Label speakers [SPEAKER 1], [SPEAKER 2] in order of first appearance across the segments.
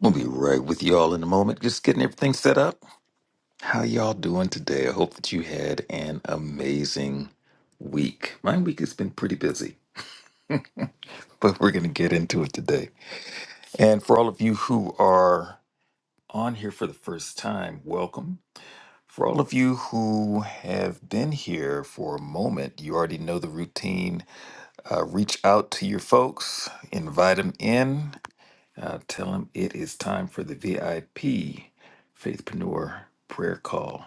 [SPEAKER 1] We'll be right with y'all in a moment, just getting everything set up. How y'all doing today? I hope that you had an amazing week. My week has been pretty busy, but we're going to get into it today. And for all of you who are on here for the first time, welcome. For all of you who have been here for a moment, you already know the routine. Uh, reach out to your folks, invite them in, Uh, tell him it is time for the VIP Faithpreneur prayer call.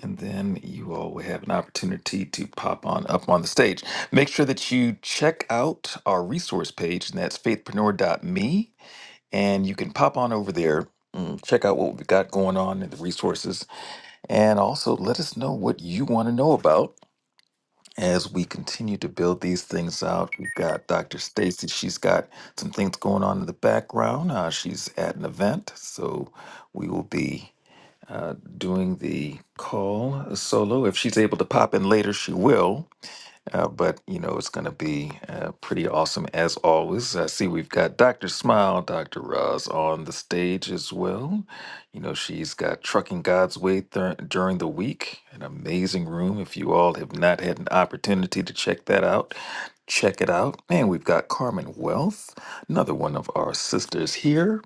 [SPEAKER 1] And then you all will have an opportunity to pop on up on the stage. Make sure that you check out our resource page, and that's faithpreneur.me. And you can pop on over there, mm, check out what we've got going on in the resources, and also let us know what you want to know about as we continue to build these things out. We've got Dr. Stacy. She's got some things going on in the background. Uh, she's at an event, so we will be uh, doing the call solo. If she's able to pop in later, she will. Uh, but you know it's going to be uh, pretty awesome as always. I see we've got Dr. Smile, Dr. Roz on the stage as well. You know she's got Trucking God's Way thur- during the week, an amazing room. If you all have not had an opportunity to check that out, check it out. And we've got Carmen Wealth, another one of our sisters here.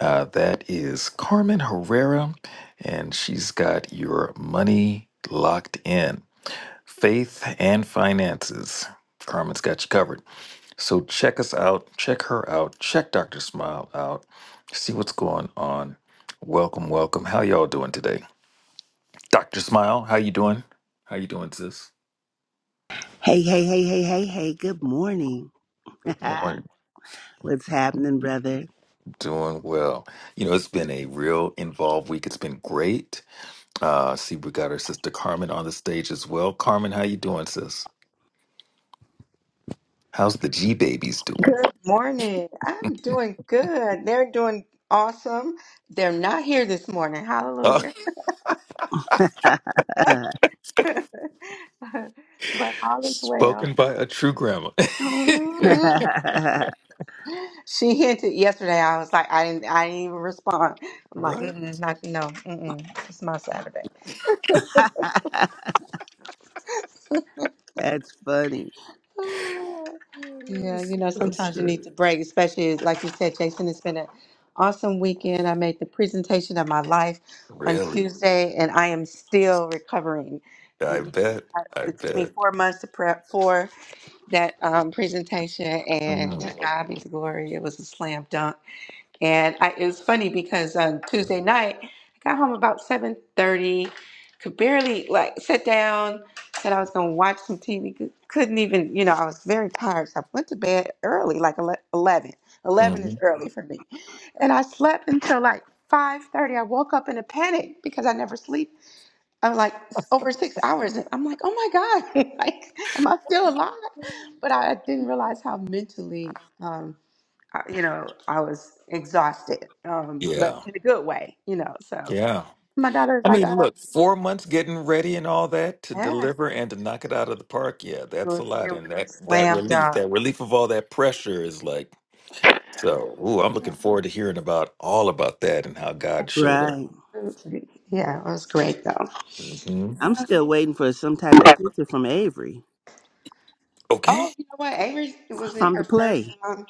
[SPEAKER 1] Uh, that is Carmen Herrera, and she's got your money locked in faith and finances. Carmen's got you covered. So check us out, check her out, check Dr. Smile out, see what's going on. Welcome, welcome. How y'all doing today? Dr. Smile, how you doing? How you doing, sis?
[SPEAKER 2] Hey, hey, hey, hey, hey, hey, good morning.
[SPEAKER 1] Good morning.
[SPEAKER 2] What's happening, brother?
[SPEAKER 1] Doing well. You know, it's been a real involved week. It's been great. Uh see we got our sister Carmen on the stage as well. Carmen, how you doing, sis? How's the G babies doing?
[SPEAKER 3] Good morning. I'm doing good. They're doing awesome. They're not here this morning.
[SPEAKER 1] Uh,
[SPEAKER 3] Hallelujah. but all is well.
[SPEAKER 1] spoken by a true grandma.
[SPEAKER 2] That's
[SPEAKER 3] Mhm. She hinted yesterday. I was like, I didn't, I didn't even respond. I'm like,
[SPEAKER 1] right?
[SPEAKER 3] mm-mm, not, no, mm-mm. It's my Saturday.
[SPEAKER 2] funny.
[SPEAKER 3] Ah, Yeah,
[SPEAKER 1] Yes,
[SPEAKER 3] you know,
[SPEAKER 1] That's
[SPEAKER 3] sometimes you need
[SPEAKER 1] good.
[SPEAKER 3] to break, especially like you said, Jason. It's been an awesome weekend. I made the presentation of my life on
[SPEAKER 1] Really?
[SPEAKER 3] Tuesday, and I am
[SPEAKER 1] Yes.
[SPEAKER 3] still recovering
[SPEAKER 1] I bet. I
[SPEAKER 3] it took me
[SPEAKER 1] bet.
[SPEAKER 3] four months to prep for that um, presentation, and to
[SPEAKER 1] Mm-hmm.
[SPEAKER 3] God be the glory. It was a slam dunk, and I, it was funny because on Tuesday night I got home about seven thirty, could barely like sit down. Said I was gonna watch some TV, cou- couldn't even. You know, I was very tired, so I went to bed early, like ele- eleven. Eleven is early for me, and I slept until like five thirty. I woke up in a panic because I never sleep I'm like "It's over six hours. And I'm like, oh my God, like, am I still alive? But I didn't realize how mentally, um, I, you know, I was exhausted, um, but
[SPEAKER 1] Yeah.
[SPEAKER 3] in a good way, you know. So
[SPEAKER 1] Yeah.
[SPEAKER 3] my daughter was
[SPEAKER 1] I
[SPEAKER 3] like,
[SPEAKER 1] mean,
[SPEAKER 3] uh,
[SPEAKER 1] look, four months getting ready and all that to
[SPEAKER 3] yes,
[SPEAKER 1] deliver and to knock it out of the park. Yeah,
[SPEAKER 3] it
[SPEAKER 1] that's a
[SPEAKER 3] was,
[SPEAKER 1] lot.
[SPEAKER 3] it
[SPEAKER 1] And
[SPEAKER 3] was a
[SPEAKER 1] that that
[SPEAKER 3] slam
[SPEAKER 1] relief,
[SPEAKER 3] dunk.
[SPEAKER 1] that relief of all that pressure is like so. Ooh, I'm
[SPEAKER 3] Yeah,
[SPEAKER 1] looking forward to hearing about all about that and how
[SPEAKER 3] yeah,
[SPEAKER 1] God showed up.
[SPEAKER 2] Right.
[SPEAKER 3] absolutely. Yeah, it was great though.
[SPEAKER 1] hmm
[SPEAKER 2] I'm
[SPEAKER 3] Uh,
[SPEAKER 2] still waiting for some type of picture from Avery
[SPEAKER 1] Okay.
[SPEAKER 3] oh, you know what? Avery was in
[SPEAKER 2] from
[SPEAKER 3] her
[SPEAKER 2] the
[SPEAKER 3] first
[SPEAKER 2] play.
[SPEAKER 3] um,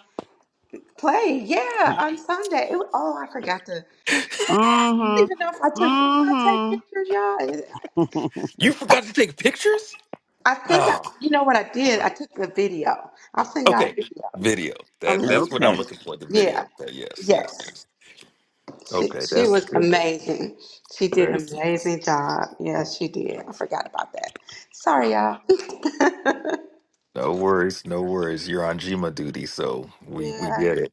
[SPEAKER 3] play. Yeah, on Sunday. It wa- oh, I forgot to. I don't
[SPEAKER 2] Mm
[SPEAKER 3] even know if I
[SPEAKER 2] hmm.
[SPEAKER 3] took. Did I take
[SPEAKER 2] Mm
[SPEAKER 3] pictures, y'all?
[SPEAKER 2] hmm.
[SPEAKER 1] you forgot to take pictures?
[SPEAKER 3] I think I,
[SPEAKER 1] Oh.
[SPEAKER 3] you know what I did. I took a video. I'll send y'all a
[SPEAKER 1] Okay,
[SPEAKER 3] video.
[SPEAKER 1] video. That
[SPEAKER 3] Um,
[SPEAKER 1] that's what I'm
[SPEAKER 2] okay.
[SPEAKER 1] looking for. The
[SPEAKER 3] yeah,
[SPEAKER 1] video. Okay, Yes, yes,
[SPEAKER 3] yes,
[SPEAKER 1] yes.
[SPEAKER 3] she
[SPEAKER 1] Okay,
[SPEAKER 3] she
[SPEAKER 1] that's
[SPEAKER 3] was
[SPEAKER 1] good.
[SPEAKER 3] amazing. She did an
[SPEAKER 1] There's
[SPEAKER 3] amazing job. Yes, she did. I forgot about that. Sorry, y'all.
[SPEAKER 1] no worries, no worries. You're on Jima duty, so we we
[SPEAKER 3] yeah.
[SPEAKER 1] get it.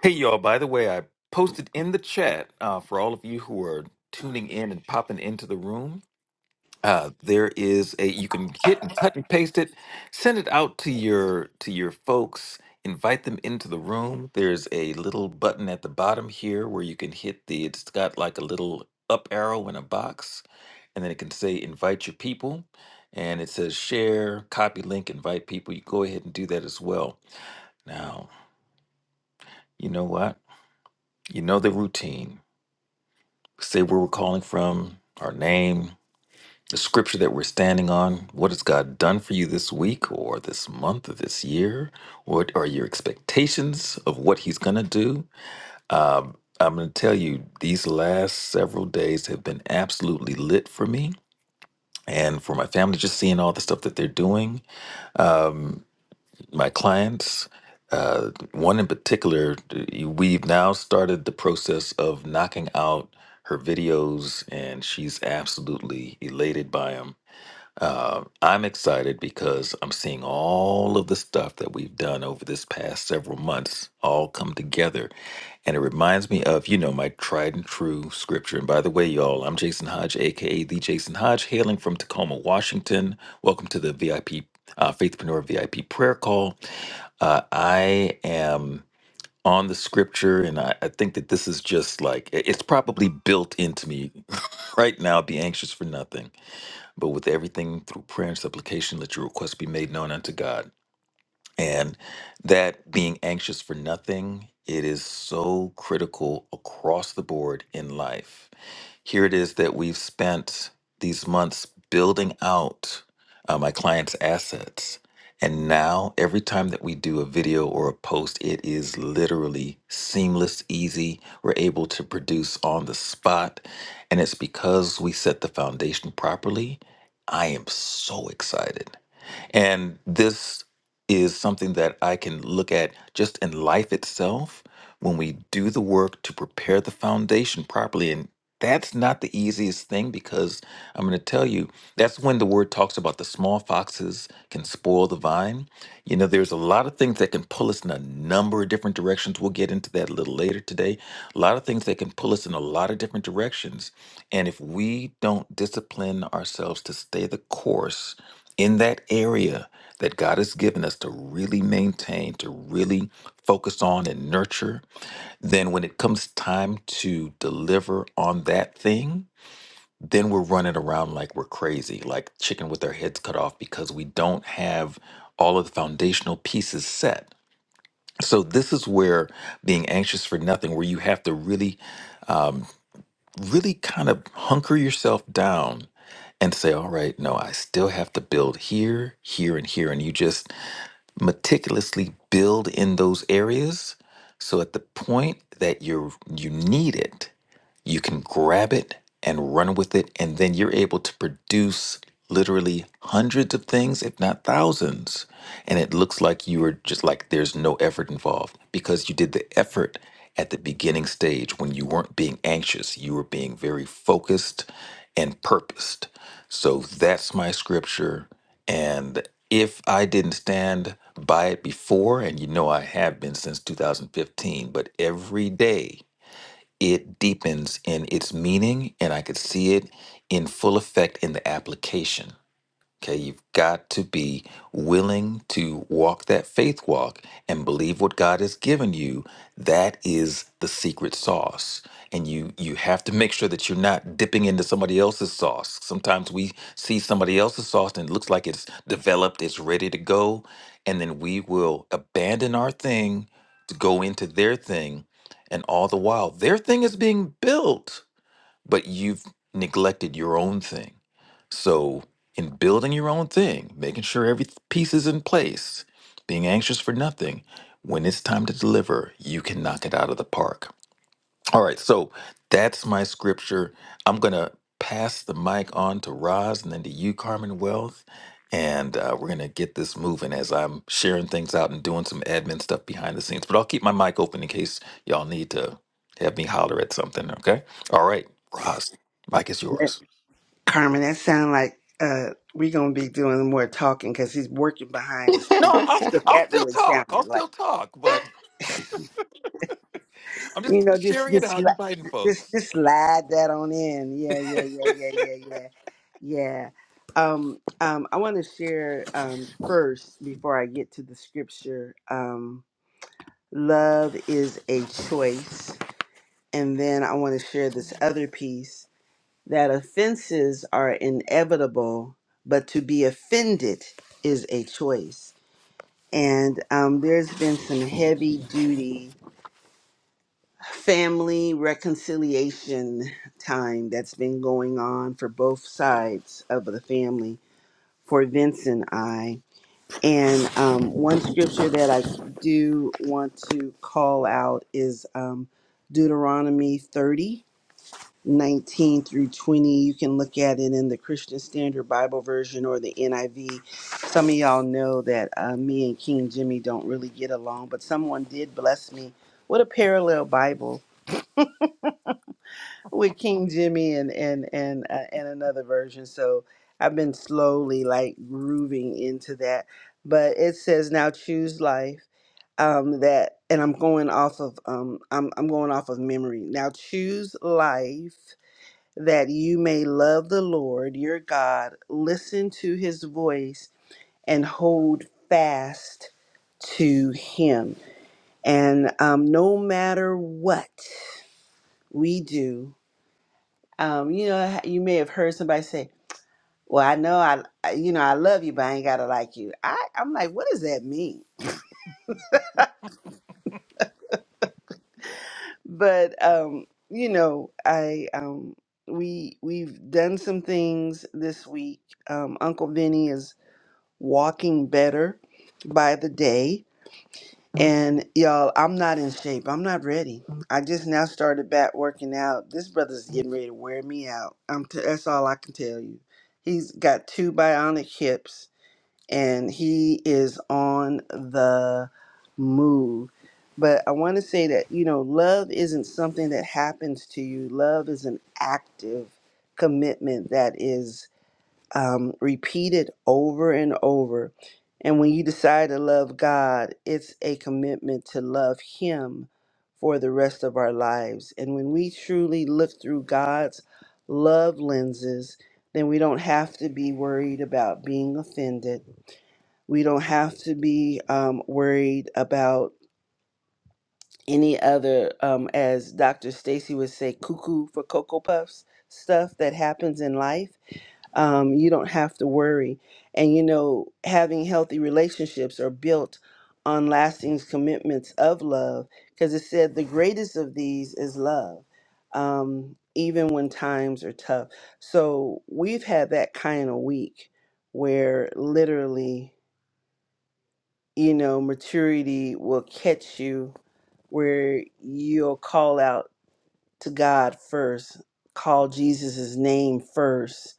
[SPEAKER 1] Hey, y'all. By the way, I posted in the chat uh, for all of you who are tuning in and popping into the room. uh, there is a you can hit and cut and paste it send it out to your to your folks invite them into the room there's a little button at the bottom here where you can hit the it's got like a little up arrow in a box and then it can say invite your people and it says share copy link invite people you go ahead and do that as well now you know what you know the routine say where we're calling from our name the scripture that we're standing on. What has God done for you this week or this month or this year? What are your expectations of what He's going to do? Um, I'm going to tell you, these last several days have been absolutely lit for me and for my family, just seeing all the stuff that they're doing, my clients. Uh, one in particular, we've now started the process of knocking out her videos, and she's absolutely elated by them Uh, I'm excited because I'm seeing all of the stuff that we've done over this past several months all come together. And it reminds me of, you know, my tried and true scripture. And by the way, y'all, I'm Jason Hodge, AKA The Jason Hodge, hailing from Tacoma, Washington. Welcome to the VIP, uh, Faithpreneur VIP prayer call. Uh, I am on the scripture, and I, I think that this is just like, it- it's probably built into me right now. Be anxious for nothing but with everything through prayer and supplication, let your requests be made known unto God. And that being anxious for nothing, it is so critical across the board in life. Here it is that we've spent these months building out uh, my client's assets. And now, every time that we do a video or a post, it is literally seamless, easy. We're able to produce on the spot. And it's because we set the foundation properly. I am so excited. And this is something that I can look at just in life itself when we do the work to prepare the foundation properly. And that's not the easiest thing because I'm going to tell you that's when the word talks about the small foxes can spoil the vine. You know, there's a lot of things that can pull us in a number of different directions. We'll get into that a little later today. A lot of things that can pull us in a lot of different directions. And if we don't discipline ourselves to stay the course, in that area that God has given us to really maintain, to really focus on and nurture, then when it comes time to deliver on that thing, then we're running around like we're crazy, like chicken with our heads cut off because we don't have all of the foundational pieces set. So, this is where being anxious for nothing, where you have to really um, really kind of hunker yourself down and say, all right, no, I still have to build here, here, and here. And you just meticulously build in those areas so at the point that you you need it you can grab it and run with it and then you're able to produce literally hundreds of things if not thousands and it looks like you are just like there's no effort involved because you did the effort at the beginning stage when you weren't being anxious you were being very focused and purposed so that's my scripture. And if I didn't stand by it before, and you know I have been since 2015, but every day it deepens in its meaning, and I could see it in full effect in the application. Okay, you've got to be willing to walk that faith walk and believe what God has given you. That is the secret sauce. And you you have to make sure that you're not dipping into somebody else's sauce. Sometimes we see somebody else's sauce and it looks like it's developed, it's ready to go, and then we will abandon our thing to go into their thing, and all the while their thing is being built, but you've neglected your own thing. So, in building your own thing, making sure every th- piece is in place, being anxious for nothing, when it's time to deliver, you can knock it out of the park. All right, so that's my scripture. I'm going to pass the mic on to Roz and then to you, Carmen Wealth. And uh, we're going to get this moving as I'm sharing things out and doing some admin stuff behind the scenes. But I'll keep my mic open in case y'all need to have me holler at something, okay? All right, Roz, mic is yours.
[SPEAKER 2] Carmen, that sounds like uh, we gonna be doing more talking because he's working behind the scenes.
[SPEAKER 1] No, I'll,
[SPEAKER 2] What
[SPEAKER 1] I'll
[SPEAKER 2] that
[SPEAKER 1] still
[SPEAKER 2] really
[SPEAKER 1] talk. I'll
[SPEAKER 2] sounded like.
[SPEAKER 1] still talk, but I'm
[SPEAKER 2] You
[SPEAKER 1] just
[SPEAKER 2] know, just
[SPEAKER 1] sharing it
[SPEAKER 2] just
[SPEAKER 1] out and inviting
[SPEAKER 2] la- just
[SPEAKER 1] folks.
[SPEAKER 2] just slide that on in. Yeah, yeah, yeah, yeah, yeah, yeah, yeah. Um, um, I want to share um first before I get to the scripture. Um, love is a choice, and then I want to share this other piece that offenses are inevitable, but to be offended is a choice. And um, there's been some heavy duty family reconciliation time that's been going on for both sides of the family for Vince and I. And um, one scripture that I do want to call out is um, Deuteronomy 30 19 through 20 you can look at it in the christian standard bible version or the niv some of y'all know that uh, me and king jimmy don't really get along but someone did bless me with a parallel bible with King Jimmy and and and uh, and another version. So I've been slowly like grooving into that. But it says now choose life. Um, that and I'm going off of um I'm I'm going off of memory. Now choose life that you may love the Lord your God, listen to his voice and hold fast to him. And um, no matter what we do, Um, you know, you may have heard somebody say, "Well, I know I, I- you know, I love you, but I ain't gotta like you." I, I'm like, what does that mean? But um, you know, I um, we we've done some things this week. Um, Uncle Vinny is walking better by the day, and y'all, I'm not in shape. I'm not ready. I just now started back working out. This brother's getting ready to wear me out. I'm t- that's all I can tell you. He's got two bionic hips and he is on the move. But I want to say that, you know, love isn't something that happens to you, love is an active commitment that is um, repeated over and over. And when you decide to love God, it's a commitment to love Him for the rest of our lives. And when we truly look through God's love lenses, then we don't have to be worried about being offended we don't have to be um, worried about any other, um, as Dr. Stacy would say, cuckoo for Cocoa Puffs stuff that happens in life. Um, you don't have to worry. And, you know, having healthy relationships are built on lasting commitments of love because it said the greatest of these is love, um, even when times are tough. So we've had that kind of week where literally. you know, maturity will catch you where you'll call out to God first, call Jesus' name first,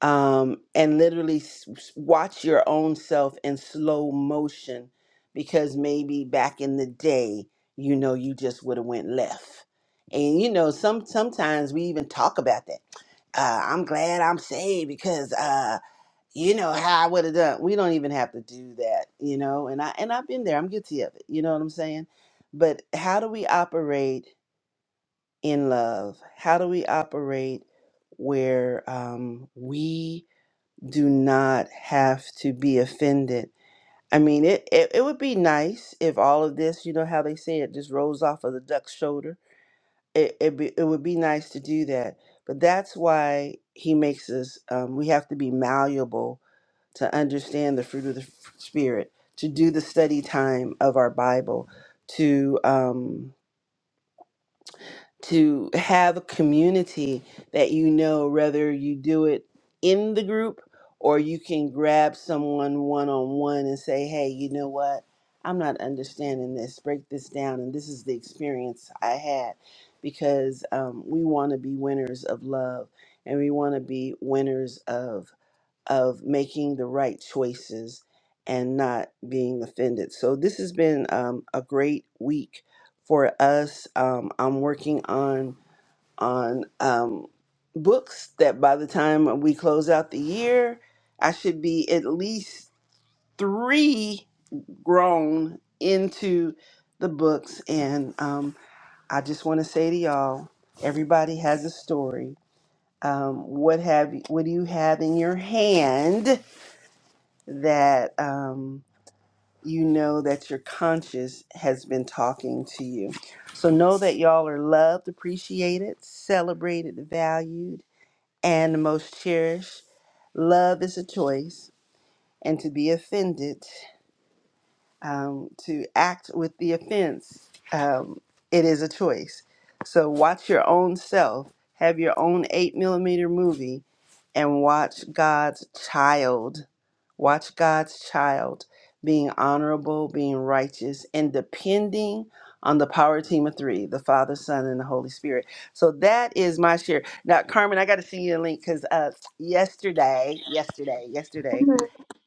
[SPEAKER 2] um, and literally s- s- watch your own self in slow motion because maybe back in the day, you know, you just would have went left. And you know, some sometimes we even talk about that uh, I'm glad I'm saved because uh, you know how I would have done. We don't even have to do that, you know. And I and I've been there. I'm guilty of it. You know what I'm saying? But how do we operate in love? How do we operate where um, we do not have to be offended? I mean, it, it it would be nice if all of this, you know, how they say it, just rolls off of the duck's shoulder. It it, be, it would be nice to do that, but that's why he makes us. Um, we have to be malleable to understand the fruit of the spirit to do the study time of our bible to um to have a community that you know whether you do it in the group or you can grab someone one on one and say hey you know what i'm not understanding this break this down and this is the experience i had because um, we want to be winners of love and we want to be winners of of making the right choices and not being offended. So, this has been um, a great week for us. Um, I'm working on on um, books that by the time we close out the year, I should be at least three grown into the books. And um, I just want to say to y'all, everybody has a story. Um, what have you, what do you have in your hand? that um, you know that your conscience has been talking to you. So know that y'all are loved, appreciated, celebrated, valued, and most cherished. Love is a choice, and to be offended um, to act with the offense, um, it is a choice. So watch your own self, have your own eight millimeter movie, and watch God's child. Watch God's child being honorable, being righteous, and depending on the power team of three the Father, Son, and the Holy Spirit. So that is my share. Now, Carmen, I got to send you a link because uh, yesterday, yesterday, yesterday,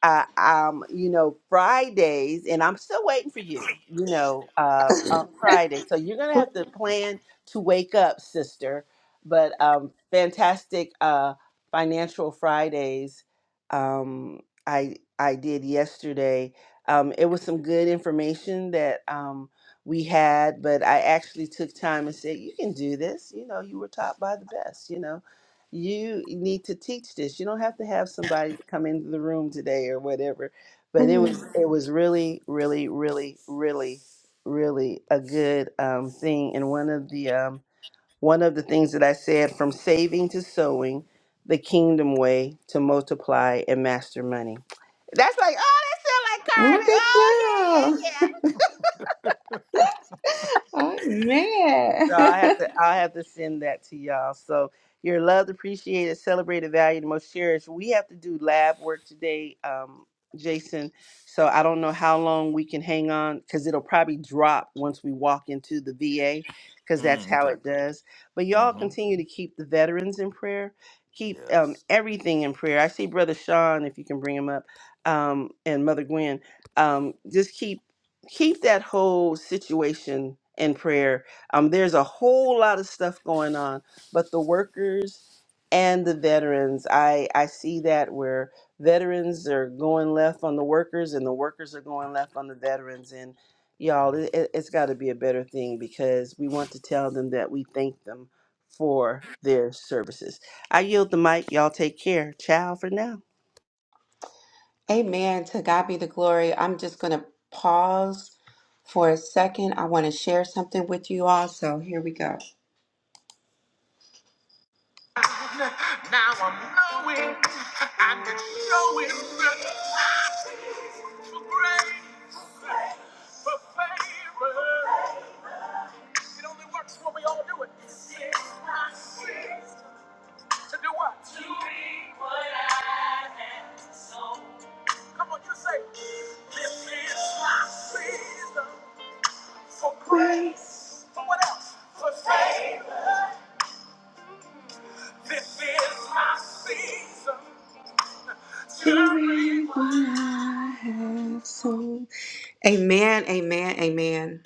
[SPEAKER 2] uh, um, you know, Fridays, and I'm still waiting for you, you know, uh, on Friday. So you're going to have to plan to wake up, sister. But um, fantastic uh, financial Fridays um, I, I did yesterday. Um, it was some good information that um, we had, but I actually took time and said, You can do this. You know, you were taught by the best, you know you need to teach this. You don't have to have somebody come into the room today or whatever. But it was it was really, really, really, really, really a good um, thing. And one of the um, one of the things that I said from saving to sowing, the kingdom way to multiply and master money. That's like oh
[SPEAKER 3] Look
[SPEAKER 2] Carmen,
[SPEAKER 3] at
[SPEAKER 2] oh yeah,
[SPEAKER 3] you.
[SPEAKER 2] yeah, yeah."
[SPEAKER 3] Amen.
[SPEAKER 2] So I have to I have to send that to y'all. So you're loved, appreciated, celebrated, valued, and most cherished. We have to do lab work today, um, Jason. So I don't know how long we can hang on because it'll probably drop once we walk into the VA because that's
[SPEAKER 1] Mm,
[SPEAKER 2] how
[SPEAKER 1] okay.
[SPEAKER 2] it does. But y'all
[SPEAKER 1] Mm-hmm.
[SPEAKER 2] continue to keep the veterans in prayer. Keep um,
[SPEAKER 1] Yes.
[SPEAKER 2] everything in prayer. I see Brother Sean, if you can bring him up, um, and Mother Gwen. Um, just keep keep that whole situation in prayer um, there's a whole lot of stuff going on, but the workers and the veterans, I, I see that where veterans are going left on the workers and the workers are going left on the veterans. And y'all, it, it- it's got to be a better thing because we want to tell them that we thank them for their services. I yield the mic. Y'all take care. Ciao for now.
[SPEAKER 3] Amen. To God be the glory. I'm just gonna pause for a second. I want to share something with you all. So here we go. Now I'm knowing and it's showing for grace, for favor. It only works when we all do it. To do what? To be what I am. So come on, you say, This is my season for grace. For what else? For favor. This is my season. To what I have sown. Amen, amen, amen.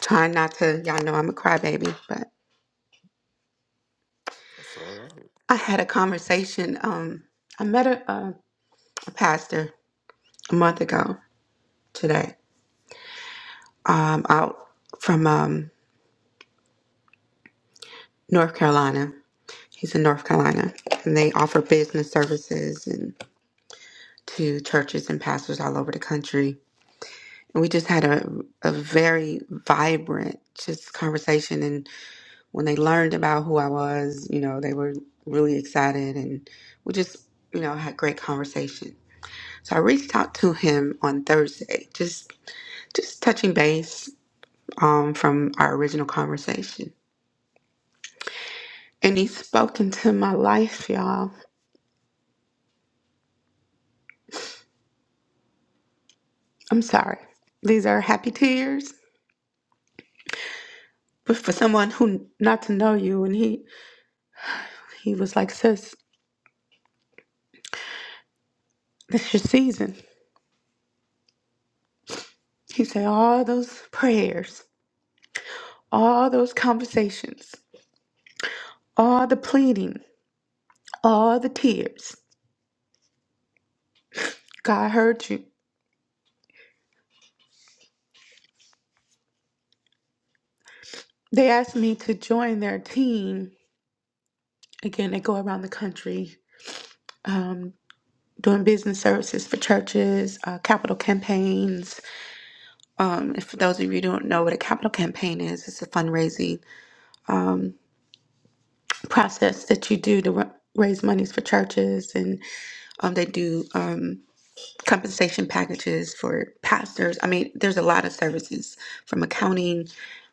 [SPEAKER 3] Trying not to, y'all know I'm a crybaby, but
[SPEAKER 1] That's all right.
[SPEAKER 3] I had a conversation. Um, I met a, a, a pastor a month ago today, um, out from um, North Carolina. He's in North Carolina, and they offer business services and to churches and pastors all over the country. And we just had a, a very vibrant just conversation, when they learned about who I was, you know, they were really excited and we just, you know, had great conversation. So I reached out to him on Thursday, just just touching base um, from our original conversation. And he spoke into my life, y'all. I'm sorry. These are happy tears. But for someone who not to know you and he he was like, sis, this your season. He said all those prayers, all those conversations, all the pleading. all the tears. God heard you. They asked me to join their team. Again, they go around the country um, doing business services for churches, uh, capital campaigns. Um, and for those of you who don't know what a capital campaign is, it's a fundraising um, process that you do to ra- raise monies for churches. And um, they do. um, compensation packages for pastors. I mean, there's a lot of services from accounting,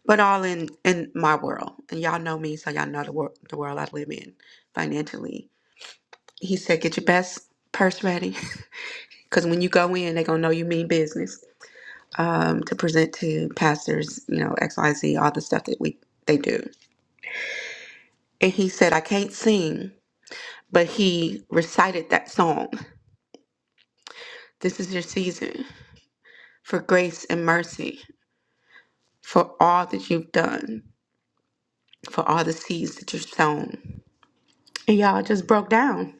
[SPEAKER 3] but all in in my world. And y'all know me, so y'all know the world the world I live in financially. He said, "Get your best purse ready, because when you go in, they gonna know you mean business." Um, to present to pastors, you know, X, Y, Z, all the stuff that we they do. And he said, "I can't sing." But he recited that song. This is your season for grace and mercy for all that you've done for all the seeds that you've sown. And y'all just broke down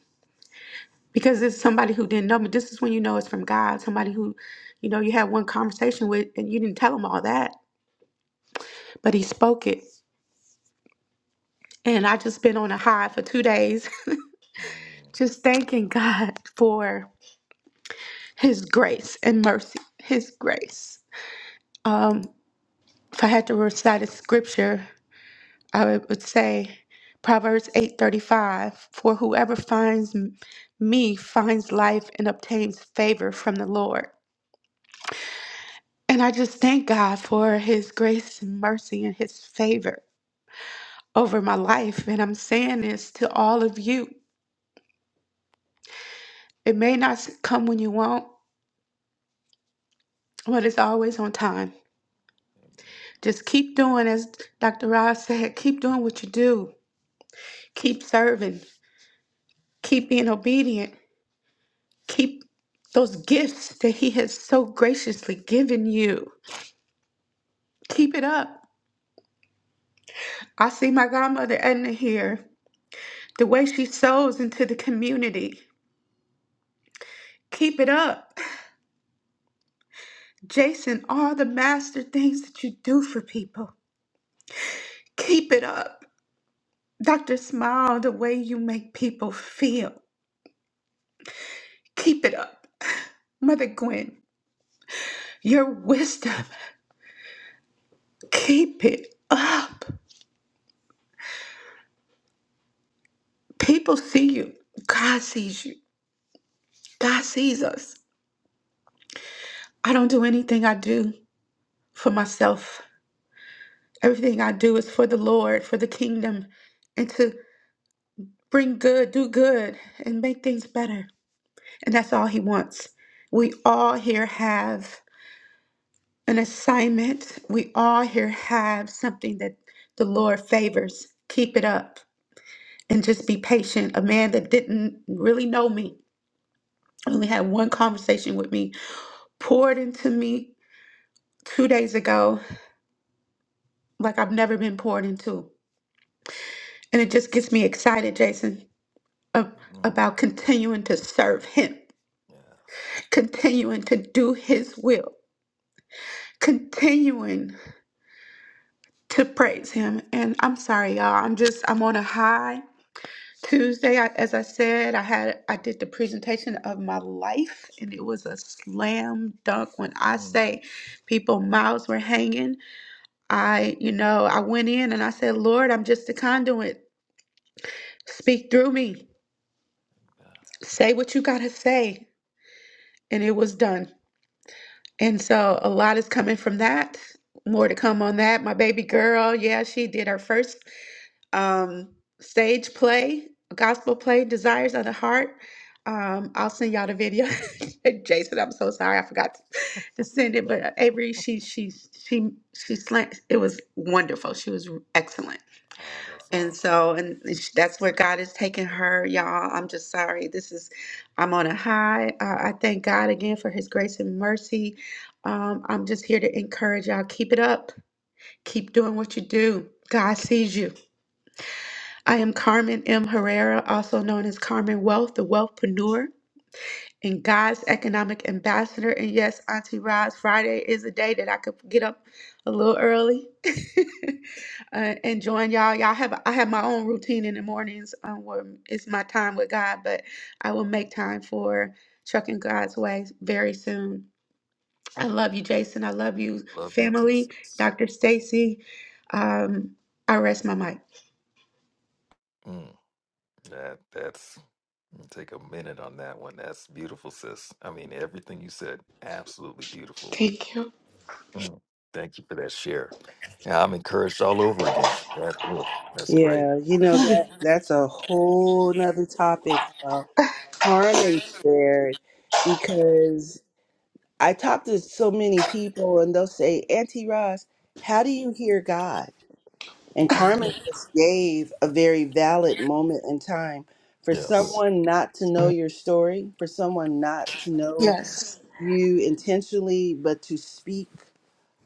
[SPEAKER 3] because it's somebody who didn't know, but this is when you know it's from God, somebody who, you know, you had one conversation with and you didn't tell them all that, but he spoke it. And I just been on a high for two days, just
[SPEAKER 1] Mm,
[SPEAKER 3] thanking God for his grace and mercy, his grace. Um, if I had to recite a scripture, I would say Proverbs 8:35, for whoever finds m- me finds life and obtains favor from the Lord. And I just thank God for his grace and mercy and his favor over my life. And I'm saying this to all of you. It may not s- come when you want, but it's always on time. Just keep doing, as Dr. Ross said, keep doing what you do. Keep serving. Keep being obedient Keep those gifts that He has so graciously given you. Keep it up. I see my godmother Edna here, the way she sows into the community. Keep it up. Jason, all the master things that you do for people. Keep it up. Dr. Smile, the way you make people feel. Keep it up. Mother Gwen, your wisdom. Keep it up. People see you. God sees you. God sees us. I don't do anything I do. for myself. Everything I do is for the Lord, for the kingdom, and to bring good, do good, and make things better. And that's all He wants. We all here have an assignment. We all here have something that the Lord favors. Keep it up and just be patient. A man that didn't really know me, only had one conversation with me, poured into me two days ago like I've never been poured into. And it just gets me excited, Jason ab- about
[SPEAKER 1] mm,
[SPEAKER 3] continuing to serve Him,
[SPEAKER 1] yes.
[SPEAKER 3] continuing to do His will, continuing to praise Him. And I'm sorry, y'all. I'm just I'm on a high. Tuesday, I, as I said, I had I did the presentation of my life, and it was a slam dunk. When I
[SPEAKER 1] Mm,
[SPEAKER 3] say people mouths were hanging, I you know I went in and I said, Lord, I'm just a conduit. Speak through me.
[SPEAKER 1] yeah.
[SPEAKER 3] Say what you gotta say, and it was done. And so a lot is coming from that. More to come on that. My baby girl, yeah, she did her first um, stage play, gospel play, Desires of the Heart. Um, I'll send y'all the video. Jason, I'm so sorry, I forgot to, to send it. But uh, Avery, she she she she slant. It was wonderful. She was excellent.
[SPEAKER 1] Oh, that's
[SPEAKER 3] And
[SPEAKER 1] awesome.
[SPEAKER 3] so, and it's- that's where God is taking her, y'all. I'm just sorry. This is, I'm on a high. Uh, I thank God again for his grace and mercy. Um, I'm just here to encourage y'all. Keep it up. Keep doing what you do. God sees you. I am Carmen M. Herrera, also known as Carmen Wealth, the Wealthpreneur and God's economic ambassador. And yes, Auntie Roz, Friday is a day that I could get up a little early uh, and join y'all. Y'all have I have my own routine in the mornings um, where it's my time with God, but I will make time for trucking God's way very soon. I love you, Jason. I love you,
[SPEAKER 1] Love you too,
[SPEAKER 3] family,
[SPEAKER 1] sis.
[SPEAKER 3] Dr. Stacy. Um, I rest my mic.
[SPEAKER 1] Mm, that, that's, take a minute on that one. That's beautiful, sis. I mean, everything you said, absolutely beautiful.
[SPEAKER 3] Thank you.
[SPEAKER 1] Mm, thank you for that share. Yeah, I'm encouraged all over again. That- that's great.
[SPEAKER 2] Yeah, you know that that's a whole nother topic. How harm and spared, because I talk to so many people and they'll say, Auntie Ross, how do you hear God? And
[SPEAKER 1] Mm,
[SPEAKER 2] Carmen just gave a very valid moment in time for
[SPEAKER 1] yes.
[SPEAKER 2] someone not to know your story, for someone not to know
[SPEAKER 3] Yes.
[SPEAKER 2] you intentionally, but to speak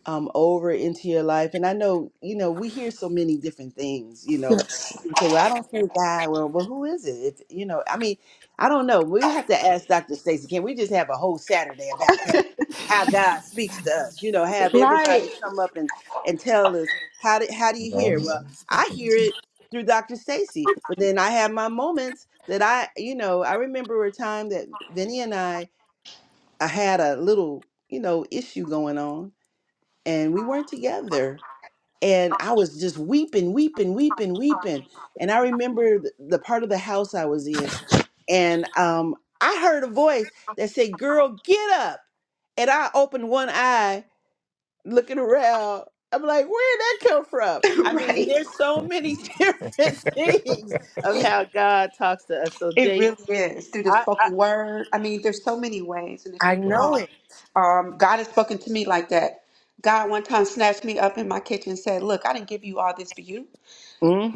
[SPEAKER 2] um, over into your life. And I know, you know, we hear so many different things. You know, some
[SPEAKER 3] Yes.
[SPEAKER 2] people say, "Well, I don't think God." Well, well, who is it? It's, you know, I mean, I don't know. We have to ask Dr. Stacy. Can we just have a whole Saturday about that? How God speaks to us. You know, have
[SPEAKER 3] Right,
[SPEAKER 2] everybody come up and and tell us how do how do
[SPEAKER 1] You
[SPEAKER 2] you hear? Well, I hear it through Dr. Stacy, but then I have my moments that I, you know, I remember a time that Vinny and I, I had a little, you know, issue going on and we weren't together. And I was just weeping, weeping, weeping, weeping. And I remember th- the part of the house I was in, and um, I heard a voice that said, "Girl, get up!" And I opened one eye, looking around. I'm like, "Where'd that come from?" I mean,
[SPEAKER 3] right.
[SPEAKER 2] there's so many different things of how God talks to us. So,
[SPEAKER 3] It
[SPEAKER 2] Jay,
[SPEAKER 3] really is through the
[SPEAKER 2] I
[SPEAKER 3] spoken word. I mean, there's so many ways, and if
[SPEAKER 2] I
[SPEAKER 3] you
[SPEAKER 1] So,
[SPEAKER 2] know
[SPEAKER 3] know,
[SPEAKER 2] it.
[SPEAKER 3] um, God has spoken to me like that. God one time snatched me up in my kitchen and said, "Look, I didn't give you all this for you.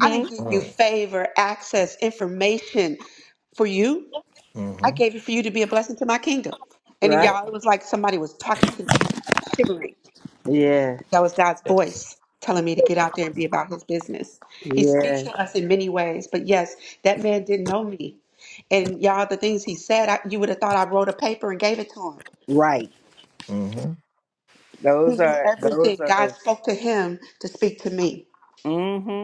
[SPEAKER 3] I didn't give you
[SPEAKER 1] mm,
[SPEAKER 3] favor, access, information for you. I
[SPEAKER 1] hmm
[SPEAKER 3] gave it for you to be a blessing to my kingdom." And then,
[SPEAKER 1] Yeah.
[SPEAKER 2] Right?
[SPEAKER 3] y'all, it was like somebody was talking to me, and I was shivering.
[SPEAKER 2] Yeah.
[SPEAKER 3] That was God's
[SPEAKER 1] Yes.
[SPEAKER 3] voice telling me to get out there and be about his business. He speaks
[SPEAKER 2] Yeah.
[SPEAKER 3] to us in many ways, but yes, that man didn't know me. And y'all, the things he said, I, you would have thought I wrote a paper and gave it to him.
[SPEAKER 2] Right.
[SPEAKER 1] hmm
[SPEAKER 3] He
[SPEAKER 2] Those
[SPEAKER 3] knew
[SPEAKER 2] are those
[SPEAKER 3] everything.
[SPEAKER 2] are
[SPEAKER 3] God spoke to him to speak to me.
[SPEAKER 2] Mhm.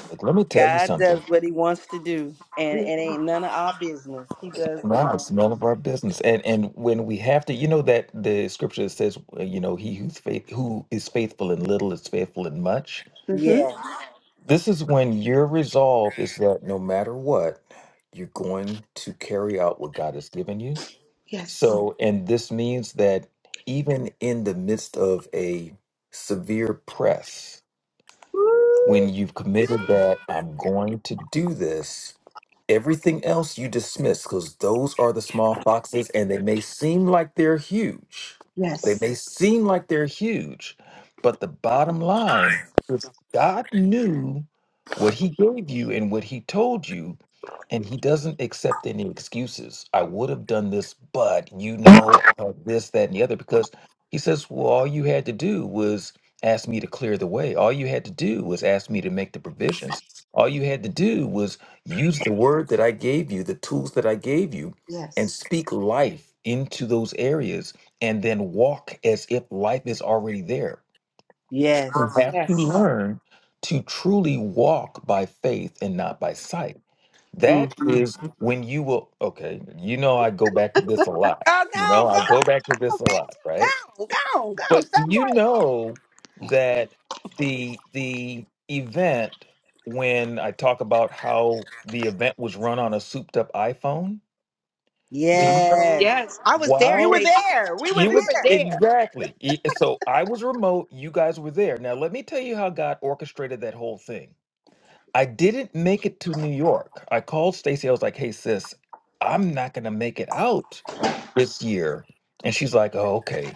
[SPEAKER 1] Look, let me tell you
[SPEAKER 2] God
[SPEAKER 1] something.
[SPEAKER 2] does what he wants to do, and it ain't none of our business. He does what he
[SPEAKER 1] Now it's
[SPEAKER 2] wants.
[SPEAKER 1] none of our business. And and when we have to, you know that the scripture that says, uh, you know, he who's faith who is faithful in little is faithful in much.
[SPEAKER 3] Mm-hmm.
[SPEAKER 2] Yes.
[SPEAKER 1] This is when your resolve is that no matter what, you're going to carry out what God has given you.
[SPEAKER 3] Yes,
[SPEAKER 1] So, and this means that even in the midst of a severe press, when you've committed that I'm going to do this, Everything else you dismiss because those are the small foxes and they may seem like they're huge. They
[SPEAKER 3] yes,
[SPEAKER 1] may seem like they're huge, but the bottom line is God knew what He gave you and what He told you, and He doesn't accept any excuses. I would have done this, but you know, I this, that, and the other, because He says, well, all you had to do was ask me to clear the way. All you had to do was ask me to make the provisions. All you had to do was Use the word that I gave you, the tools that I gave you, and
[SPEAKER 3] yes,
[SPEAKER 1] speak life into those areas and then walk as if life is already there.
[SPEAKER 2] Yes.
[SPEAKER 1] You have to
[SPEAKER 3] yes.
[SPEAKER 1] learn to truly walk by faith and not by sight. That
[SPEAKER 2] Mm-hmm.
[SPEAKER 1] is when you will, okay, you know, I go back to this a lot.
[SPEAKER 2] Oh, go,
[SPEAKER 1] You
[SPEAKER 2] on,
[SPEAKER 1] know, I
[SPEAKER 2] go,
[SPEAKER 1] go back to this
[SPEAKER 2] on,
[SPEAKER 1] a lot, right?
[SPEAKER 2] bitch. Go, on, go, on, go. on.
[SPEAKER 1] But
[SPEAKER 2] Stop
[SPEAKER 1] do you
[SPEAKER 2] praying.
[SPEAKER 1] know that the the event when I talk about how the event was run on a souped up iPhone? Do
[SPEAKER 3] Mm.
[SPEAKER 1] you know
[SPEAKER 2] Yes.
[SPEAKER 3] Yes, I was there,
[SPEAKER 2] We
[SPEAKER 1] Wow,
[SPEAKER 2] were
[SPEAKER 3] Jason.
[SPEAKER 2] there. We were
[SPEAKER 1] you
[SPEAKER 3] We
[SPEAKER 1] were
[SPEAKER 3] were
[SPEAKER 2] there.
[SPEAKER 3] there
[SPEAKER 1] exactly E- so I was remote, you guys were there. Now let me tell you how God orchestrated that whole thing. I didn't make it to New York. I called Stacy. I was like, "Hey sis, I'm not going to make it out this year." And she's like, "Oh, okay."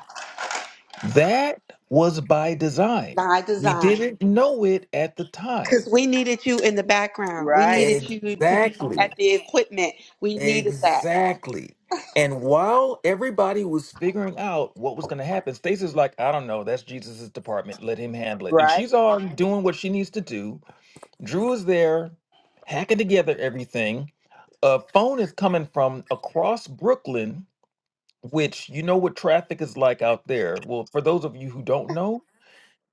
[SPEAKER 1] That was by design.
[SPEAKER 3] by
[SPEAKER 1] We
[SPEAKER 3] design.
[SPEAKER 1] didn't know it at the
[SPEAKER 3] Because
[SPEAKER 1] time.
[SPEAKER 3] we needed you in the background. We
[SPEAKER 2] Right.
[SPEAKER 3] needed you to be
[SPEAKER 1] Exactly.
[SPEAKER 3] at the equipment. We needed that.
[SPEAKER 1] Exactly. And while everybody was figuring out what was going to happen, Stacey's like, I don't know. That's Jesus's department. Let him handle it. And
[SPEAKER 2] Right.
[SPEAKER 1] she's on doing what she needs to do. Drew is there hacking together everything. A phone is coming from across Brooklyn, which you know what traffic is like out there. Well, for those of you who don't know,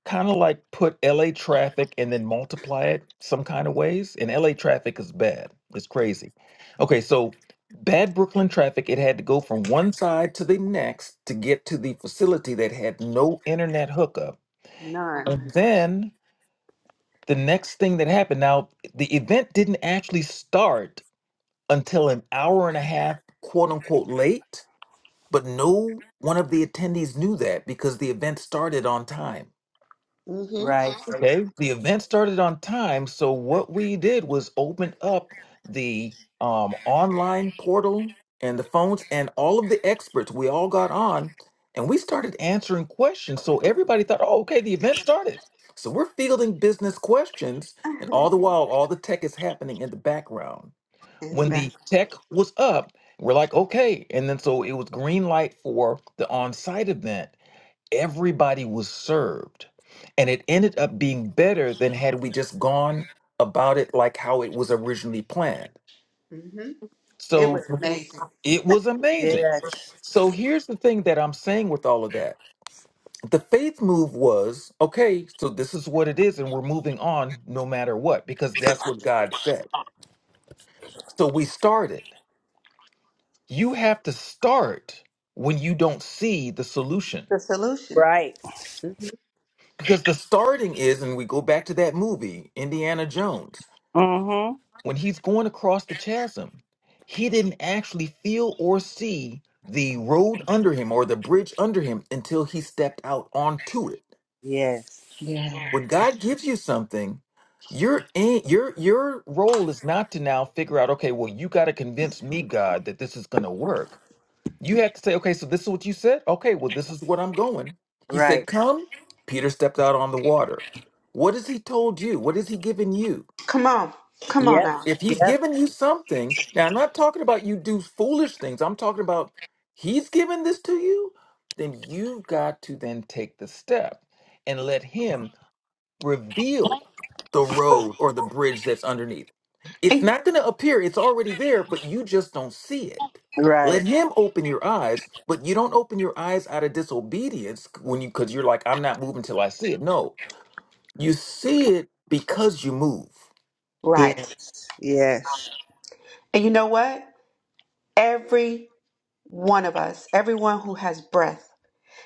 [SPEAKER 1] kind of like put LA traffic and then multiply it some kind of ways. And LA traffic is bad. It's crazy. Okay, so bad Brooklyn traffic, it had to go from one side to the next to get to the facility that had no internet hookup.
[SPEAKER 3] None.
[SPEAKER 1] And then the next thing that happened, now the event didn't actually start until an hour and a half, quote unquote, late, but no one of the attendees knew that because the event started on time.
[SPEAKER 3] hmm
[SPEAKER 2] Right.
[SPEAKER 1] Okay, the event started on time, so what we did was open up the um, online portal and the phones and all of the experts. We all got on and we started answering questions. So everybody thought, oh, okay, the event started. So we're fielding business questions, and
[SPEAKER 3] And
[SPEAKER 1] all the while, all the tech is happening in the background.
[SPEAKER 3] the
[SPEAKER 1] When
[SPEAKER 3] back.
[SPEAKER 1] the tech was up, we're like, okay. And then so it was green light for the on site event everybody was served. And it ended up being better than had we just gone about it like how it was originally planned.
[SPEAKER 3] hmm It was
[SPEAKER 1] So Mhm.
[SPEAKER 2] Mm-hmm.
[SPEAKER 3] amazing.
[SPEAKER 1] it was amazing.
[SPEAKER 2] Yes.
[SPEAKER 1] So here's the thing that I'm saying with all of that the faith move was okay, so this is what it is, and we're moving on no matter what, because that's what God said. So we started. You have to start when you don't see the solution.
[SPEAKER 3] The solution.
[SPEAKER 2] Right.
[SPEAKER 3] hmm
[SPEAKER 1] Because the starting is, and we go back to that movie, Indiana Jones
[SPEAKER 2] Mm-hmm.
[SPEAKER 1] when he's going across the chasm, he didn't actually feel or see the road under him or the bridge under him until he stepped out onto it.
[SPEAKER 2] Yes.
[SPEAKER 3] Yeah.
[SPEAKER 1] When God gives you something, your a- your your role is not to now figure out, okay, well, you got to convince me, God, that this is going to work. You have to say, okay, so this is what you said. Okay, well, this is what I'm going. He said,
[SPEAKER 2] Right.
[SPEAKER 1] come. Peter stepped out on the water. What has he told you? What has he given you?
[SPEAKER 3] Come on. Come on
[SPEAKER 2] Yep.
[SPEAKER 3] now.
[SPEAKER 1] If he's
[SPEAKER 2] Yep.
[SPEAKER 1] given you something, now I'm not talking about you do foolish things. I'm talking about he's given this to you, then you've got to then take the step and let him reveal the road or the bridge that's underneath. It's
[SPEAKER 3] And-
[SPEAKER 1] not going to appear, it's already there, but you just don't see it. Let
[SPEAKER 2] Right.
[SPEAKER 1] him open your eyes, but you don't open your eyes out of disobedience when you because you're like, I'm not moving till I see it. No, you see it because you move.
[SPEAKER 3] right.
[SPEAKER 2] Yes. Yes.
[SPEAKER 3] And you know what? Every one of us, everyone who has breath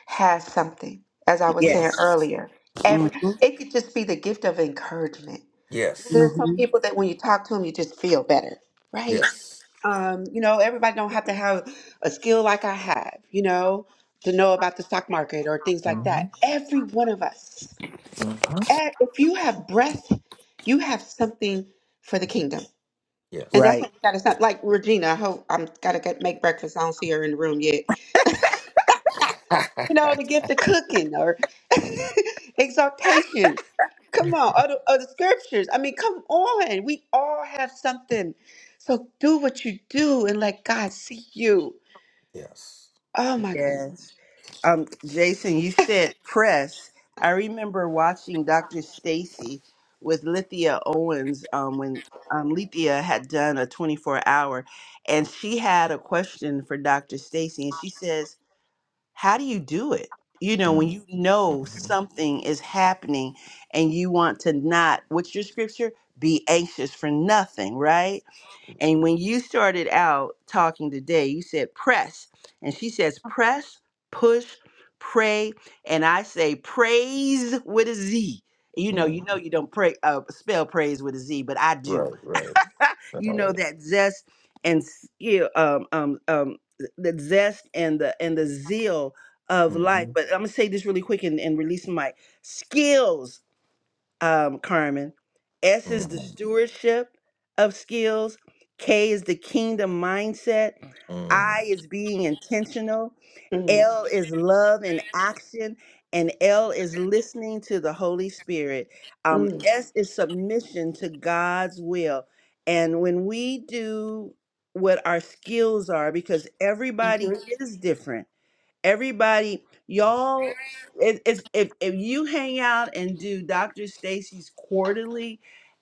[SPEAKER 3] has something. As I was saying
[SPEAKER 2] Yes.
[SPEAKER 1] Yes.
[SPEAKER 3] earlier, every
[SPEAKER 2] Mm-hmm.
[SPEAKER 3] it could just be the gift of encouragement.
[SPEAKER 1] Yes.
[SPEAKER 3] there's some
[SPEAKER 2] Mm-hmm.
[SPEAKER 3] people that when you talk to them, you just feel better, right?
[SPEAKER 1] Yes.
[SPEAKER 3] Um, you know, everybody don't have to have a skill like I have, you know, to know about the stock market or things like
[SPEAKER 1] hmm
[SPEAKER 3] that. Every one of us,
[SPEAKER 1] hmm
[SPEAKER 3] eh, if you have breath, you have something for the kingdom, and
[SPEAKER 1] Yes.
[SPEAKER 3] that's
[SPEAKER 2] Right.
[SPEAKER 3] what we got It's not Like Regina, I hope I'm gotta get make breakfast. I don't see her in the room yet, you know, the gift of cooking or exaltation. Come on, or the, or the scriptures. I mean, come on. We all have something. So do what you do and let God see you.
[SPEAKER 1] yes.
[SPEAKER 3] Oh my goodness.
[SPEAKER 2] Yes. um, Jason, you said press. I remember watching Dr. Stacy with Lithia Owens um, when um,
[SPEAKER 1] Oh,
[SPEAKER 2] Lithia had done a 24 hour, and she had a question for Dr. Stacy, and she says, "How do you do it? You know, when you know
[SPEAKER 1] Mm-hmm.
[SPEAKER 2] something is happening, and you want to not. What's your scripture? Be anxious for nothing, right? And when you started out talking today, you said press. And she says press, push, pray. And I say praise with a Z. You know,
[SPEAKER 1] hmm
[SPEAKER 2] you know you don't pray uh, spell praise with a Z, but I do.
[SPEAKER 1] Right, right.
[SPEAKER 2] You know
[SPEAKER 1] right.
[SPEAKER 2] that zest and skill um um um the zest and the and the zeal of life.
[SPEAKER 1] Mm-hmm.
[SPEAKER 2] But I'm gonna say this really quick and, and release my skills um, Carmen. S is the
[SPEAKER 1] hmm
[SPEAKER 2] stewardship of skills. K is the kingdom mindset. I is being intentional.
[SPEAKER 3] Mm,
[SPEAKER 2] L is love and action. And L is listening to the Holy Spirit. Um,
[SPEAKER 3] mm,
[SPEAKER 2] S is submission to God's will. And when we do what our skills are, because everybody
[SPEAKER 3] mhm,
[SPEAKER 2] is different Everybody, y'all, if, if, if if you hang out and do Dr. Stacy's quarterly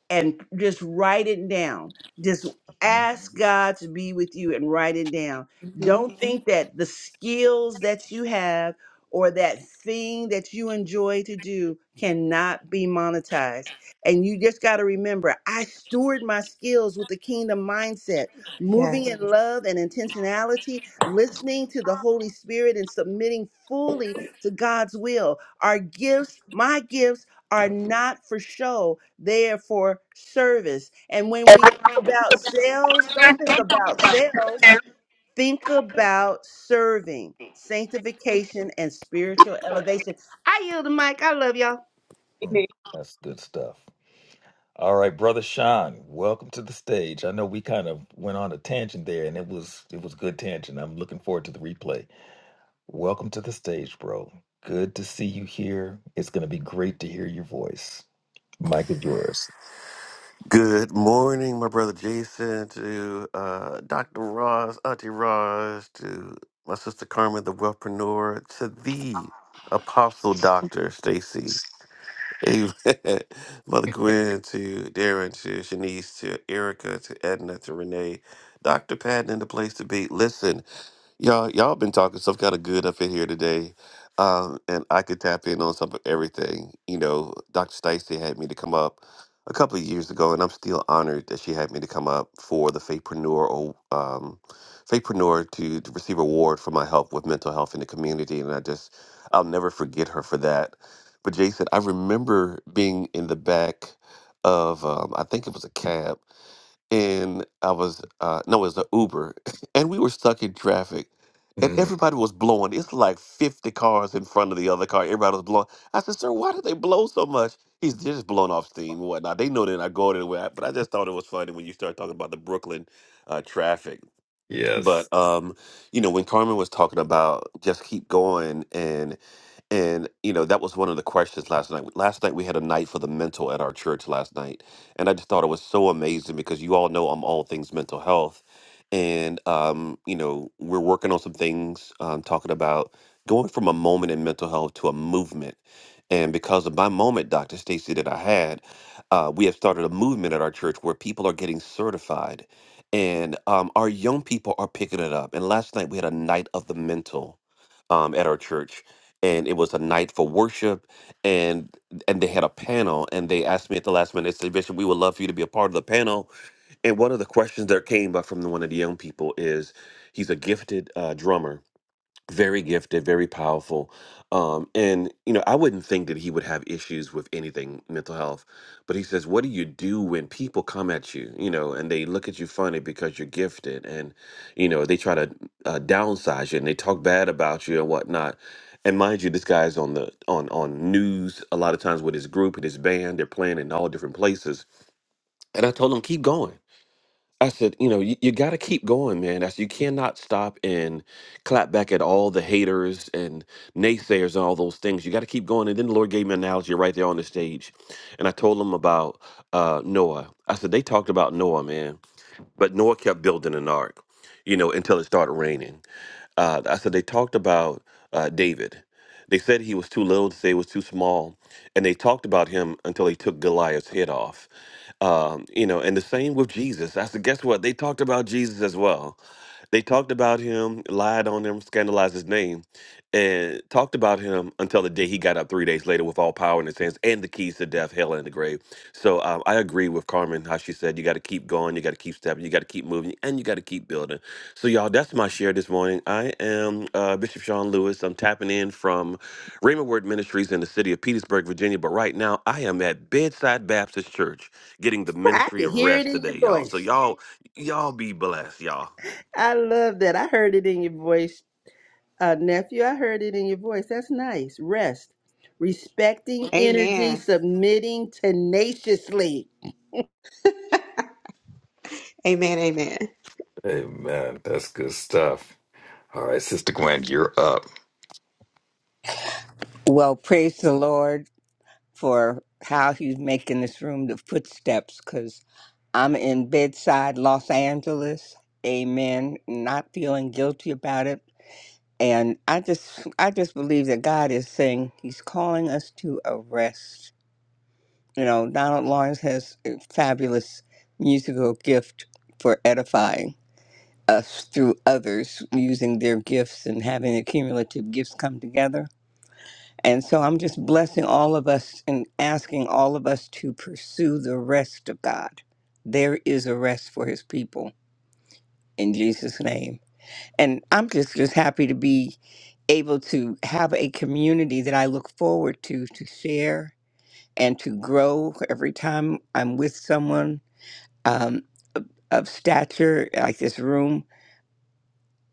[SPEAKER 2] and just write it down, just
[SPEAKER 1] hmm
[SPEAKER 2] ask God to be with you and write it down.
[SPEAKER 3] mhm.
[SPEAKER 2] Don't Mhm. think that the skills that you have or that thing that you enjoy to do cannot be monetized. And you just got to remember, I steward my skills with the kingdom mindset moving
[SPEAKER 3] Yes.
[SPEAKER 2] in Mhm. love and intentionality, listening to the Holy Spirit and submitting fully to God's will. Our gifts, my gifts, are not for show, they are for service. And when we think about sales, don't think about sales, think about serving, sanctification, and spiritual elevation. I yield the mic. I love y'all.
[SPEAKER 1] That's good stuff. All right, brother Sean, welcome to the stage. I know we kind of went on a tangent there, and it was it was good tangent. I'm looking forward to the replay. Welcome to the stage, bro. Good to see you here. It's going to be great to hear your voice. Mike is yours.
[SPEAKER 4] Good morning, my brother Jason, to uh, Dr. Ross, Auntie Ross, to my sister Carmen, the wellpreneur, to the apostle doctor, Stacy, amen. Mother Gwen, to Darren, to Shanice, to Erica, to Edna, to Renee, Dr. Patton, in the place to be. Listen, Y'all, y'all been talking stuff kind of good up in here today, um, and I could tap in on some of everything. You know, Dr. Stacey had me to come up a couple of years ago, and I'm still honored that she had me to come up for the Faithpreneur, o- um, Faithpreneur to, to receive award for my help with mental health in the community, and I just, I'll never forget her for that. But Jason, I remember being in the back of, um, I think it was a cab and I was uh no, it was an Uber, and we were stuck in traffic, and
[SPEAKER 1] Mhm.
[SPEAKER 4] everybody was blowing. It's like fifty cars in front of the other car. Everybody was blowing. I said, "Sir, why do they blow so much?" He's "They're just blowing off steam and whatnot. They know they're not going anywhere. But I just thought it was funny when you start talking about the Brooklyn uh, traffic.
[SPEAKER 1] Yes.
[SPEAKER 4] But um, you know, when Carmen was talking about just keep going and you know that was one of the questions last night. Last night we had a night for the mental at our church last night, and I just thought it was so amazing because you all know I'm all things mental health, and um, you know we're working on some things, um, talking about going from a moment in mental health to a movement. And because of my moment, Doctor Stacy, that I had, uh, we have started a movement at our church where people are getting certified, and um, our young people are picking it up. And last night we had a night of the mental um, at our church and it was a night for worship and and they had a panel and they asked me at the last minute they said bishop we would love for you to be a part of the panel and one of the questions that came up from the, one of the young people is he's a gifted uh, drummer very gifted, very powerful. Um, and you know, I wouldn't think that he would have issues with anything mental health, but he says, "What do you do when people come at you, you know, and they look at you funny because you're gifted, and you know, they try to uh, downsize you and they talk bad about you and whatnot." And mind you, this guy's on the on on news a lot of times with his group and his band. They're playing in all different places, and I told him, "Keep going." I said, you know, you, you got to keep going, man. I said you cannot stop and clap back at all the haters and naysayers and all those things. You got to keep going. And then the Lord gave me an analogy right there on the stage, and I told them about uh, Noah. I said they talked about Noah, man, but Noah kept building an ark, you know, until it started raining. Uh, I said they talked about uh, David. They said he was too little. They say he was too small, and they talked about him until they took Goliath's head off. Um, you know, and the same with Jesus. I said, guess what? They talked about Jesus as well. They talked about him, lied on him, scandalized his name, and talked about him until the day he got up three days later with all power in his hands and the keys to death, hell, and the grave. So um, I agree with Carmen how she said you got to keep going, you got to keep stepping, you got to keep moving, and you got to keep building. So y'all, that's my share this morning. I am uh, Bishop Sean Lewis. I'm tapping in from Raymond Word Ministries in the city of Petersburg, Virginia. But right now, I am at Bedside Baptist Church getting the
[SPEAKER 2] I
[SPEAKER 4] ministry
[SPEAKER 2] can
[SPEAKER 4] of
[SPEAKER 2] hear it
[SPEAKER 4] rest
[SPEAKER 2] in your
[SPEAKER 4] today, y'all. So
[SPEAKER 2] voice.
[SPEAKER 4] y'all, y'all be blessed, y'all.
[SPEAKER 2] I love that. I heard it in your voice. Uh, nephew, I heard it in your voice. That's nice. Rest, respecting energy,
[SPEAKER 3] Amen.
[SPEAKER 2] submitting tenaciously.
[SPEAKER 3] Amen. Amen.
[SPEAKER 1] Amen. That's good stuff. All right, Sister Gwen, you're up.
[SPEAKER 5] Well, praise the Lord for how He's making this room the footsteps because I'm in bedside Los Angeles. Amen. Not feeling guilty about it. And I just I just believe that God is saying He's calling us to a rest. You know, Donald Lawrence has a fabulous musical gift for edifying us through others using their gifts and having the cumulative gifts come together. And so I'm just blessing all of us and asking all of us to pursue the rest of God. There is a rest for his people in Jesus' name. And I'm just, just happy to be able to have a community that I look forward to, to share and to grow every time I'm with someone um, of of stature like this room.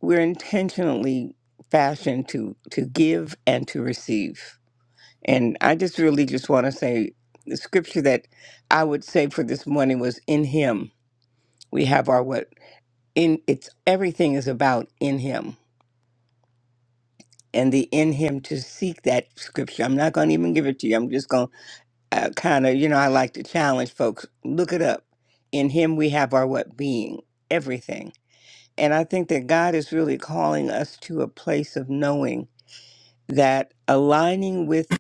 [SPEAKER 5] We're intentionally fashioned to, to give and to receive And I just really just want to say the scripture that I would say for this morning was in him. We have our what in it's everything is about in him and the in him to seek that scripture. I'm not going to even give it to you. I'm just going to uh, kind of, you know, I like to challenge folks. Look it up. In him we have our what being, everything. And I think that God is really calling us to a place of knowing that aligning with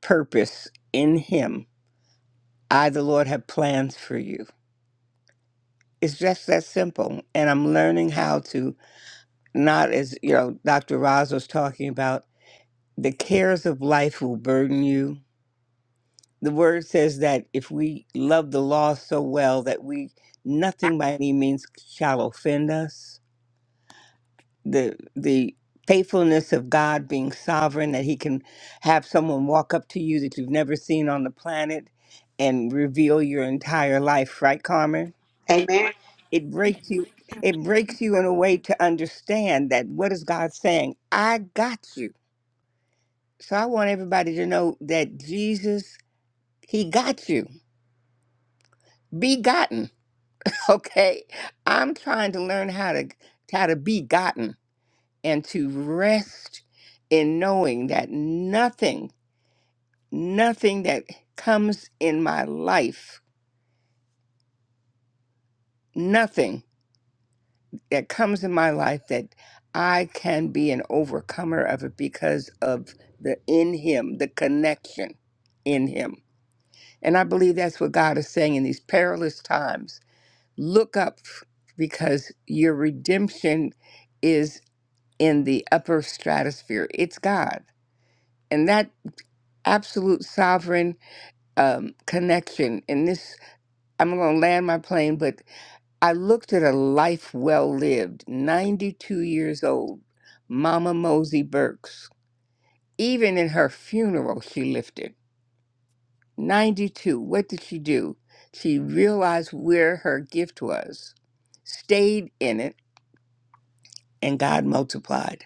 [SPEAKER 5] purpose in him I, the Lord, have plans for you It's just that simple. And I'm learning how to not as you know, Dr. Roz was talking about, the cares of life will burden you. The word says that if we love the law so well that we nothing by any means shall offend us. The the faithfulness of God being sovereign, that he can have someone walk up to you that you've never seen on the planet and reveal your entire life, right, Carmen?
[SPEAKER 3] Amen.
[SPEAKER 5] it breaks you it breaks you in a way to understand that what is god saying i got you so i want everybody to know that jesus he got you be gotten okay i'm trying to learn how to how to be gotten and to rest in knowing that nothing nothing that comes in my life nothing that comes in my life that I can be an overcomer of it because of the in Him, the connection in Him. And I believe that's what God is saying in these perilous times. Look up because your redemption is in the upper stratosphere, it's God. And that absolute sovereign um, connection, and this, I'm going to land my plane, but I looked at a life well lived, 92 years old, Mama Mosey Burks. Even in her funeral, she lifted. 92. What did she do? She realized where her gift was, stayed in it, and God multiplied.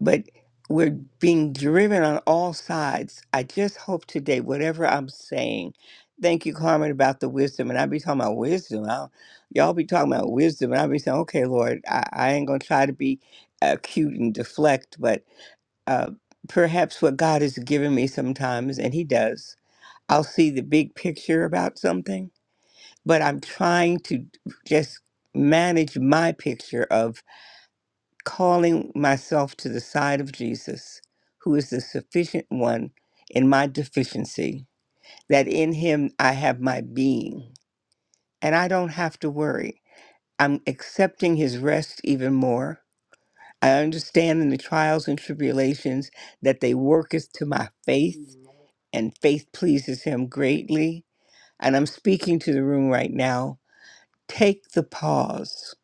[SPEAKER 5] but we're being driven on all sides. I just hope today, whatever I'm saying, thank you, Carmen, about the wisdom. And I be talking about wisdom. I, y'all be talking about wisdom. And I be saying, okay, Lord, I, I ain't going to try to be uh, cute and deflect, but uh, perhaps what God has given me sometimes, and He does, I'll see the big picture about something, but I'm trying to just manage my picture of calling myself to the side of Jesus, who is the sufficient one in my deficiency, that in him I have my being, and I don't have to worry. I'm accepting his rest even more. I understand in the trials and tribulations that they worketh to my faith, Mhm. and faith pleases him greatly. And I'm speaking to the room right now. Take the pause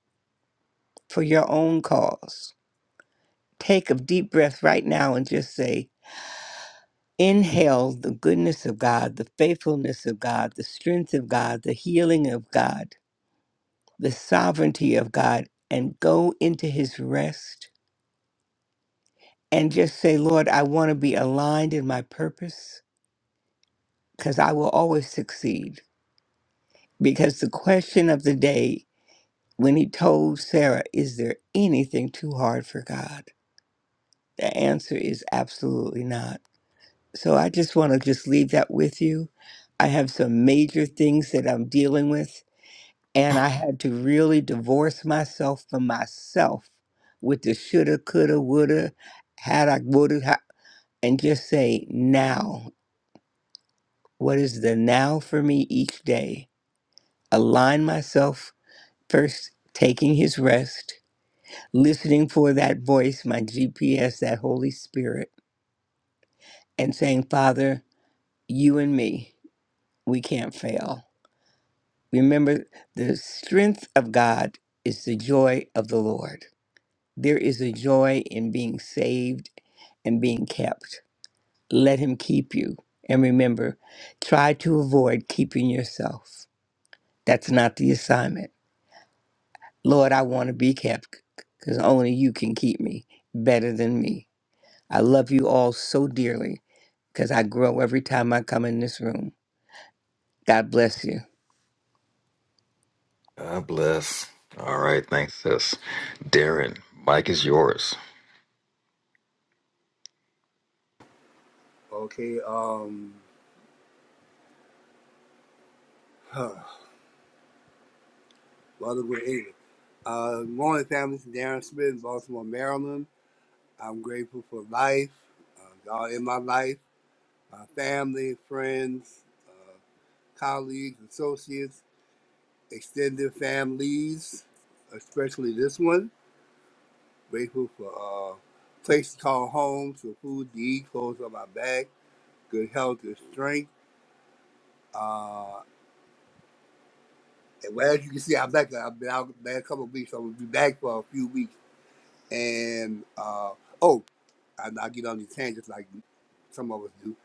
[SPEAKER 5] for your own cause. Take a deep breath right now and just say, inhale the goodness of God, the faithfulness of God, the strength of God, the healing of God, the sovereignty of God, and go into his rest and just say, Lord, I want to be aligned in my purpose because I will always succeed. Because the question of the day when he told Sarah, Is there anything too hard for God? The answer is absolutely not. So I just want to just leave that with you. I have some major things that I'm dealing with And I had to really divorce myself from myself with the shoulda, coulda, woulda, had I, woulda, ha- and just say now. What is the now for me each day? Align myself first, taking his rest, listening for that voice, my GPS, that Holy Spirit, and saying, Father, you and me, we can't fail. Remember, the strength of God is the joy of the Lord. There is a joy in being saved and being kept. Let Him keep you. And remember, try to avoid keeping yourself. That's not the assignment. Lord, I want to be kept because only you can keep me better than me. I love you all so dearly because I grow every time I come in this room. God bless you.
[SPEAKER 1] God bless. All right, thanks, sis. Darren, Mike is yours.
[SPEAKER 6] Okay, um, Rutherford, England. Uh, morning, family. This is Darren Smith in Baltimore, Maryland. I'm grateful for life, uh, God in my life, my family, friends, colleagues, associates, extended families, especially this one. Grateful for a uh, place to call home, for food to eat, clothes on my back, good health and strength. Uh, and well, as you can see, I'm back. I've been out the last couple of weeks. so I'm going to be back for a few weeks. And uh, oh, I, I get on these tangents like some of us do.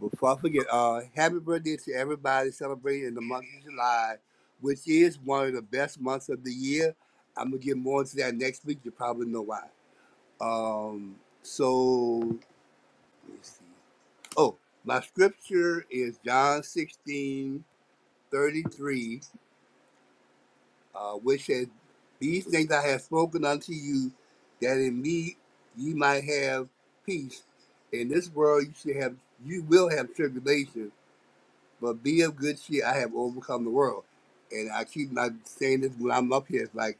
[SPEAKER 6] But before I forget, uh, happy birthday to everybody celebrating in the month of July, which is one of the best months of the year. I'm gonna get more into that next week. You probably know why. Um, so let's see. Oh, my scripture is John 16:33. uh, which said, These things I have spoken unto you, that in me ye might have peace. In this world you should have you will have tribulation, but be of good cheer, I have overcome the world. And I keep not saying this when I'm up here, it's like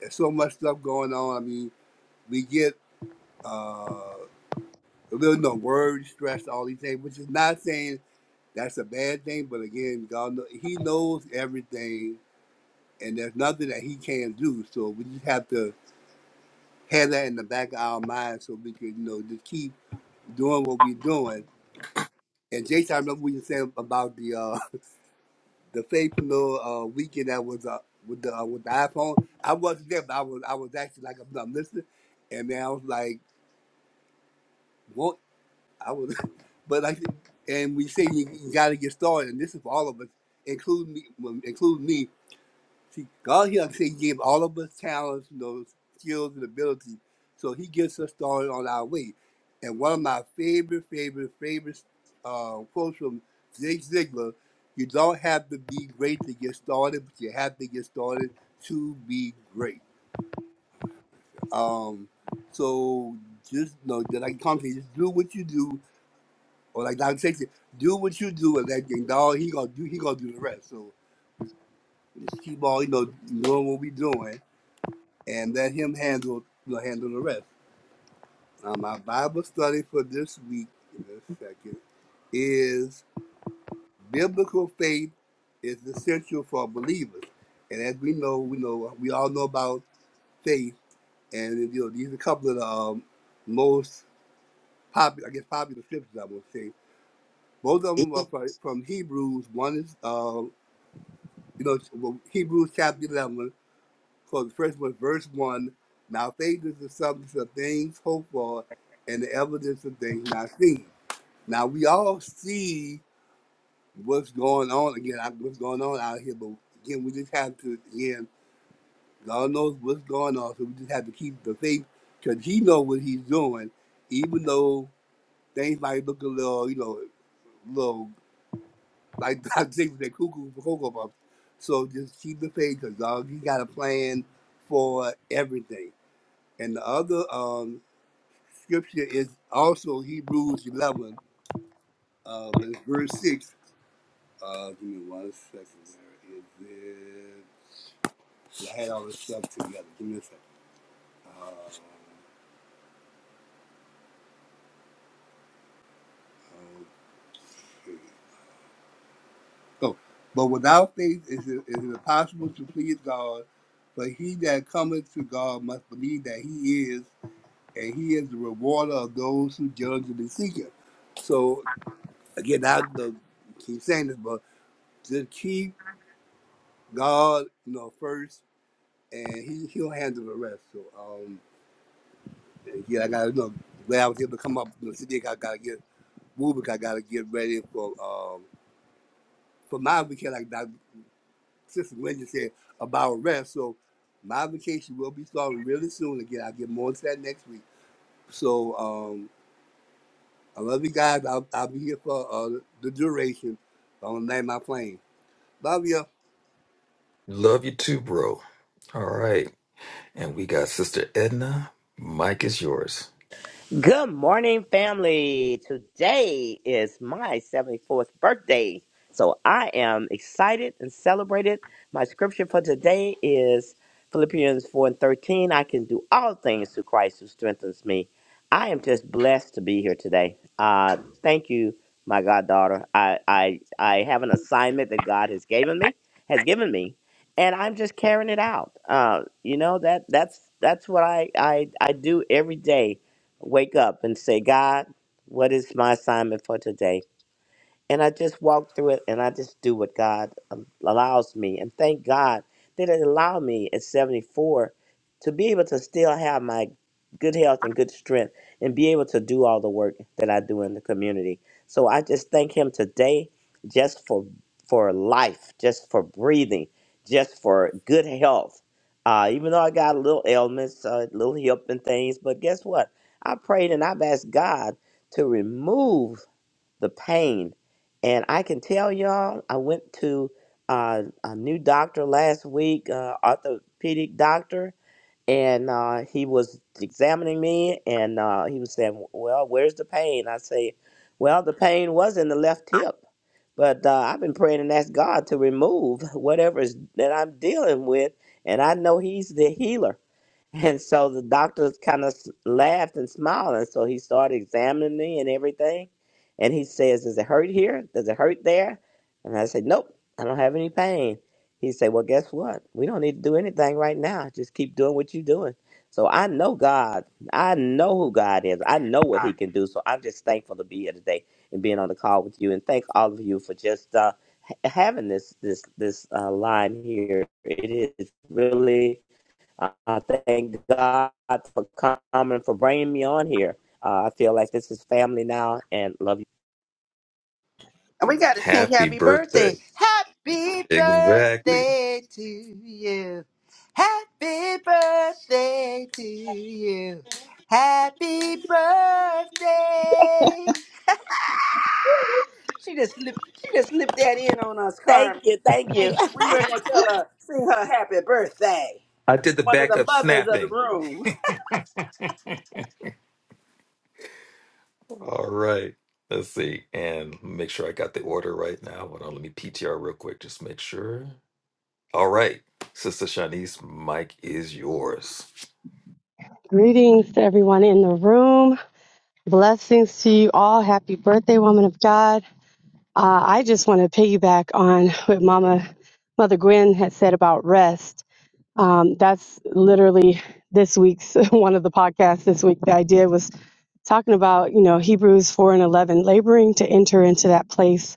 [SPEAKER 6] there's so much stuff going on. I mean, we get uh a little no worry, stress, all these things, which is not saying that's a bad thing, but again, God, kno- He knows everything, and there's nothing that He can't do. So we just have to had that in the back of our mind so we could, you know, just keep doing what we're doing. And Jason, I remember what you said about the uh, the faithful uh, weekend that was uh, with the uh, with the iPhone. I wasn't there, but I was I was actually like I'm, I'm listening, and then I was like, what? I was, but like, and we say you, you got to get started, and this is for all of us, including me, well, including me. See, God, here, like I say, gave all of us talents, you know, skills and abilities. So he gets us started on our way. And one of my favorite, favorite, favorite uh, quotes from Zig Ziglar, you don't have to be great to get started, but you have to get started to be great. Um, so just know that I come to you, just do what you do, or like Dr. Satan, do what you do, and that and God, he gonna do, he gonna do the rest. So we just keep on, you know, doing what we doing and let him handle will handle the rest. Now, my Bible study for this week, in a second, is biblical faith is essential for believers. And as we know, we know we all know about faith, and you know these are a couple of the um, most popular, I guess, popular scriptures. I would say both of them are fro- from Hebrews. One is, uh, you know, well, Hebrews chapter eleven. So the first was verse 1. Now faith is the substance of things hoped for and the evidence of things not seen. Now we all see what's going on again, I- what's going on out here, but again, we just have to, again, God knows what's going on, so we just have to keep the faith because He knows what He's doing, even though things might look a little, you know, little like I think they cuckoo for Cocoa Puffs. So just keep the faith because God, He got a plan for everything. And the other um, scripture is also Hebrews 11, uh, but it's verse 6. Uh, give me one second. Where is it? I had all this stuff together. Give me a second. Uh, okay. So, but without faith is it, is it impossible to please God. But he that cometh to God must believe that he is, and he is the rewarder of those who diligently seek him. So again, I the, keep saying this, but just keep God, you know, first, and he he'll handle the rest. So um, yeah, I gotta you know when I was able to come up, you know, today I gotta get moving. 'cause I gotta get ready for um for my vacation. Like Dr. Sister Wendy said about rest. So my vacation will be starting really soon. Again, I'll get more into that next week. So um, I love you guys. I'll, I'll be here for uh, the duration. I'm gonna land my plane. Love you.
[SPEAKER 1] Love you too, bro. All right. And we got Sister Edna. Mike is yours.
[SPEAKER 7] Good morning, family. Today is my 74th birthday. So I am excited and celebrated. My scripture for today is Philippians 4 and 13. I can do all things through Christ who strengthens me. I am just blessed to be here today. Uh, thank you, my goddaughter. I, I, I have an assignment that God has given me, has given me, and I'm just carrying it out. Uh, you know, that, that's, that's what I, I, I do every day wake up and say, God, what is my assignment for today? and I just walk through it and I just do what God um, allows me. And thank God that it allowed me at 74 to be able to still have my good health and good strength and be able to do all the work that I do in the community. So I just thank him today just for for life, just for breathing, just for good health. Uh, even though I got little ailments, uh, little hip and things, but guess what? I prayed and I've asked God to remove the pain. And I can tell y'all, I went to uh, a new doctor last week, uh, orthopedic doctor, and uh, he was examining me, and uh, he was saying, "Well, where's the pain?" I say, "Well, the pain was in the left hip." But uh, I've been praying and asked God to remove whatever is that I'm dealing with, and I know He's the healer. And so the doctors kind of laughed and smiled. And so he started examining me and everything. And he says, Does it hurt here? Does it hurt there? And I said, Nope, I don't have any pain. He said, Well, guess what? We don't need to do anything right now. Just keep doing what you're doing. So I know God. I know who God is. I know what He can do. So I'm just thankful to be here today and being on the call with you. And thank all of you for just uh, ha- having this this this uh, line here. It is really I I thank God for coming for bringing me on here. Uh, I feel like this is family now, and love you.
[SPEAKER 2] And we got to sing
[SPEAKER 1] Happy
[SPEAKER 2] happy
[SPEAKER 1] birthday.
[SPEAKER 2] birthday. Happy
[SPEAKER 1] Exactly.
[SPEAKER 2] birthday to you. Happy birthday to you. Happy birthday. She just slipped, she just slipped that in on us,
[SPEAKER 7] Thank
[SPEAKER 2] Carmen.
[SPEAKER 7] you, thank
[SPEAKER 2] Thank
[SPEAKER 7] you.
[SPEAKER 2] you. We were going to tell her, sing her happy birthday.
[SPEAKER 1] I did the
[SPEAKER 2] One of the
[SPEAKER 1] backup
[SPEAKER 2] mothers of the
[SPEAKER 1] snapping.
[SPEAKER 2] room.
[SPEAKER 1] All right. Let's see. And make sure I got the order right now. Hold on. Let me PTR real quick. Just make sure. All right, Sister Shanice, Mike is yours.
[SPEAKER 8] Greetings to everyone in the room. Blessings to you all. Happy birthday, woman of God. Uh, I just want to piggyback on what Mama, Mother Gwen had said about rest. Um, that's literally this week's one of the podcasts this week that I did was talking about, you know, Hebrews 4 and 11, laboring to enter into that place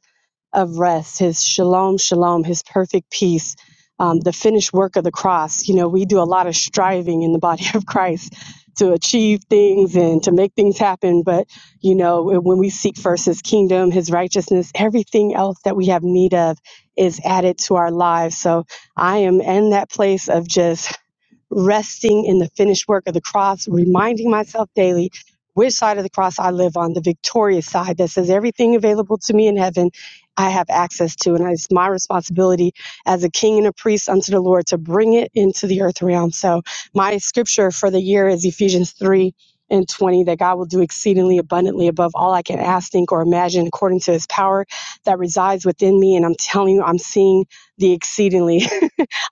[SPEAKER 8] of rest, his shalom, shalom, his perfect peace, um, the finished work of the cross. You know, we do a lot of striving in the body of Christ to achieve things and to make things happen. But, you know, when we seek first his kingdom, his righteousness, everything else that we have need of is added to our lives. So I am in that place of just resting in the finished work of the cross, reminding myself daily which side of the cross I live on, the victorious side that says everything available to me in heaven I have access to. And it's my responsibility as a king and a priest unto the Lord to bring it into the earth realm. So my scripture for the year is Ephesians 3 and 20 that God will do exceedingly abundantly above all I can ask, think, or imagine according to his power that resides within me. And I'm telling you, I'm seeing the exceedingly.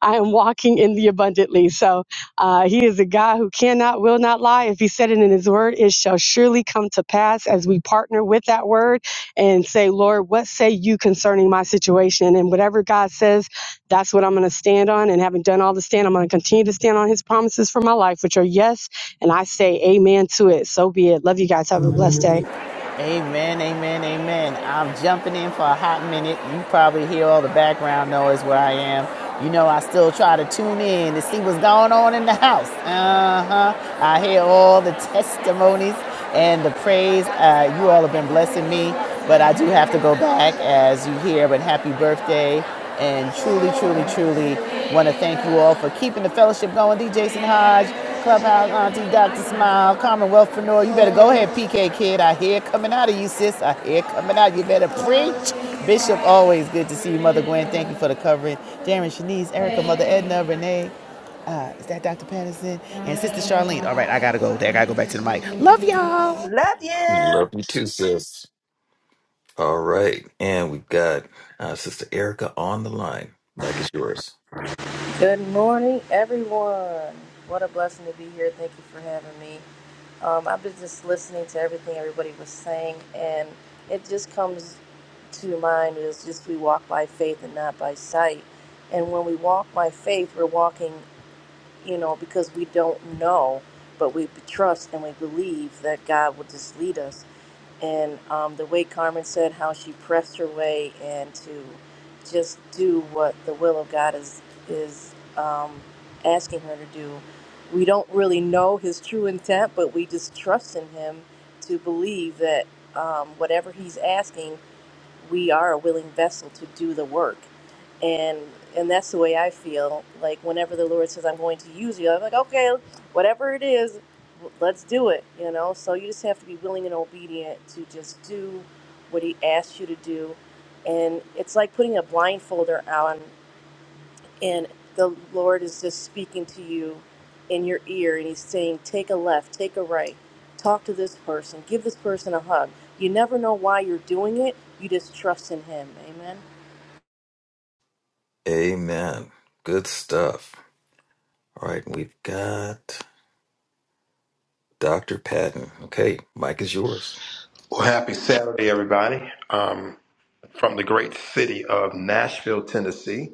[SPEAKER 8] I am walking in the abundantly. So uh, he is a God who cannot, will not lie. If he said it in his word, it shall surely come to pass as we partner with that word and say, Lord, what say you concerning my situation? And whatever God says, that's what I'm going to stand on. And having done all the stand, I'm going to continue to stand on his promises for my life, which are yes. And I say amen to it. So be it. Love you guys. Have a blessed day.
[SPEAKER 9] Amen, amen, amen. I'm jumping in for a hot minute. You probably hear all the background noise where I am. You know, I still try to tune in to see what's going on in the house. Uh huh. I hear all the testimonies and the praise. Uh, you all have been blessing me, but I do have to go back as you hear. But happy birthday and truly, truly, truly want to thank you all for keeping the fellowship going. D. Jason Hodge, Clubhouse Auntie, Dr. Smile, Commonwealth Preneur. You better go ahead, PK Kid. I hear it coming out of you, sis. I hear it coming out. You better preach. Bishop, always good to see you, Mother Gwen. Thank you for the covering. Darren, Shanice, Erica, Mother Edna, Renee. Uh, is that Dr. Patterson? And Sister Charlene. All right, I got to go there. I got to go back to the mic. Love y'all.
[SPEAKER 2] Love
[SPEAKER 1] Love
[SPEAKER 2] you.
[SPEAKER 1] you too, sis. All right, and we've got uh, Sister Erica on the line. Mike is yours.
[SPEAKER 10] Good morning, everyone. What a blessing to be here. Thank you for having me. Um, I've been just listening to everything everybody was saying, and it just comes to mind is just we walk by faith and not by sight. And when we walk by faith, we're walking, you know, because we don't know, but we trust and we believe that God will just lead us and um, the way Carmen said how she pressed her way and to just do what the will of God is is um, asking her to do. We don't really know his true intent, but we just trust in him to believe that um, whatever he's asking, we are a willing vessel to do the work and and that's the way I feel. Like whenever the Lord says I'm going to use you, I'm like, okay, whatever it is, let's do it. You know. So you just have to be willing and obedient to just do what He asks you to do, and it's like putting a blindfolder on, and the Lord is just speaking to you in your ear, and He's saying, take a left, take a right, talk to this person, give this person a hug. You never know why you're doing it. You just trust in Him. Amen.
[SPEAKER 1] Amen. Good stuff. All right, we've got Dr. Patton. Okay, Mike is yours.
[SPEAKER 11] Well, happy Saturday, everybody, um, from the great city of Nashville, Tennessee,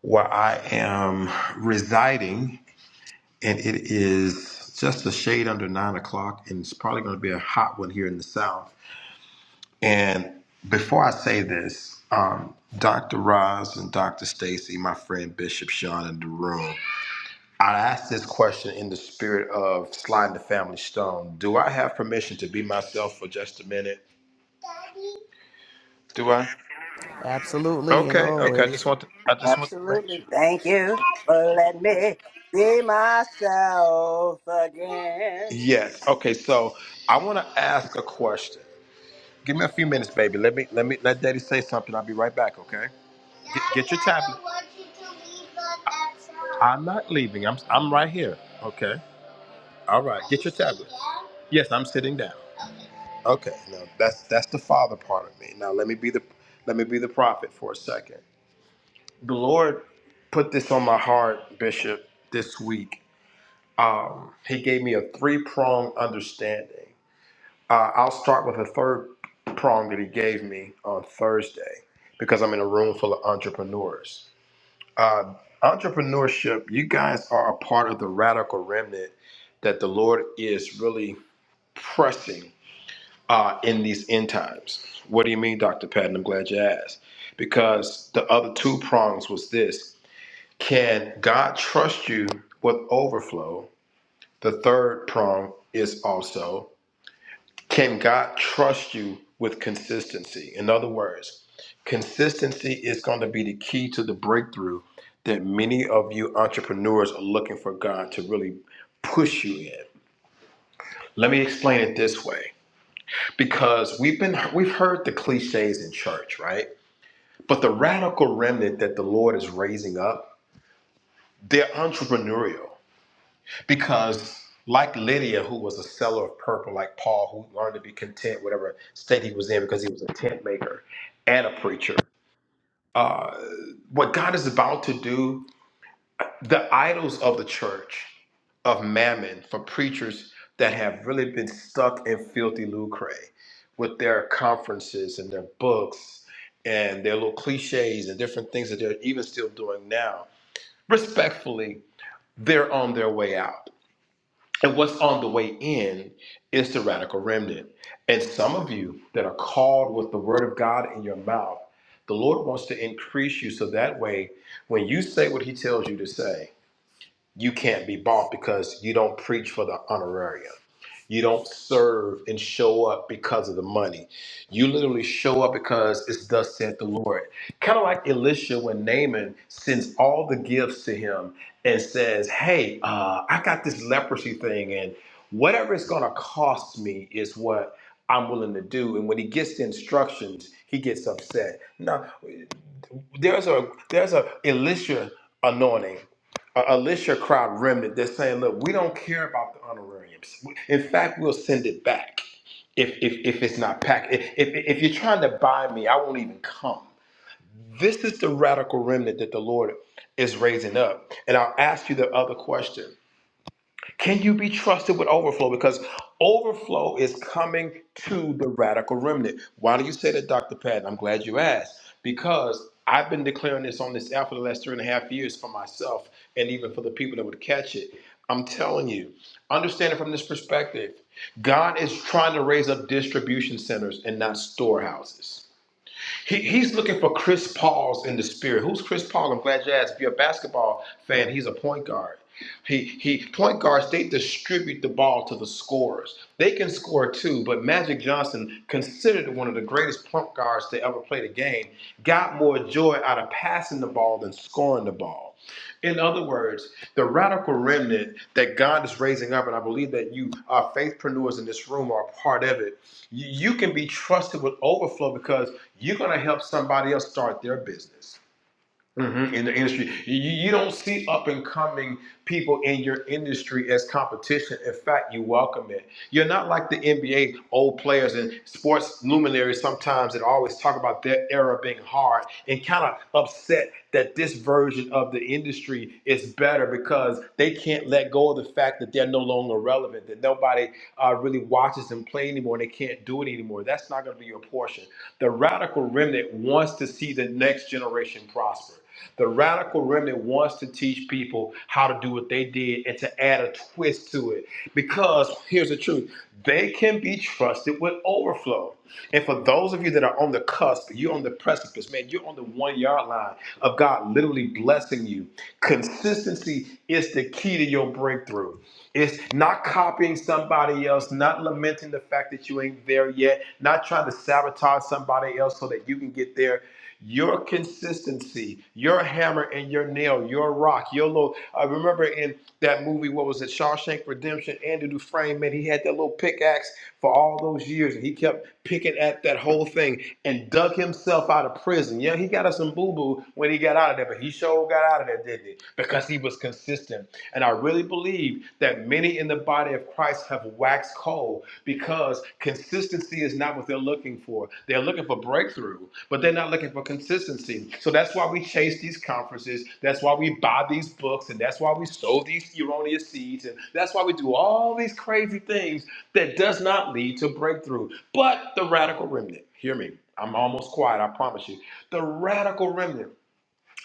[SPEAKER 11] where I am residing. And it is just a shade under nine o'clock, and it's probably going to be a hot one here in the South. And before I say this, um, Dr. Roz and Dr. Stacy, my friend Bishop Sean in the room, I asked this question in the spirit of sliding the family stone. Do I have permission to be myself for just a minute? Do I?
[SPEAKER 9] Absolutely and
[SPEAKER 11] Okay, okay. I
[SPEAKER 9] always.
[SPEAKER 11] just want to I just want to make
[SPEAKER 2] Absolutely.
[SPEAKER 11] sure.
[SPEAKER 2] Thank you for letting me be myself again.
[SPEAKER 11] Yes. Okay, so I want to ask a question. Give me a few minutes, baby. Let me let me let daddy say something. I'll be right back, okay? Get, get your tablet. I'm not leaving. I'm I'm right here. Okay. All right. Get your tablet. Yes, I'm sitting down. Okay. Now that's that's the father part of me. Now let me be the let me be the prophet for a second. The Lord put this on my heart, Bishop, this week um, he gave me a three prong understanding. Uh, I'll start with a third prong that he gave me on Thursday because I'm in a room full of entrepreneurs. Uh, entrepreneurship, you guys are a part of the radical remnant that the Lord is really pressing uh, in these end times. What do you mean, Dr. Patton? I'm glad you asked. Because the other two prongs was this can God trust you with overflow? The third prong is also can God trust you with consistency? In other words, consistency is going to be the key to the breakthrough that many of you entrepreneurs are looking for God to really push you in. Let me explain it this way because we've been we've heard the clichés in church, right? But the radical remnant that the Lord is raising up, they're entrepreneurial Because, like Lydia, who was a seller of purple, like Paul, who learned to be content, whatever state he was in, because he was a tent maker and a preacher, uh, what God is about to do, the idols of the church, of mammon, for preachers that have really been stuck in filthy lucre with their conferences and their books and their little cliches and different things that they're even still doing now, respectfully, they're on their way out and what's on the way in is the radical remnant. And some of you that are called with the word of God in your mouth, the Lord wants to increase you so that way when you say what he tells you to say, you can't be bought because you don't preach for the honorarium. You don't serve and show up because of the money. You literally show up because it's thus said the Lord. Kind of like Elisha when Naaman sends all the gifts to him and says, Hey, uh, I got this leprosy thing, and whatever it's going to cost me is what I'm willing to do. And when he gets the instructions, he gets upset. Now, there's a there's a Elisha anointing, a Elisha crowd remnant that's saying, look, we don't care about the honorariums. In fact, we'll send it back if if, if it's not packed. If, if if you're trying to buy me, I won't even come. This is the radical remnant that the Lord is raising up. And I'll ask you the other question. Can you be trusted with overflow? Because overflow is coming to the radical remnant. Why do you say that, Dr. Patton? I'm glad you asked. Because I've been declaring this on this app for the last three and a half years for myself and even for the people that would catch it. I'm telling you, understand it from this perspective. God is trying to raise up distribution centers and not storehouses. He, he's looking for Chris Paul's in the spirit. Who's Chris Paul? I'm glad you asked. If you're a basketball fan, he's a point guard. He he point guards, they distribute the ball to the scorers. They can score too, but Magic Johnson, considered one of the greatest point guards to ever play the game, got more joy out of passing the ball than scoring the ball. In other words, the radical remnant that God is raising up, and I believe that you our faithpreneurs in this room are a part of it you, you can be trusted with overflow because you're going to help somebody else start their business. Mhm, In the industry, you, you don't see up and coming people in your industry as competition. In fact, you welcome it. You're not like the NBA old players and sports luminaries sometimes that always talk about their era being hard and kind of upset that this version of the industry is better because they can't let go of the fact that they're no longer relevant, that nobody uh, really watches them play anymore and they can't do it anymore. That's not going to be your portion. The radical remnant wants to see the next generation prosper. The radical remnant wants to teach people how to do what they did and to add a twist to it. Because here's the truth they can be trusted with overflow. And for those of you that are on the cusp, you're on the precipice, man, you're on the one yard line of God literally blessing you. Consistency is the key to your breakthrough. It's not copying somebody else, not lamenting the fact that you ain't there yet, not trying to sabotage somebody else so that you can get there. Your consistency, your hammer and your nail, your rock, your little. I remember in that movie, what was it, Shawshank Redemption? Andy Dufresne, man, he had that little pickaxe for all those years, and he kept picking at that whole thing and dug himself out of prison. Yeah, he got us some boo boo when he got out of there, but he sure got out of there, didn't he? Because he was consistent. And I really believe that many in the body of Christ have waxed cold because consistency is not what they're looking for. They're looking for breakthrough, but they're not looking for consistency. So that's why we chase these conferences. That's why we buy these books. And that's why we sow these erroneous seeds. And that's why we do all these crazy things that does not lead to breakthrough. But the radical remnant, hear me. I'm almost quiet, I promise you. The radical remnant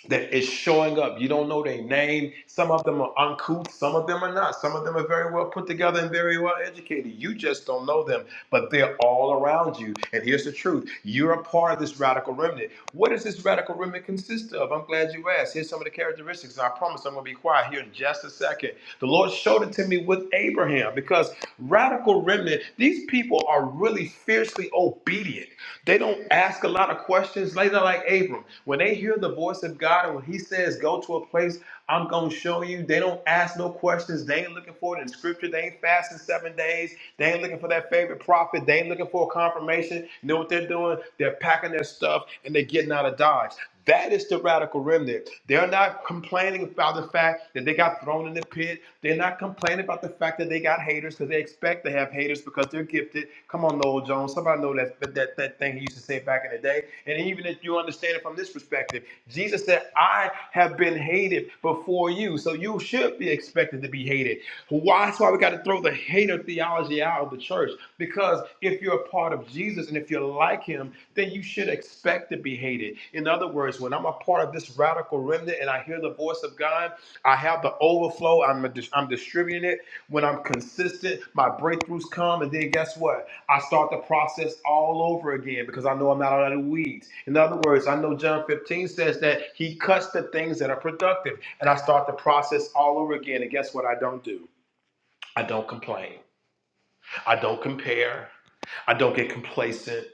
[SPEAKER 11] that is showing up. You don't know their name. Some of them are uncouth, some of them are not. Some of them are very well put together and very well educated. You just don't know them, but they're all around you. And here's the truth you're a part of this radical remnant. What does this radical remnant consist of? I'm glad you asked. Here's some of the characteristics. And I promise I'm going to be quiet here in just a second. The Lord showed it to me with Abraham because radical remnant, these people are really fiercely obedient. They don't ask a lot of questions. Later, like Abram, when they hear the voice of God and when He says, "Go to a place I'm going to show you," they don't ask no questions. They ain't looking for it in Scripture. They ain't fasting seven days. They ain't looking for that favorite prophet. They ain't looking for a confirmation. You know what they're doing? They're packing their stuff and they're getting out of Dodge. That is the radical remnant. They're not complaining about the fact that they got thrown in the pit. They're not complaining about the fact that they got haters because they expect to have haters because they're gifted. Come on, Noel Jones. Somebody know that, that that thing he used to say back in the day. And even if you understand it from this perspective, Jesus said, "I." have been hated before you. So you should be expected to be hated. Why? That's why we got to throw the hater theology out of the church. Because if you're a part of Jesus and if you're like him, then you should expect to be hated. In other words, when I'm a part of this radical remnant and I hear the voice of God, I have the overflow, I'm, I'm distributing it when I'm consistent, my breakthroughs come, and then guess what? I start the process all over again because I know I'm not out of the weeds. In other words, I know John 15 says that he cuts the things that are productive, and I start the process all over again. And guess what? I don't do? I don't complain. I don't compare. I don't get complacent.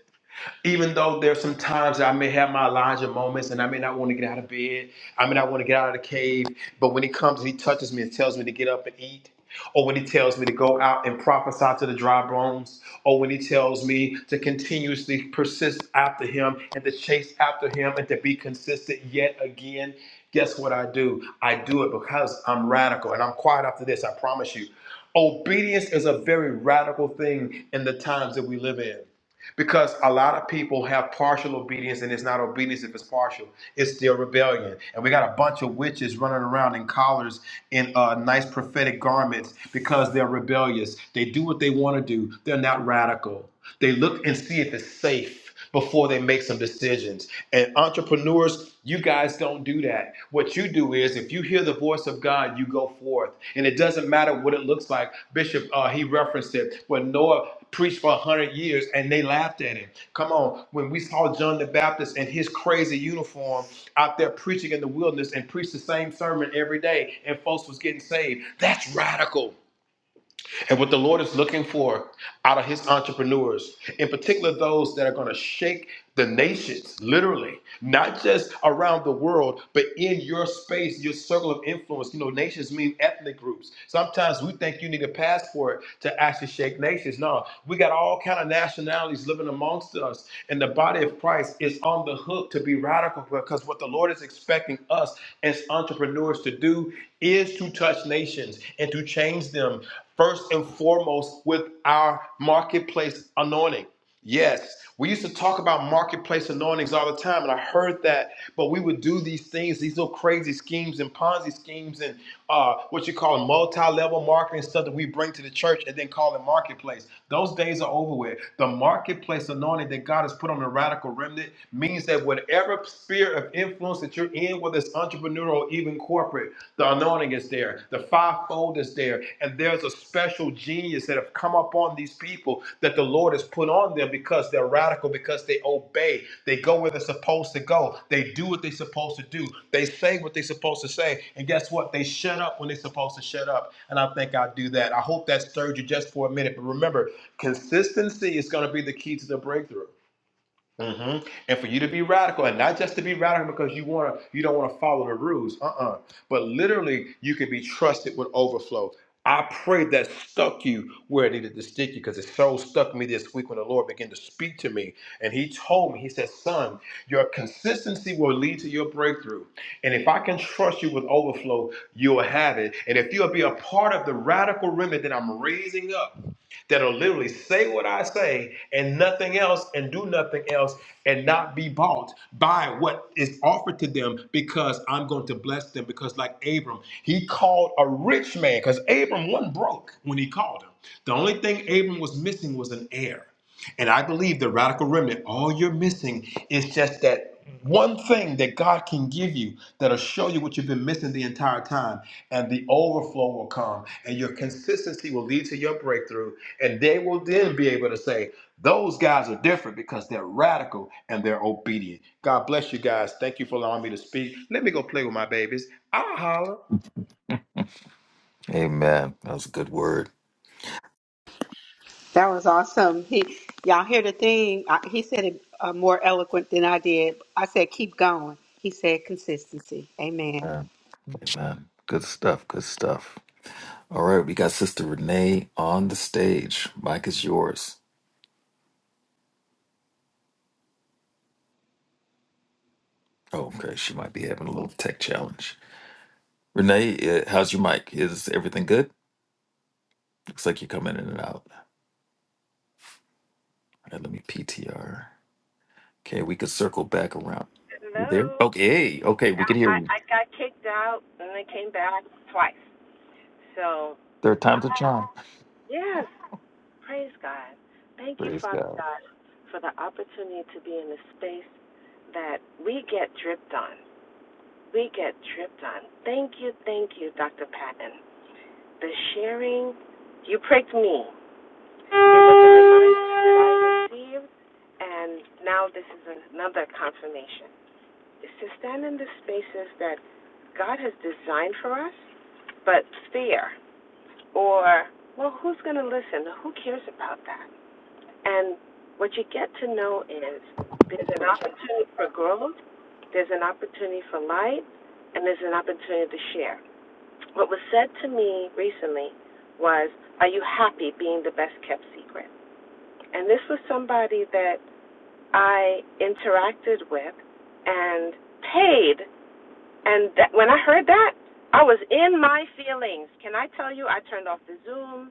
[SPEAKER 11] Even though there's some times that I may have my Elijah moments and I may not want to get out of bed, I may not want to get out of the cave, but when he comes and he touches me and tells me to get up and eat, or when he tells me to go out and prophesy to the dry bones, or when he tells me to continuously persist after him and to chase after him and to be consistent yet again, guess what I do? I do it because I'm radical. And I'm quiet after this, I promise you. Obedience is a very radical thing in the times that we live in. Because a lot of people have partial obedience, and it's not obedience if it's partial. It's still rebellion. And we got a bunch of witches running around in collars in uh, nice prophetic garments because they're rebellious. They do what they want to do. They're not radical. They look and see if it's safe before they make some decisions. And entrepreneurs, you guys don't do that. What you do is if you hear the voice of God, you go forth. And it doesn't matter what it looks like. Bishop, uh, he referenced it when Noah preached for 100 years and they laughed at him. Come on. When we saw John the Baptist in his crazy uniform out there preaching in the wilderness and preached the same sermon every day and folks was getting saved, that's radical. And what the Lord is looking for out of his entrepreneurs, in particular those that are going to shake the nations, literally, not just around the world, but in your space, your circle of influence. You know, nations mean ethnic groups. Sometimes we think you need a passport to actually shake nations. No, we got all kind of nationalities living amongst us, and the body of Christ is on the hook to be radical because what the Lord is expecting us as entrepreneurs to do is to touch nations and to change them first and foremost with our marketplace anointing. Yes, we used to talk about marketplace anointings all the time, and I heard that, but we would do these things, these little crazy schemes and Ponzi schemes and uh, what you call multi level marketing stuff that we bring to the church and then call it marketplace. Those days are over with. The marketplace anointing that God has put on the radical remnant means that whatever sphere of influence that you're in, whether it's entrepreneurial or even corporate, the anointing is there, the fivefold is there, and there's a special genius that have come upon these people that the Lord has put on them because they're radical, because they obey, they go where they're supposed to go, they do what they're supposed to do, they say what they're supposed to say, and guess what? They shut up when they're supposed to shut up. And I think I do that. I hope that stirred you just for a minute, but remember, consistency is going to be the key to the breakthrough hmm And for you to be radical, and not just to be radical because you want to, you don't want to follow the rules. Uh-uh. But literally, you can be trusted with overflow. I pray that stuck you where it needed to stick you because it so stuck me this week when the Lord began to speak to me. And He told me, He said, Son, your consistency will lead to your breakthrough. And if I can trust you with overflow, you'll have it. And if you'll be a part of the radical remnant that I'm raising up, that'll literally say what I say and nothing else and do nothing else and not be bought by what is offered to them because I'm going to bless them. Because, like Abram, he called a rich man because Abram wasn't broke when he called him. The only thing Abram was missing was an heir. And I believe the radical remnant, all you're missing is just that one thing that God can give you that'll show you what you've been missing the entire time. And the overflow will come, and your consistency will lead to your breakthrough. And they will then be able to say, Those guys are different because they're radical and they're obedient. God bless you guys. Thank you for allowing me to speak. Let me go play with my babies. I'll holler.
[SPEAKER 1] Amen. That was a good word.
[SPEAKER 3] That was awesome. He, y'all hear the thing? I, he said it uh, more eloquent than I did. I said, keep going. He said, consistency. Amen.
[SPEAKER 1] Amen. Amen. Good stuff. Good stuff. All right, we got Sister Renee on the stage. Mike is yours. Oh, okay, she might be having a little tech challenge. Renee, uh, how's your mic? Is everything good? Looks like you're coming in and out. All right, let me PTR. Okay, we could circle back around. You there?
[SPEAKER 12] No,
[SPEAKER 1] Okay, okay, we can hear you.
[SPEAKER 12] I, I I got kicked out and then came back twice. So,
[SPEAKER 1] Third
[SPEAKER 12] I
[SPEAKER 1] time's a charm.
[SPEAKER 12] yes, praise God. Thank you,
[SPEAKER 1] Praise
[SPEAKER 12] Father
[SPEAKER 1] God.
[SPEAKER 12] God, for the opportunity to be in a space that we get dripped on. We get dripped on. Thank you, thank you, Dr. Patton. The sharing, you pricked me. It was a reminder that I received, and now this is another confirmation. is to stand in the spaces that God has designed for us, but fear or, well, who's going to listen? Who cares about that? And what you get to know is there's an opportunity for growth, there's an opportunity for light, and there's an opportunity to share. What was said to me recently was, Are you happy being the best kept secret? And this was somebody that I interacted with and paid And that, when I heard that, I was in my feelings. Can I tell you? I turned off the Zoom.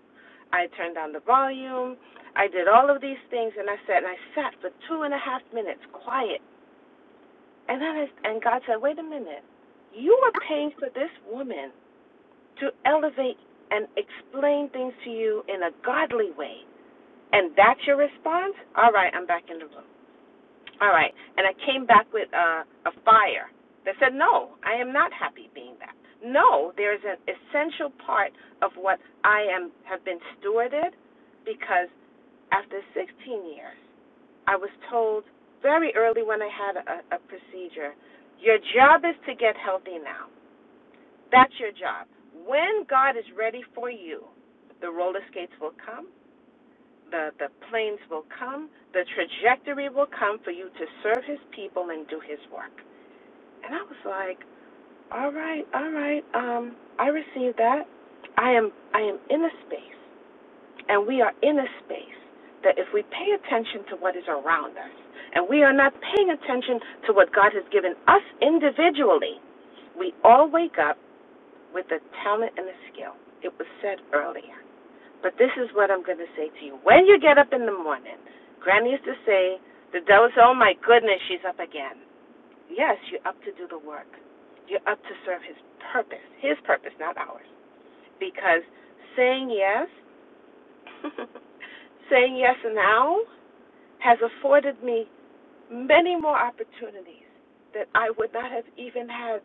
[SPEAKER 12] I turned down the volume. I did all of these things, and I sat and I sat for two and a half minutes, quiet. And then, I, and God said, "Wait a minute. You were paying for this woman to elevate and explain things to you in a godly way, and that's your response. All right, I'm back in the room." All right. And I came back with a, a fire They said, No, I am not happy being back. No, there is an essential part of what I am have been stewarded because after 16 years, I was told very early when I had a, a procedure, your job is to get healthy now. That's your job. When God is ready for you, the roller skates will come the the planes will come, the trajectory will come for you to serve his people and do his work. And I was like, All right, all right, um, I received that. I am I am in a space and we are in a space that if we pay attention to what is around us and we are not paying attention to what God has given us individually, we all wake up with a talent and a skill. It was said earlier. But this is what I'm going to say to you. When you get up in the morning, Granny used to say, the devil said, oh my goodness, she's up again. Yes, you're up to do the work. You're up to serve his purpose, his purpose, not ours. Because saying yes, saying yes now has afforded me many more opportunities that I would not have even had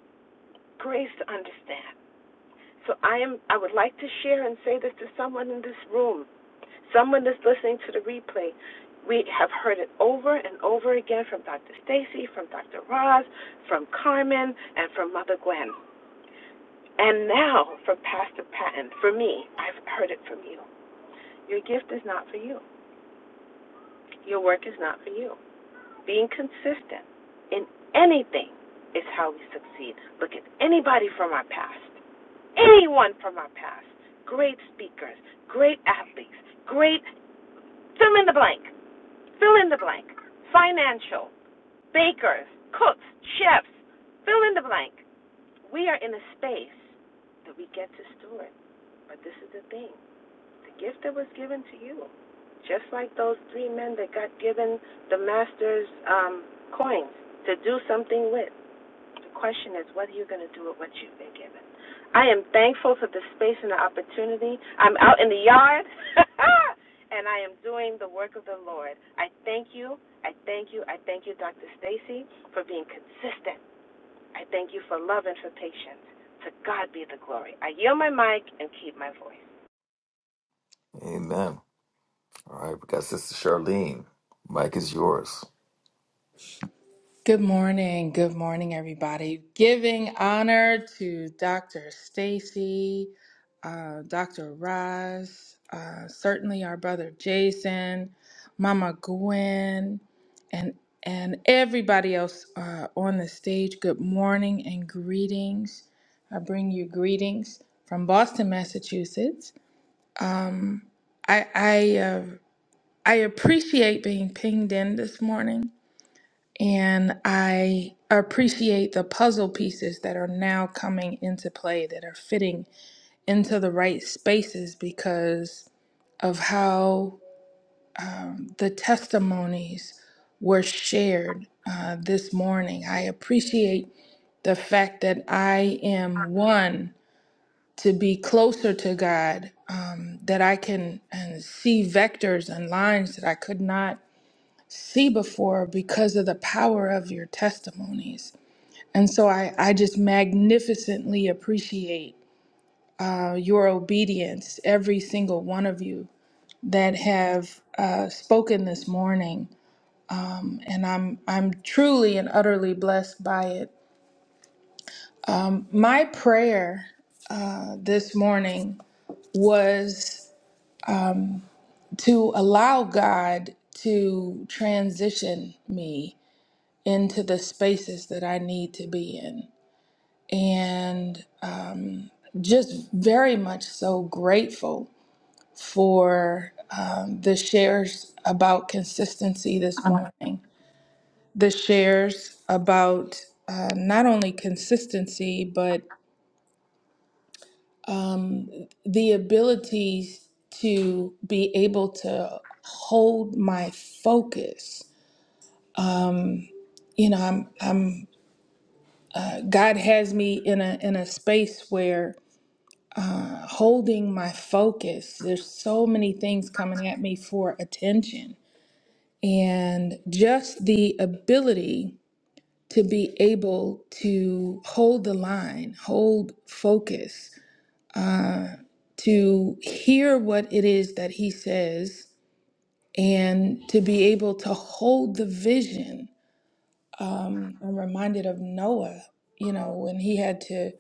[SPEAKER 12] grace to understand. So I am I would like to share and say this to someone in this room Someone that's listening to the replay, we have heard it over and over again from Dr. Stacy, from Dr. Roz, from Carmen, and from Mother Gwen. And now from Pastor Patton. For me, I've heard it from you. Your gift is not for you. Your work is not for you. Being consistent in anything is how we succeed. Look at anybody from our past, anyone from our past, great speakers, great athletes, great fill in the blank fill in the blank. Financial, bakers, cooks, chefs, fill in the blank. We are in a space that we get to steward. But this is the thing the gift that was given to you, just like those three men that got given the master's um, coins to do something with. The question is, what are you going to do with what you've been given? I am thankful for the space and the opportunity. I'm out in the yard, and I am doing the work of the Lord. I thank you. I thank you. I thank you, Dr. Stacy, for being consistent. I thank you for love and for patience. To God be the glory. I yield my mic and keep my voice.
[SPEAKER 1] Amen. All right, we got Sister Charlene. Mic is yours.
[SPEAKER 13] Good morning. Good morning, everybody. Giving honor to Dr. Stacy, uh, Dr. Roz, uh, certainly our brother Jason, Mama Gwen, and and everybody else uh, on the stage. Good morning and greetings. I bring you greetings from Boston, Massachusetts. Um, I I uh, I appreciate being pinged in this morning and I appreciate the puzzle pieces that are now coming into play that are fitting into the right spaces because of how the testimonies were shared uh, this morning. I appreciate the fact that I am one to be closer to God, um, that I can and see vectors and lines that I could not see before because of the power of your testimonies. And so I, I just magnificently appreciate your obedience, every single one of you that have uh, spoken this morning. And I'm, I'm truly and utterly blessed by it. My prayer uh, this morning was to allow God to transition me into the spaces that I need to be in. And just very much so grateful for um, the shares about consistency this morning. The shares about uh, not only consistency, but the ability to be able to hold my focus. You know, I'm, I'm, God has me in a, in a space where holding my focus, there's so many things coming at me for attention. And just the ability to be able to hold the line, hold focus, to hear what it is that he says, and to be able to hold the vision. I'm reminded of Noah, you know, when he had to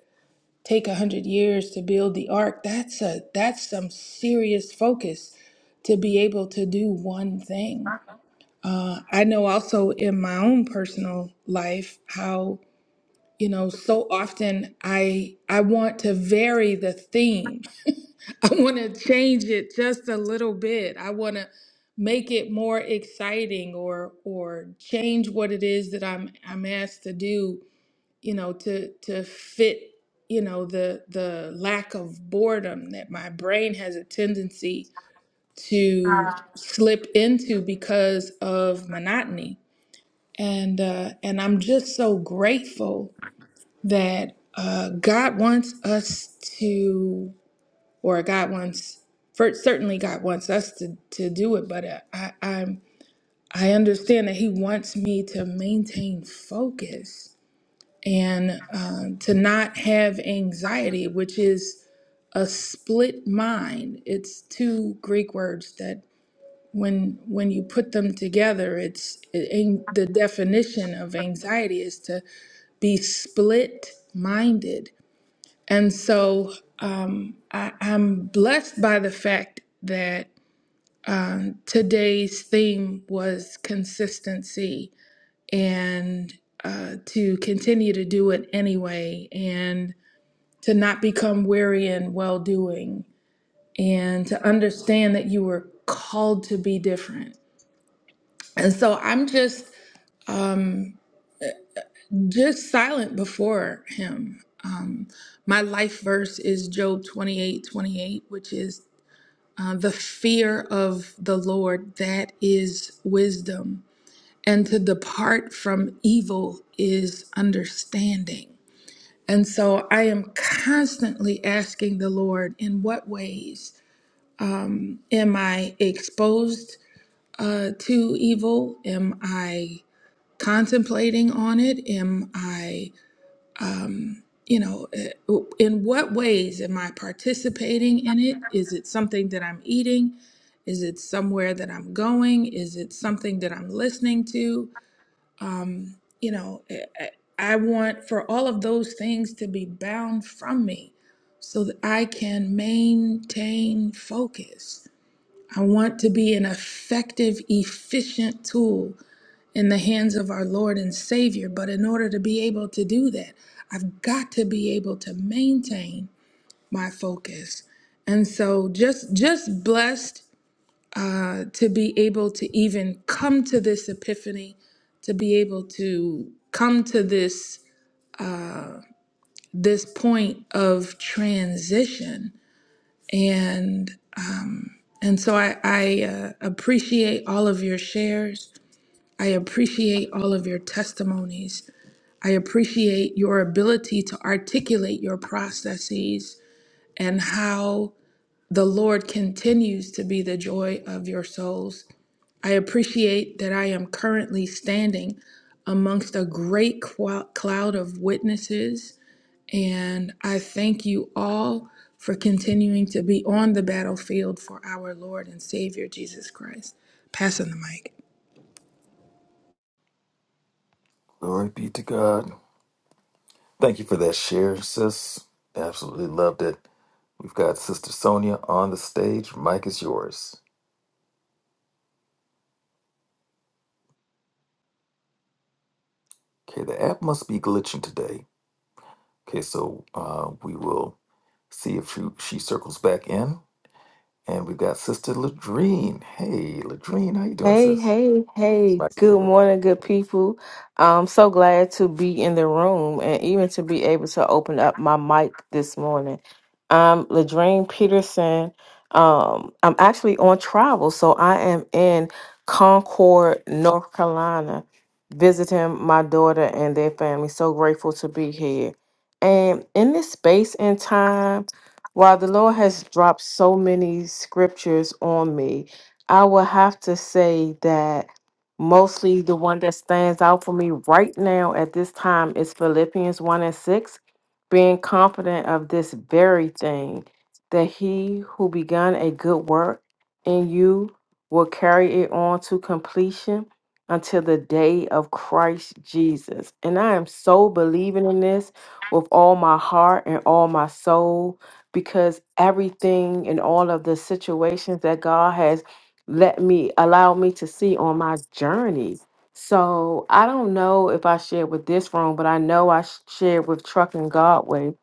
[SPEAKER 13] take a hundred years to build the ark. That's a that's some serious focus to be able to do one thing. I know also in my own personal life how you know so often i i want to vary the theme i want to change it just a little bit i want to make it more exciting or or change what it is that i'm i'm asked to do you know to to fit you know the the lack of boredom that my brain has a tendency to slip into because of monotony and uh and i'm just so grateful that uh, God wants us to, or God wants, first, certainly God wants us to, to do it, but uh, I, I'm, I understand that He wants me to maintain focus and uh, to not have anxiety, which is a split mind. It's two Greek words that when when you put them together, it's it, the definition of anxiety is to be split minded And so um, I, I'm blessed by the fact that um, today's theme was consistency and uh, to continue to do it anyway and to not become weary in well doing and to understand that you were called to be different. And so I'm just um, just silent before him. Um, my life verse is Job 28 28, which is Uh, the fear of the Lord, that is wisdom. And to depart from evil is understanding. And so I am constantly asking the Lord, in what ways um, am I exposed uh, to evil? Am I contemplating on it? Am I um, you know, uh, in what ways am I participating in it? Is it something that I'm eating? Is it somewhere that I'm going? Is it something that I'm listening to? Um, you know, I I- I want for all of those things to be bound from me so that I can maintain focus. I want to be an effective, efficient tool in the hands of our Lord and Savior. But in order to be able to do that, I've got to be able to maintain my focus. And so just just blessed uh, to be able to even come to this epiphany, to be able to come to this this point of transition. And and so I, I uh, appreciate all of your shares. I appreciate all of your testimonies. I appreciate your ability to articulate your processes and how the Lord continues to be the joy of your souls. I appreciate that I am currently standing amongst a great qu- cloud of witnesses, and I thank you all for continuing to be on the battlefield for our Lord and Savior Jesus Christ. Passing the mic.
[SPEAKER 1] Glory be to God. Thank you for that share, sis. Absolutely loved it. We've got Sister Sonia on the stage. Mic is yours. Okay, the app must be glitching today. Okay, so uh, we will see if she, she circles back in. And we've got Sister Ladrine. Hey, Ladrine, how you doing,
[SPEAKER 14] Hey,
[SPEAKER 1] sis?
[SPEAKER 14] hey, hey.
[SPEAKER 1] Mike is
[SPEAKER 14] Good
[SPEAKER 1] yours.
[SPEAKER 14] morning, good people. I'm so glad to be in the room and even to be able to open up my mic this morning. I'm Ladrine Peterson. Um, I'm actually on travel, so I am in Concord, North Carolina, visiting my daughter and their family. So grateful to be here. And in this space and time, while the Lord has dropped so many scriptures on me, I would have to say that mostly the one that stands out for me right now at this time is Philippians 1 and 6, being confident of this very thing, that he who begun a good work in you will carry it on to completion until the day of Christ Jesus. And I am so believing in this with all my heart and all my soul because everything and all of the situations that God has let me allow me to see on my journey. So I don't know if I shared with this room, but I know I sh- shared with Truck and Godway,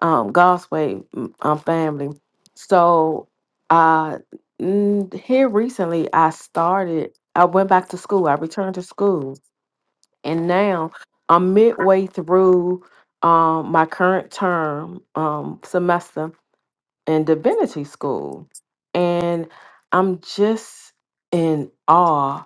[SPEAKER 14] um, God's Way mm, um, family. So uh, mm, here recently, I started. I went back to school. I returned to school, and now I'm midway through um, my current term um, semester in divinity school. And I'm just in awe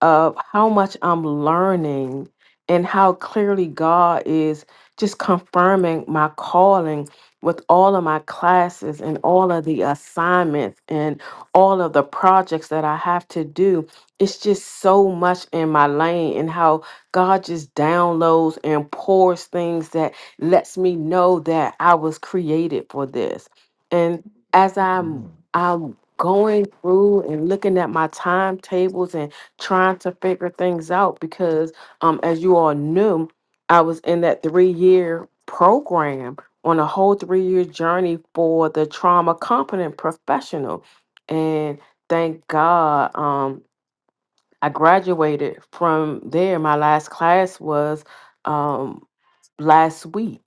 [SPEAKER 14] of how much I'm learning and how clearly God is just confirming my calling with all of my classes and all of the assignments and all of the projects that I have to do. It's just so much in my lane and how God just downloads and pours things that lets me know that I was created for this. And as I'm
[SPEAKER 1] Mhm.
[SPEAKER 14] I'm going through and looking at my timetables trying to figure things out because um as you all knew i was in that three year program on a whole three year journey for the trauma competent professional and thank god um i graduated from there my last class was um last week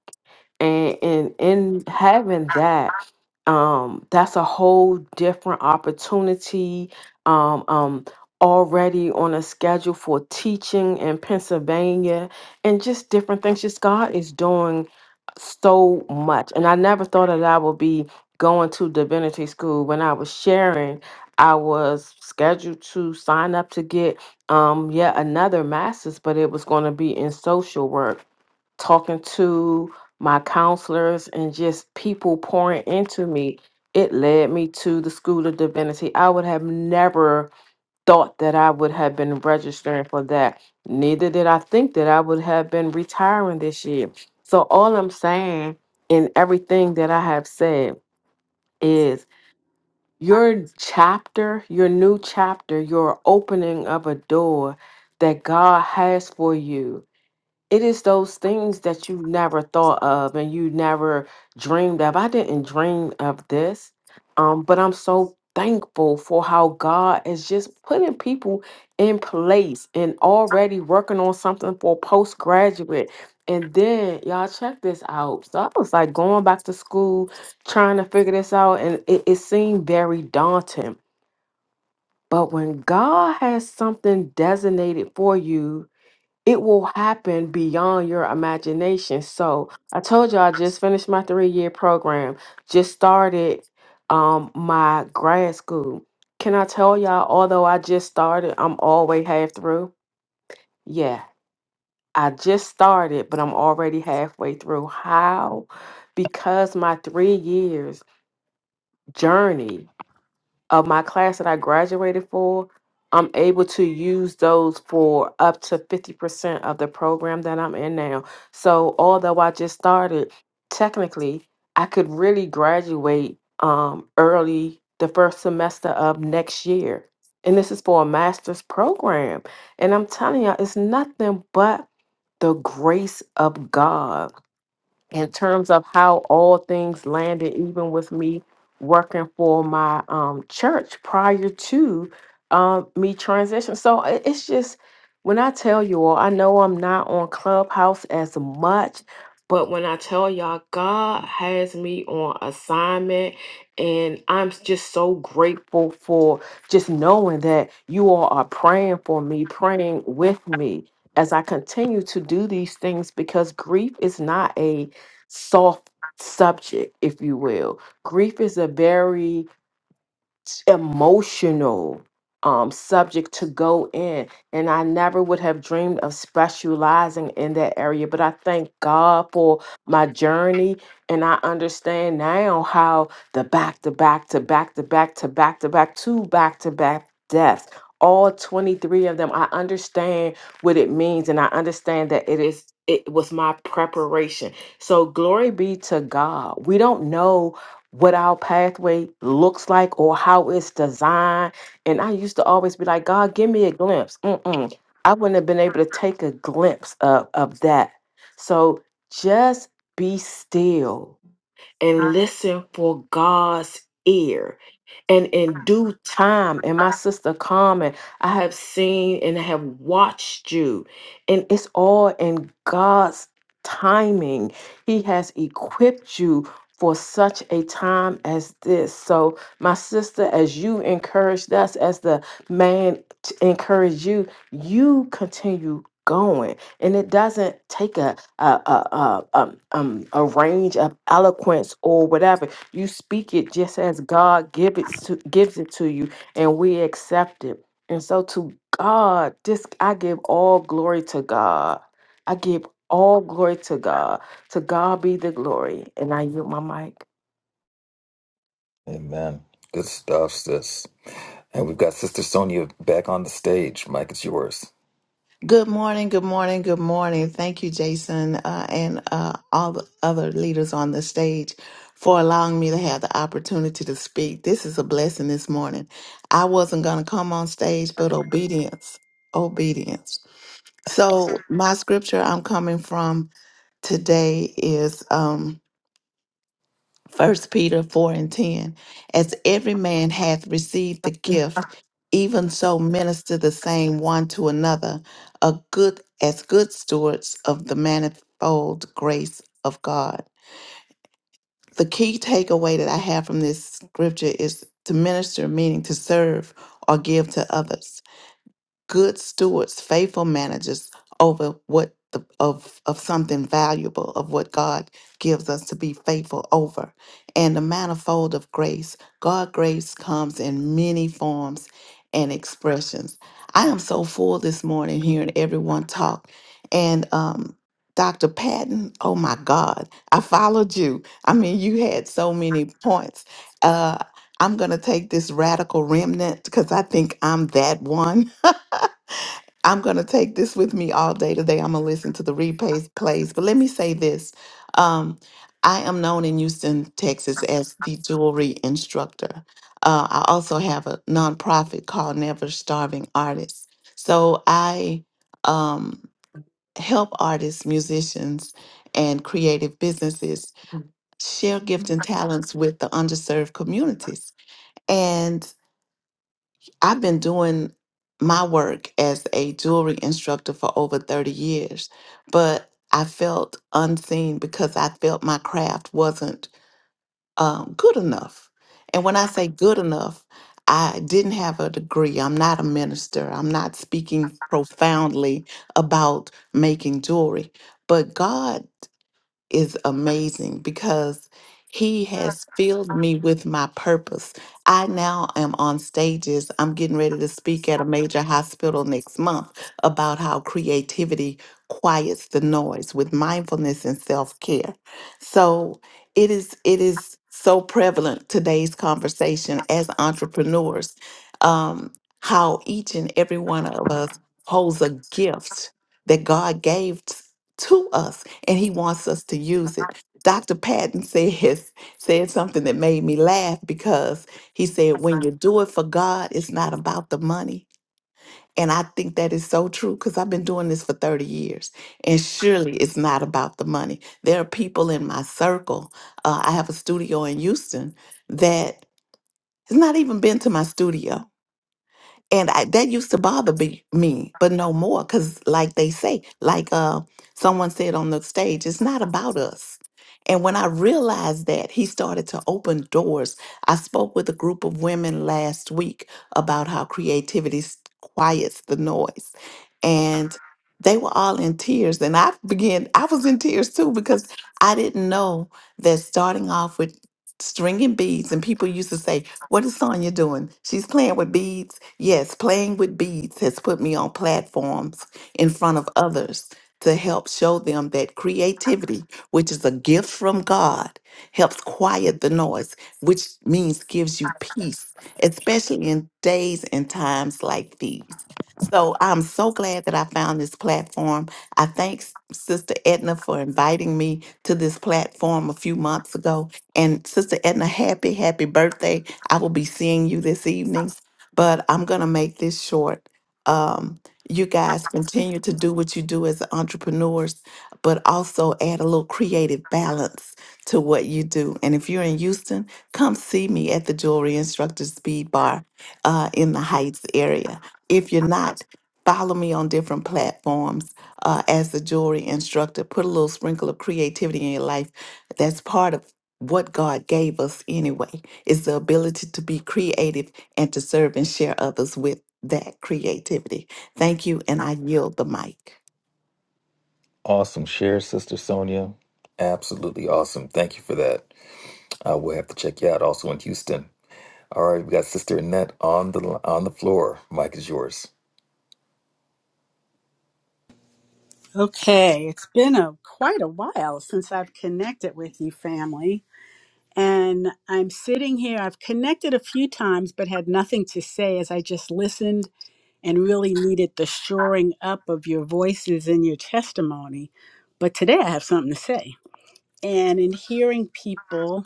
[SPEAKER 14] and and in having that um that's a whole different opportunity um um already on a schedule for teaching in Pennsylvania and just different things just God is doing so much and I never thought that I would be going to divinity school when I was sharing I was scheduled to sign up to get um yet another master's but it was going to be in social work talking to my counselors and just people pouring into me, it led me to the School of Divinity. I would have never thought that I would have been registering for that. Neither did I think that I would have been retiring this year. So, all I'm saying in everything that I have said is your chapter, your new chapter, your opening of a door that God has for you it is those things that you never thought of and you never dreamed of. I didn't dream of this, um, but I'm so thankful for how God is just putting people in place and already working on something for postgraduate. And then y'all check this out. So I was like going back to school, trying to figure this out, and it, it seemed very daunting. But when God has something designated for you, it will happen beyond your imagination. So I told you I just finished my three year program, just started um my grad school. Can I tell y'all, although I just started, I'm already half through? Yeah, I just started, but I'm already halfway through. How? Because my three years journey of my class that I graduated for, I'm able to use those for up to 50% of the program that I'm in now. So, although I just started, technically, I could really graduate um, early the first semester of next year. And this is for a master's program. And I'm telling you, all it's nothing but the grace of God in terms of how all things landed, even with me working for my um, church prior to um, me transition. So i- it's just when I tell you all, I know I'm not on Clubhouse as much, but when I tell y'all, God has me on assignment. And I'm s- just so grateful for just knowing that you all are praying for me, praying with me as I continue to do these things because grief is not a soft subject, if you will. Grief is a very t- emotional um, subject to go in. And I never would have dreamed of specializing in that area. But I thank God for my journey. And I understand now how the back to back to back to back to back to back to back to back deaths. All 23 of them, I understand what it means, and I understand that it is it was my preparation. So glory be to God. We don't know what our pathway looks like or how it's designed. And I used to always be like, God, give me a glimpse. Mm-mm. I wouldn't have been able to take a glimpse of, of that. So just be still and listen for God's ear. And in due time, and my sister Carmen, I have seen and have watched you, and it's all in God's timing. He has equipped you for such a time as this. So, my sister, as you encouraged us, as the man t- encouraged you, you continue going and it doesn't take a a a a, um, um, a range of eloquence or whatever. You speak it just as God give it to, gives it to you, and we accept it. And so to God, this I give all glory to God. I give all glory to God. To God be the glory. And I yield my mic.
[SPEAKER 1] Amen. Good stuff, sis. And we've got Sister Sonia back on the stage. Mike, it's yours.
[SPEAKER 15] Good morning, good morning, good morning. Thank you, Jason, uh, and uh, all the other leaders on the stage for allowing me to have the opportunity to speak. This is a blessing this morning. I wasn't going to come on stage, but obedience, obedience. So, my scripture I'm coming from today is um, First Peter four and ten, as every man hath received the gift, even so minister the same one to another, a good as good stewards of the manifold grace of God. The key takeaway that I have from this scripture is to minister, meaning to serve or give to others good stewards, faithful managers over what the, of of something valuable of what God gives us to be faithful over. And the manifold of grace, God grace comes in many forms and expressions. I am so full this morning hearing everyone talk. And um Dr. Patton, oh my God, I followed you. I mean, you had so many points. Uh I'm going to take this radical remnant because I think I'm that one. I'm going to take this with me all day today. I'm going to listen to the replays plays. But let me say this. Um, I am known in Houston, Texas as the jewelry instructor. Uh, I also have a nonprofit called Never Starving Artists. So I um, help artists, musicians, and creative businesses share gift and talents with the underserved communities. And I've been doing my work as a jewelry instructor for over 30 years, but I felt unseen because I felt my craft wasn't um, good enough. And when I say good enough, I didn't have a degree. I'm not a minister. I'm not speaking profoundly about making jewelry. But God is amazing because he has filled me with my purpose. I now am on stages. I'm getting ready to speak at a major hospital next month about how creativity quiets the noise with mindfulness and self-care. So it is it is so prevalent today's conversation as entrepreneurs um, how each and every one of us holds a gift that God gave t- to us and he wants us to use it. Dr. Patton says said something that made me laugh because he said, when you do it for God, it's not about the money. And I think that is so true because I've been doing this for 30 years. And surely it's not about the money. There are people in my circle. Uh, I have a studio in Houston that has not even been to my studio and I, that used to bother be, me, but no more. Cause like they say, like uh, someone said on the stage, it's not about us. And when I realized that, he started to open doors. I spoke with a group of women last week about how creativity s- quiets the noise, and they were all in tears. And I began, I was in tears too because I didn't know that starting off with stringing beads, and people used to say, what is Sonya doing? She's playing with beads. Yes, playing with beads has put me on platforms in front of others to help show them that creativity, which is a gift from God, helps quiet the noise, which means gives you peace, especially in days and times like these. So I'm so glad that I found this platform. I thank S- Sister Edna for inviting me to this platform a few months ago. And Sister Edna, happy, happy birthday. I will be seeing you this evening, but I'm going to make this short. Um, you guys continue to do what you do as entrepreneurs, but also add a little creative balance to what you do. And if you're in Houston, come see me at the Jewelry Instructor Speed Bar uh, in the Heights area. If you're not, follow me on different platforms uh, as the jewelry instructor. Put a little sprinkle of creativity in your life. That's part of what God gave us anyway. It's the ability to be creative and to serve and share others with that creativity. Thank you, and I yield the mic.
[SPEAKER 1] Awesome share, Sister Sonia. Absolutely awesome. Thank you for that. Uh, we'll have to check you out also in Houston. All right, we got Sister Annette on the on the floor. Mike is yours.
[SPEAKER 16] Okay, it's been a quite a while since I've connected with you, family. And I'm sitting here. I've connected a few times, but had nothing to say as I just listened and really needed the shoring up of your voices and your testimony. But today I have something to say. And in hearing people,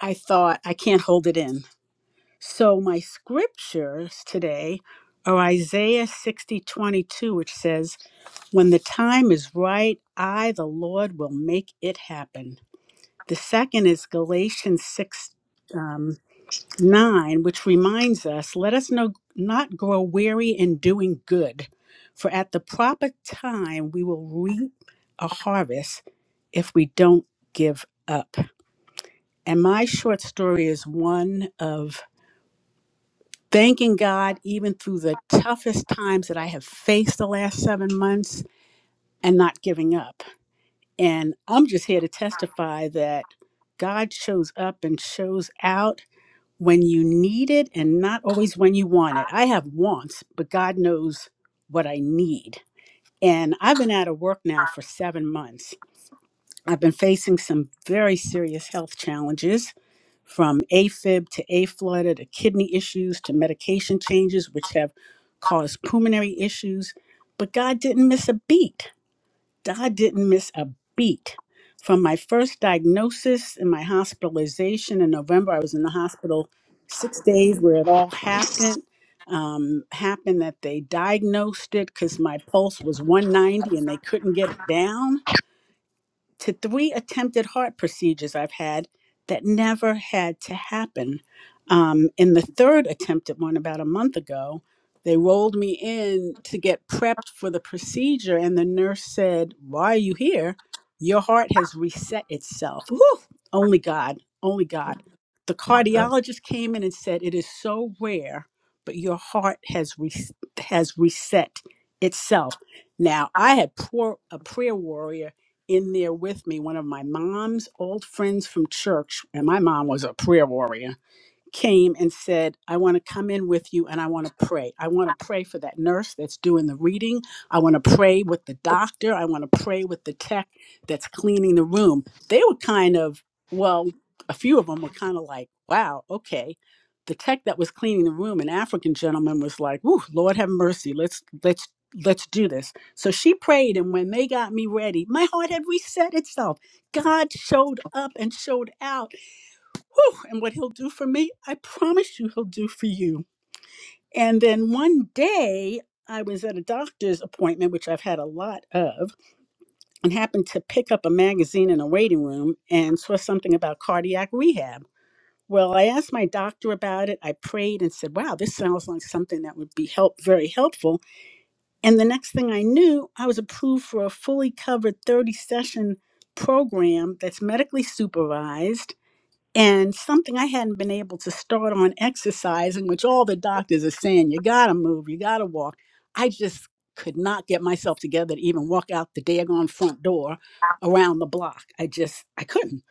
[SPEAKER 16] I thought I can't hold it in. So my scriptures today are Isaiah 60:22, which says, when the time is right, I, the Lord, will make it happen. The second is Galatians 6 um, 9, which reminds us let us no, not grow weary in doing good, for at the proper time we will reap a harvest if we don't give up. And my short story is one of thanking God even through the toughest times that I have faced the last seven months and not giving up And I'm just here to testify that God shows up and shows out when you need it and not always when you want it. I have wants, but God knows what I need. And I've been out of work now for seven months. I've been facing some very serious health challenges from AFib to aflutter to kidney issues to medication changes, which have caused pulmonary issues. But God didn't miss a beat God didn't miss a beat. From my first diagnosis and my hospitalization in November, I was in the hospital six days where it all happened. Um, happened that they diagnosed it because my pulse was 190 and they couldn't get it down to three attempted heart procedures I've had that never had to happen. Um, in the third attempted one about a month ago, they rolled me in to get prepped for the procedure, and the nurse said, Why are you here? Your heart has reset itself. Whew! Only God, only God. The cardiologist came in and said, It is so rare, but your heart has, re- has reset itself. Now, I had poor, a prayer warrior in there with me one of my mom's old friends from church and my mom was a prayer warrior came and said, I want to come in with you and I want to pray. I want to pray for that nurse that's doing the reading. I want to pray with the doctor. I want to pray with the tech that's cleaning the room. They were kind of, well, a few of them were kind of like, wow, okay. The tech that was cleaning the room, an African gentleman was like, Ooh, Lord have mercy. Let's let's let's do this. So she prayed and when they got me ready, my heart had reset itself. God showed up and showed out Whew, and what he'll do for me, I promise you he'll do for you. And then one day, I was at a doctor's appointment, which I've had a lot of, and happened to pick up a magazine in a waiting room and saw something about cardiac rehab. Well, I asked my doctor about it. I prayed and said, "Wow, this sounds like something that would be help very helpful." And the next thing I knew, I was approved for a fully covered 30 session program that's medically supervised and something I hadn't been able to start on exercising, which all the doctors are saying, you gotta move, you gotta walk. I just could not get myself together to even walk out the daggone front door around the block. I just, I couldn't.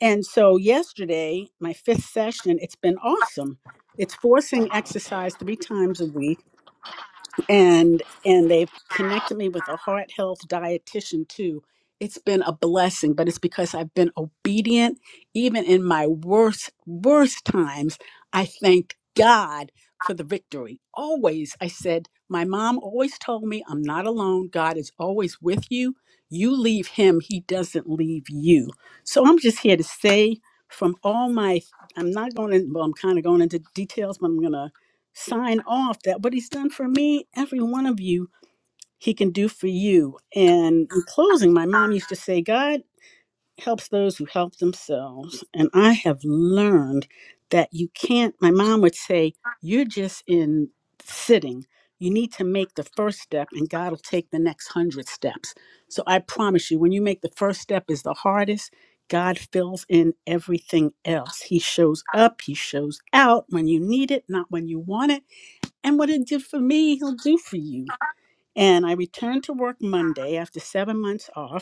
[SPEAKER 16] And so yesterday, my fifth session, it's been awesome. It's forcing exercise three times a week and and they've connected me with a heart health dietitian too it's been a blessing but it's because i've been obedient even in my worst worst times i thank god for the victory always i said my mom always told me i'm not alone god is always with you you leave him he doesn't leave you so i'm just here to say from all my i'm not going to well i'm kind of going into details but i'm going to sign off that what he's done for me, every one of you, he can do for you. And in closing, my mom used to say, God helps those who help themselves. And I have learned that you can't, my mom would say, you're just in sitting. You need to make the first step, and God will take the next hundred steps. So I promise you, when you make the first step is the hardest, God fills in everything else. He shows up, He shows out when you need it, not when you want it and what it did for me, he'll do for you. And I returned to work Monday after seven months off.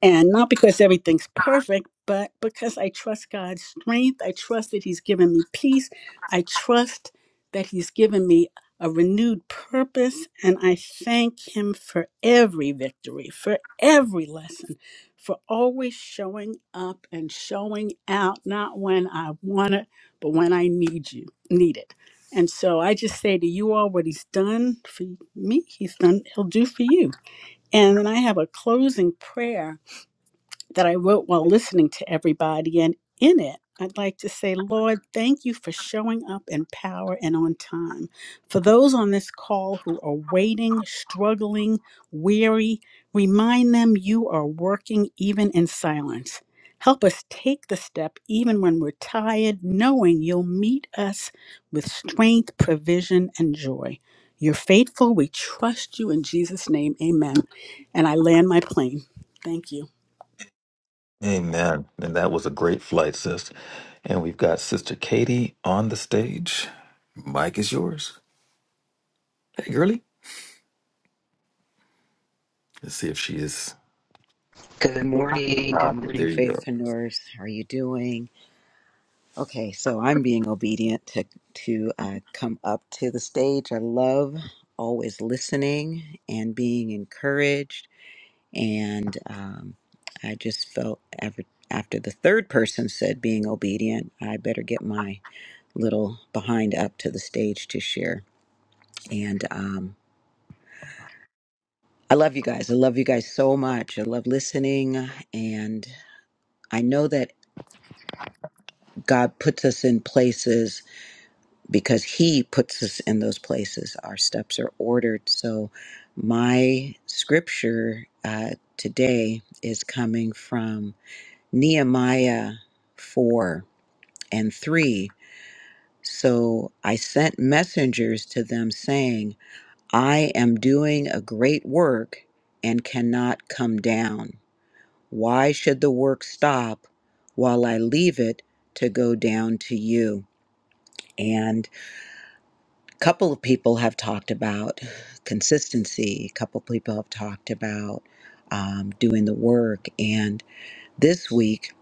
[SPEAKER 16] And not because everything's perfect, but because I trust God's strength. I trust that He's given me peace. I trust that He's given me a renewed purpose. And I thank Him for every victory, for every lesson, for always showing up and showing out, not when I want it, but when I need you, need it. And so I just say to you all what he's done for me, he's done, he'll do for you. And then I have a closing prayer that I wrote while listening to everybody. And in it, I'd like to say, Lord, thank you for showing up in power and on time. For those on this call who are waiting, struggling, weary, remind them you are working even in silence. Help us take the step even when we're tired, knowing you'll meet us with strength, provision, and joy. You're faithful. We trust you in Jesus' name. Amen. And I land my plane. Thank you.
[SPEAKER 1] Amen. And that was a great flight, sis. And we've got Sister Katie on the stage. Mike is yours. Hey, girly. Let's see if she is.
[SPEAKER 17] Good morning.
[SPEAKER 1] Ah,
[SPEAKER 17] Good
[SPEAKER 1] okay, there
[SPEAKER 17] morning,
[SPEAKER 1] you go.
[SPEAKER 17] faithpreneurs. How are you doing? Okay, so I'm being obedient to to uh, come up to the stage. I love always listening and being encouraged. And um, I just felt after, after the third person said being obedient, I better get my little behind up to the stage to share. And um, I love you guys. I love you guys so much. I love listening and I know that God puts us in places because He puts us in those places. Our steps are ordered. So, my scripture uh, today is coming from Nehemiah 4 and 3. So, I sent messengers to them saying, I am doing a great work and cannot come down. Why should the work stop while I leave it to go down to you? And couple of people have talked about consistency. A couple of people have talked about um, doing the work. And this week,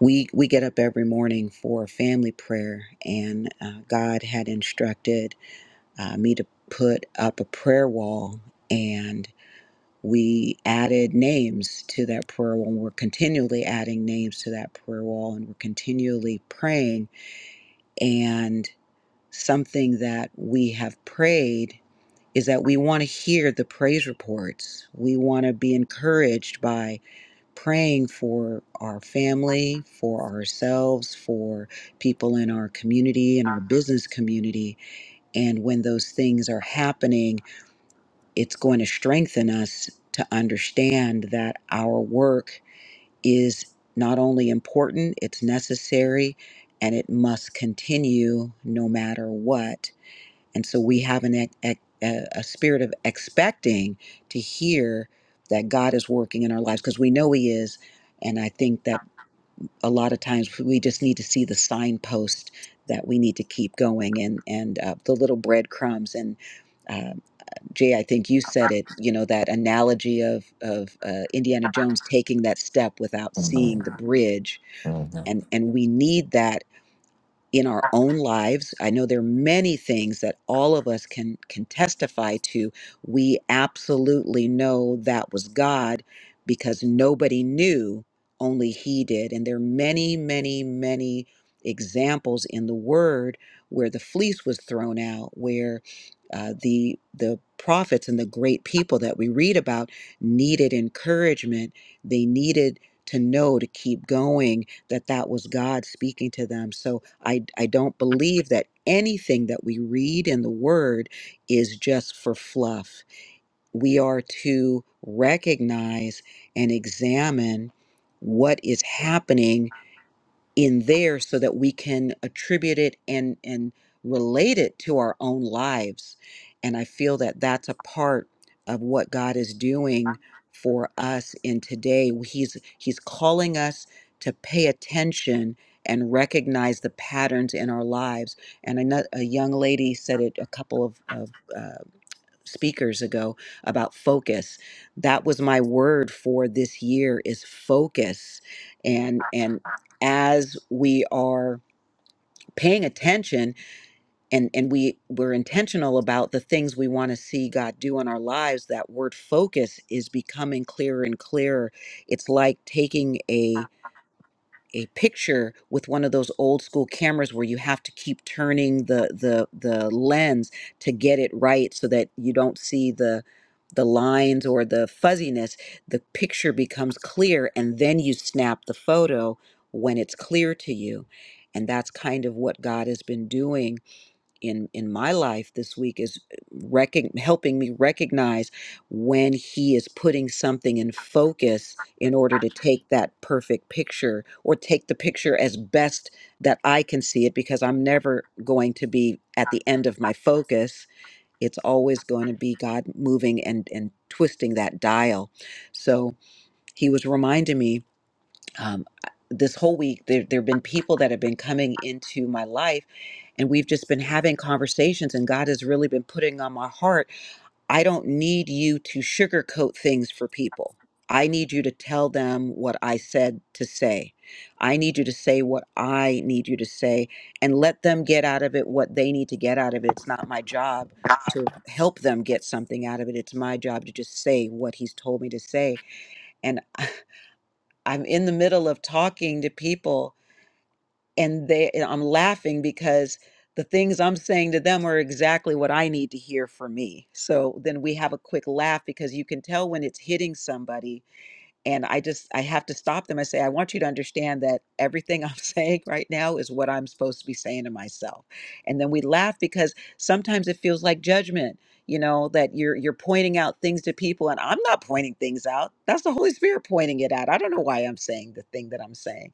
[SPEAKER 17] we we get up every morning for family prayer, and uh, God had instructed uh, me to put up a prayer wall, and we added names to that prayer wall. We're continually adding names to that prayer wall, and we're continually praying. And something that we have prayed is that we want to hear the praise reports. We want to be encouraged by praying for our family, for ourselves, for people in our community in our business community. And when those things are happening, it's going to strengthen us to understand that our work is not only important, it's necessary, and it must continue no matter what and so we have an ec- ec- a a spirit of expecting to hear that God is working in our lives because we know He is. And I think that a lot of times we just need to see the signpost that we need to keep going and and uh, the little breadcrumbs and. Um, Jay, I think you said it. You know that analogy of of uh, Indiana Jones taking that step without seeing the bridge,
[SPEAKER 1] Mhm.
[SPEAKER 17] and and we need that in our own lives. I know there are many things that all of us can can testify to. We absolutely know that was God because nobody knew, only he did. And there are many, many, many examples in the word where the fleece was thrown out, where uh, the the prophets and the great people that we read about needed encouragement. They needed to know to keep going that that was God speaking to them. So I I don't believe that anything that we read in the word is just for fluff. We are to recognize and examine what is happening in there so that we can attribute it and and relate it to our own lives and i feel that that's a part of what god is doing for us in today he's he's calling us to pay attention and recognize the patterns in our lives and another, a young lady said it a couple of, of uh, speakers ago about focus that was my word for this year is focus and and as we are paying attention and and we we're intentional about the things we want to see God do in our lives that word focus is becoming clearer and clearer it's like taking a a picture with one of those old school cameras where you have to keep turning the the the lens to get it right so that you don't see the the lines or the fuzziness the picture becomes clear and then you snap the photo when it's clear to you and that's kind of what God has been doing in in my life this week is uh, recog helping me recognize when he is putting something in focus in order to take that perfect picture or take the picture as best that I can see it because I'm never going to be at the end of my focus it's always going to be God moving and and twisting that dial so he was reminding me um, this whole week there there have been people that have been coming into my life and we've just been having conversations and god has really been putting on my heart i don't need you to sugarcoat things for people i need you to tell them what i said to say i need you to say what i need you to say and let them get out of it what they need to get out of it it's not my job to help them get something out of it it's my job to just say what he's told me to say and I'm in the middle of talking to people and they and I'm laughing because the things I'm saying to them are exactly what I need to hear for me. So then we have a quick laugh because you can tell when it's hitting somebody and i just i have to stop them and say i want you to understand that everything i'm saying right now is what i'm supposed to be saying to myself and then we laugh because sometimes it feels like judgment you know that you're you're pointing out things to people and i'm not pointing things out that's the holy spirit pointing it out i don't know why i'm saying the thing that i'm saying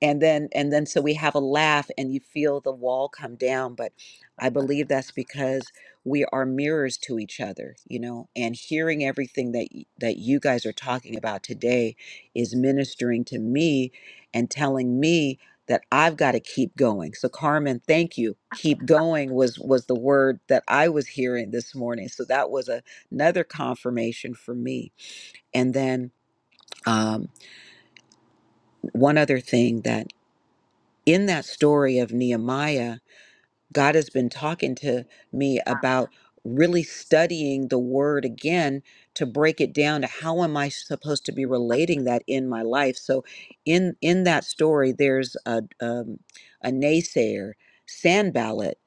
[SPEAKER 17] and then and then so we have a laugh and you feel the wall come down but i believe that's because we are mirrors to each other you know and hearing everything that y- that you guys are talking about today is ministering to me and telling me that i've got to keep going so carmen thank you keep going was was the word that i was hearing this morning so that was a, another confirmation for me and then um, one other thing that in that story of Nehemiah God has been talking to me about really studying the word again to break it down to how am I supposed to be relating that in my life. So in in that story there's a um, a naysayer, Sanballat,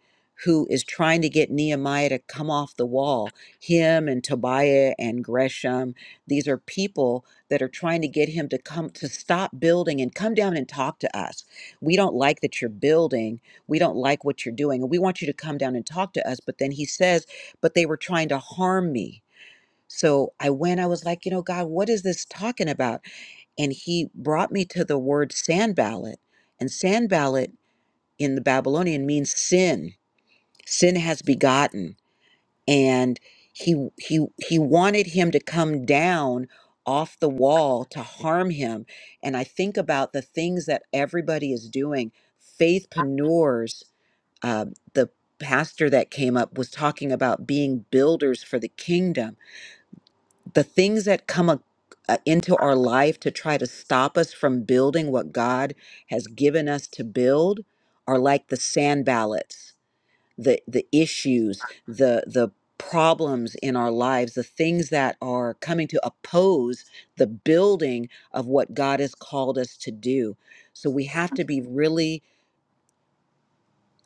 [SPEAKER 17] who is trying to get Nehemiah to come off the wall. Him and Tobiah and Gresham, these are people that are trying to get him to come to stop building and come down and talk to us. We don't like that you're building we don't like what you're doing and we want you to come down and talk to us but then he says but they were trying to harm me so i went i was like you know god what is this talking about and he brought me to the word sanballat and sanballat in the babylonian means sin sin has begotten and he he he wanted him to come down off the wall to harm him and i think about the things that everybody is doing faithpreneurs uh, the pastor that came up was talking about being builders for the kingdom. The things that come a, uh, into our life to try to stop us from building what God has given us to build are like the sand ballots, the the issues, the the problems in our lives, the things that are coming to oppose the building of what God has called us to do. So we have to be really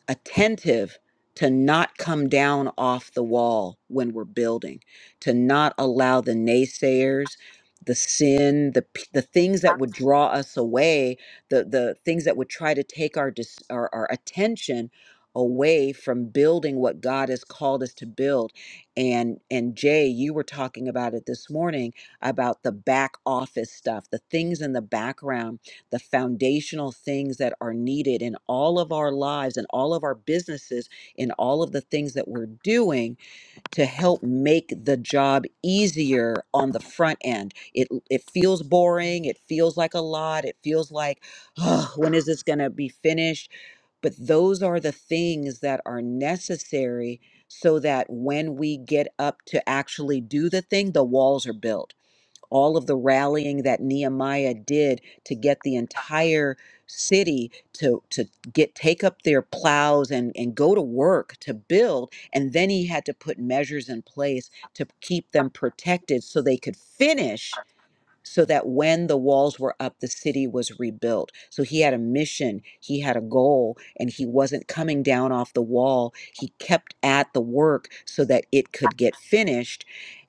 [SPEAKER 17] attentive to not come down off the wall when we're building, to not allow the naysayers, the sin, the p- the things that would draw us away, the the things that would try to take our dis, our, our attention away from building what God has called us to build. And and Jay, you were talking about it this morning about the back office stuff, the things in the background the foundational things that are needed in all of our lives and all of our businesses in all of the things that we're doing to help make the job easier on the front end. It it feels boring, it feels like a lot, it feels like oh, when is this going to be finished? But those are the things that are necessary so that when we get up to actually do the thing, the walls are built all of the rallying that Nehemiah did to get the entire city to to get take up their plows and and go to work to build and then he had to put measures in place to keep them protected so they could finish so that when the walls were up, the city was rebuilt. So he had a mission, he had a goal, and he wasn't coming down off the wall. He kept at the work so that it could get finished.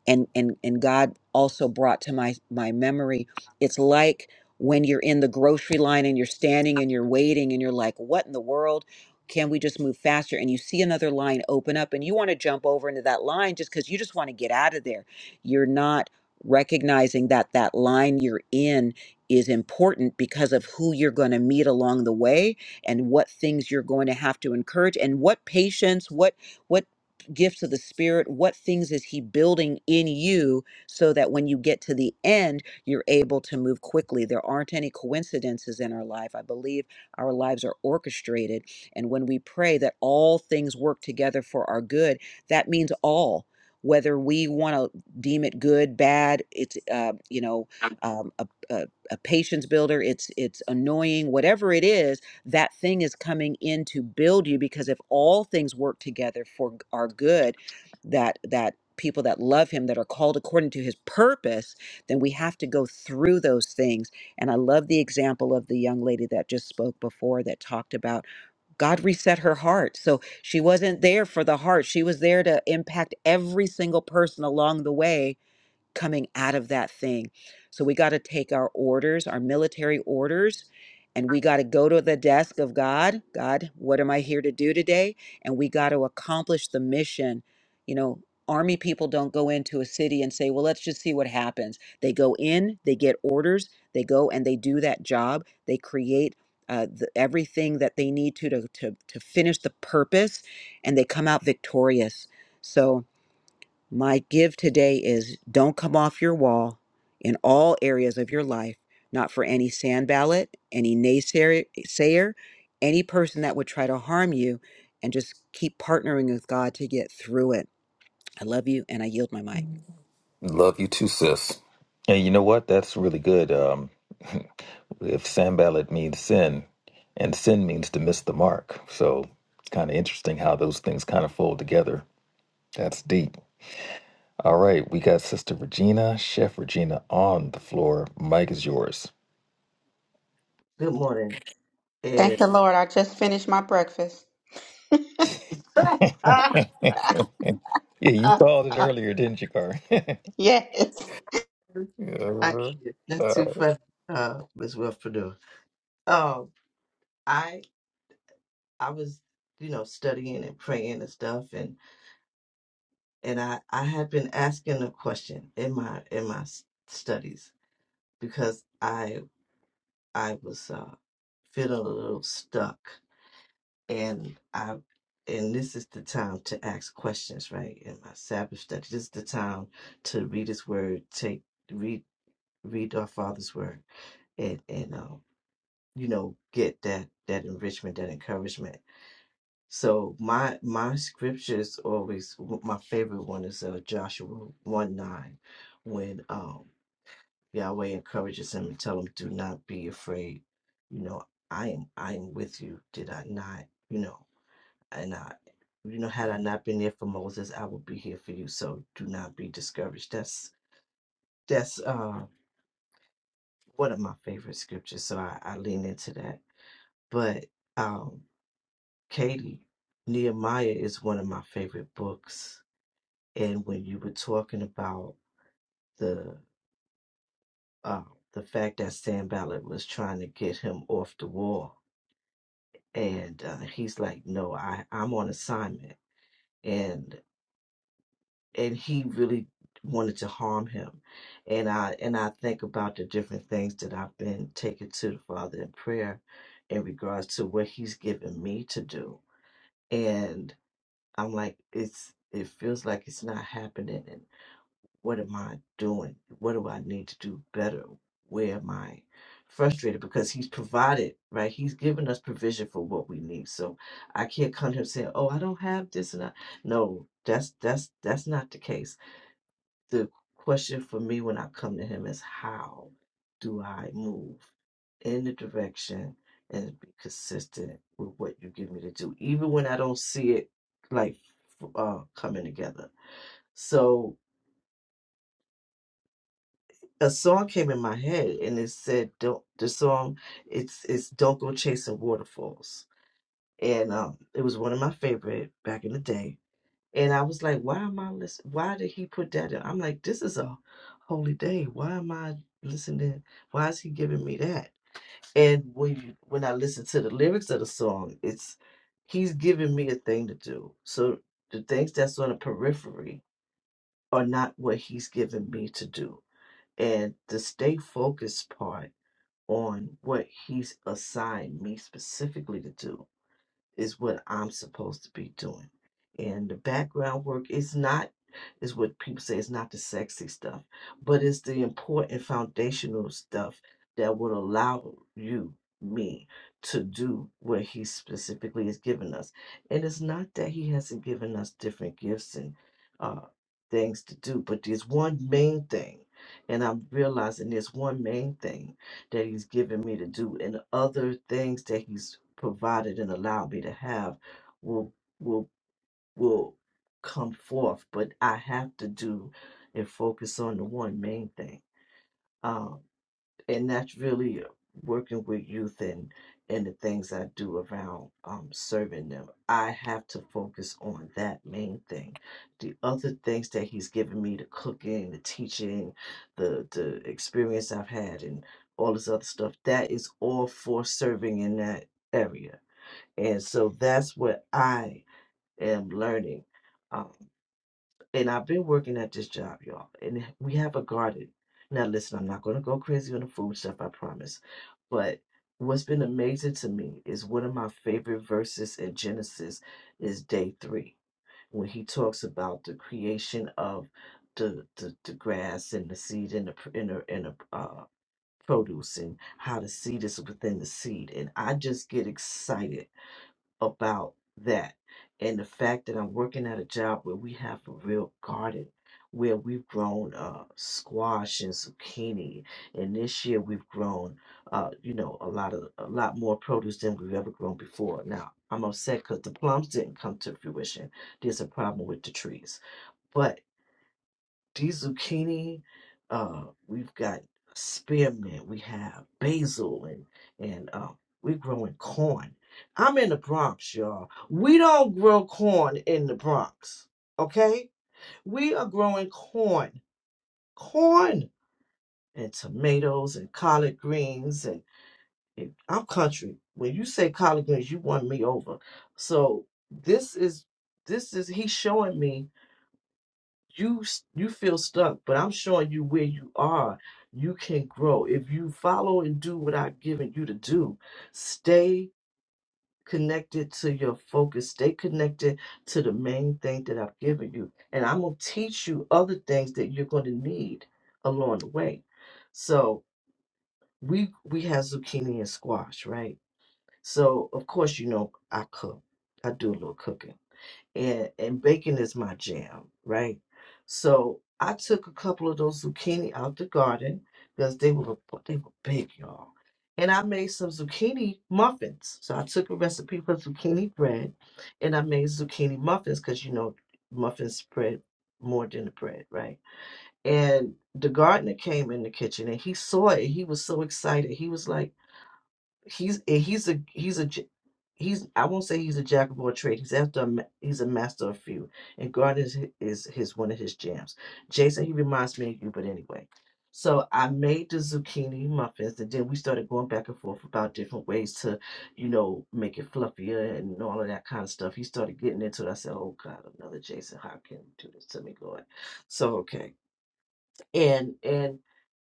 [SPEAKER 17] And and and God also brought to my my memory, it's like when you're in the grocery line and you're standing and you're waiting and you're like, what in the world? Can we just move faster? And you see another line open up and you want to jump over into that line just because you just want to get out of there. You're not recognizing that that line you're in is important because of who you're going to meet along the way and what things you're going to have to encourage and what patience what what gifts of the spirit what things is he building in you so that when you get to the end you're able to move quickly there aren't any coincidences in our life i believe our lives are orchestrated and when we pray that all things work together for our good that means all whether we want to deem it good, bad. It's uh, you know um, a, a a patience builder. It's it's annoying, whatever it is. That thing is coming in to build you because if all things work together for g- our good, that that people that love Him that are called according to His purpose, then we have to go through those things. And I love the example of the young lady that just spoke before that talked about God reset her heart. So she wasn't there for the heart. She was there to impact every single person along the way coming out of that thing. So we got to take our orders, our military orders, and we got to go to the desk of God. God, what am I here to do today? And we got to accomplish the mission. You know, army people don't go into a city and say, well, let's just see what happens. They go in, they get orders, they go and they do that job, they create. Uh, the, everything that they need to, to to to finish the purpose, and they come out victorious. So my give today is don't come off your wall in all areas of your life, not for any sand ballot, any naysayer, sayer, any person that would try to harm you, and just keep partnering with God to get through it. I love you and I yield my mic.
[SPEAKER 1] Love you too, sis. Hey, you know what? That's really good. Um, if sambalat means sin, and sin means to miss the mark. So it's kind of interesting how those things kind of fold together. That's deep. All right, we got Sister Regina, Chef Regina on the floor. Mike is yours.
[SPEAKER 18] Good morning. And
[SPEAKER 3] Thank the Lord. I just finished my breakfast.
[SPEAKER 18] I
[SPEAKER 1] yeah, you called it earlier, didn't you, Carl?
[SPEAKER 3] Yes.
[SPEAKER 1] uh-huh.
[SPEAKER 18] can't. That's
[SPEAKER 1] Uh,
[SPEAKER 18] too funny, uh, Miss Wilfredo. Um, I I was, you know, studying and praying and stuff, and and I I had been asking a question in my in my s- studies because I I was uh, feeling a little stuck, and I and this is the time to ask questions, right? In my Sabbath study, this is the time to read His Word, take read. read our Father's Word and and um, you know get that that enrichment, that encouragement. So my my scriptures always my favorite one is uh, Joshua one nine, when um Yahweh encourages him and tell him, "Do not be afraid. You know, I am I am with you. Did I not? You know, and I." You know, had I not been there for Moses, I would be here for you. So do not be discouraged. That's that's uh one of my favorite scriptures. So I, I lean into that But um, Katie, Nehemiah is one of my favorite books. And when you were talking about the uh, the fact that Sam Ballard was trying to get him off the wall, and uh, he's like, "No, I I'm on assignment," and and he really wanted to harm him. And I and I think about the different things that I've been taking to the Father in prayer in regards to what He's given me to do. And I'm like, it's it feels like it's not happening and what am I doing? What do I need to do better? Where am I frustrated? Because he's provided, right? He's given us provision for what we need. So I can't come to him saying, Oh, I don't have this and I no, that's that's that's not the case the question for me when I come to him is how do I move in the direction and be consistent with what you give me to do, even when I don't see it like uh, coming together. So a song came in my head and it said, "Don't." The song it's it's "Don't Go Chasing Waterfalls," and um, it was one of my favorite back in the day And I was like, why am I listening? Why did he put that in? I'm like, this is a holy day. Why am I listening? Why is he giving me that? And when you, when I listen to the lyrics of the song, it's he's giving me a thing to do. So the things that's on the periphery are not what he's giving me to do. And the stay focused part on what he's assigned me specifically to do is what I'm supposed to be doing. And the background work is not is what people say is not the sexy stuff, but it's the important foundational stuff that will allow you, me, to do what he specifically has given us. And it's not that he hasn't given us different gifts and uh, things to do, but there's one main thing, and I'm realizing there's one main thing that he's given me to do and other things that he's provided and allowed me to have will will will come forth but i have to do and focus on the one main thing um, and that's really working with youth and and the things I do around um, serving them. I have to focus on that main thing. The other things that he's given me, the cooking, the teaching, the the experience I've had, and all this other stuff, that is all for serving in that area. And so that's what I am learning. um, and I've been working at this job, y'all. And we have a garden. Now, listen, I'm not going to go crazy on the food stuff, I promise. But what's been amazing to me is one of my favorite verses in Genesis is day three, when he talks about the creation of the the, the grass and the seed and the pr- and the, and the uh, produce and how the seed is within the seed. And I just get excited about that. And the fact that I'm working at a job where we have a real garden, where we've grown uh, squash and zucchini, and this year we've grown, uh, you know, a lot of a lot more produce than we've ever grown before. Now I'm upset because the plums didn't come to fruition. There's a problem with the trees, but these zucchini. Uh, we've got spearmint. We have basil, and and uh, we're growing corn. I'm in the Bronx, y'all. We don't grow corn in the Bronx. Okay, we are growing corn, corn, and tomatoes and collard greens. And, and I'm country. When you say collard greens, you won me over. So this is this is he's showing me you s- you feel stuck but i'm showing you where you are you can grow if you follow and do what i've given you to do stay connected to your focus stay connected to the main thing that i've given you and i'm going to teach you other things that you're going to need along the way so we we have zucchini and squash right so of course you know i cook i do a little cooking and and bacon is my jam, right? So I took a couple of those zucchini out the garden because they were they were big, y'all. And I made some zucchini muffins. So I took a recipe for zucchini bread, and I made zucchini muffins because you know muffins spread more than the bread, right? And the gardener came in the kitchen and he saw it. He was so excited. He was like he's eh, he's a he's a j- he's I won't say he's a jack of all trades. He's after a, ma- he's a master of few, and God is hi- is his one of his jams. Jason, he reminds me of you, but anyway. So I made the zucchini muffins, and then we started going back and forth about different ways to, you know, make it fluffier and all of that kind of stuff. He started getting into it. I said, "Oh God, another Jason, how can you do this to me, God?" So okay, and and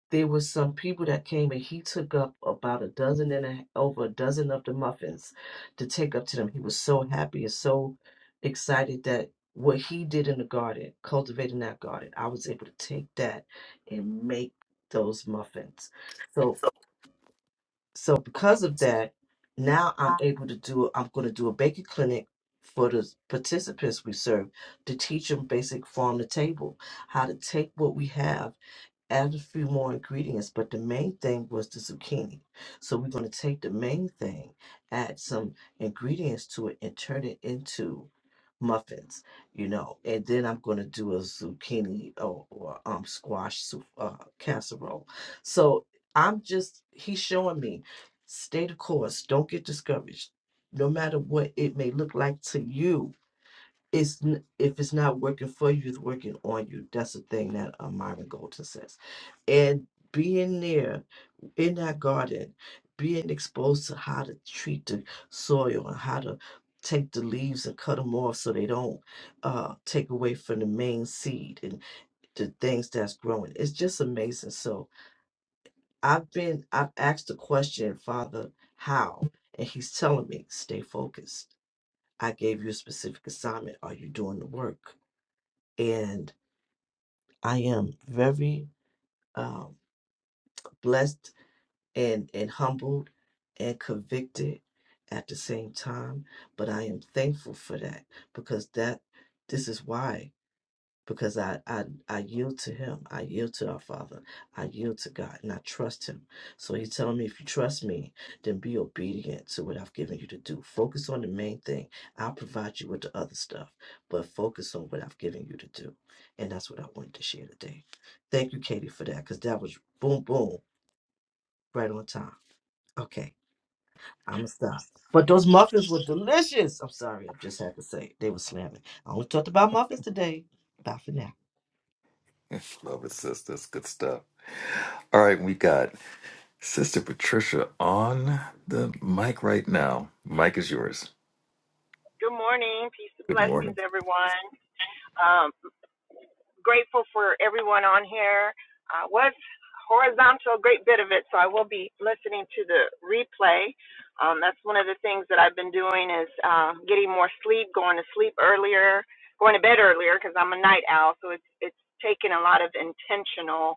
[SPEAKER 18] there was some people that came and he took up about a dozen and a, over a dozen of the muffins to take up to them. He was so happy and so excited that what he did in the garden, cultivating that garden, I was able to take that and make those muffins. So so because of that, now I'm able to do I'm going to do a baking clinic for the participants we serve to teach them basic farm to table, how to take what we have add a few more ingredients, but the main thing was the zucchini. So we're going to take the main thing, add some ingredients to it, and turn it into muffins, you know. And then I'm going to do a zucchini or, or um squash soup, uh, casserole. So I'm just he's showing me stay the course. Don't get discouraged. No matter what it may look like to you, it's n- if it's not working for you, it's working on you. That's the thing that um, Myron Golden says. And being there in that garden, being exposed to how to treat the soil and how to take the leaves and cut them off so they don't uh, take away from the main seed and the things that's growing. It's just amazing. So I've been I've asked the question, Father, how? And he's telling me, stay focused. I gave you a specific assignment. Are you doing the work? and I am very um, blessed and, and humbled and convicted at the same time. But I am thankful for that because that this is why because I, I I yield to him. I yield to our Father. I yield to God and I trust him. So he's telling me if you trust me, then be obedient to what I've given you to do. Focus on the main thing. I'll provide you with the other stuff, but focus on what I've given you to do. And that's what I wanted to share today. Thank you, Katie, for that, because that was boom boom right on time. Okay. I'm gonna stop. But those muffins were delicious. I'm sorry, I just had to say it. they were slamming. I only talked about muffins today. Bye for now.
[SPEAKER 1] Love it, sis. That's good stuff. All right, we got Sister Patricia on the mic right now. Mic is yours.
[SPEAKER 19] Good morning. Peace and
[SPEAKER 1] Good morning.
[SPEAKER 19] blessings, everyone. Um, grateful for everyone on here. I was horizontal a great bit of it, so I will be listening to the replay. Um, that's one of the things that I've been doing is uh, getting more sleep, going to sleep earlier, going to bed earlier because I'm a night owl. So it's it's taken a lot of intentional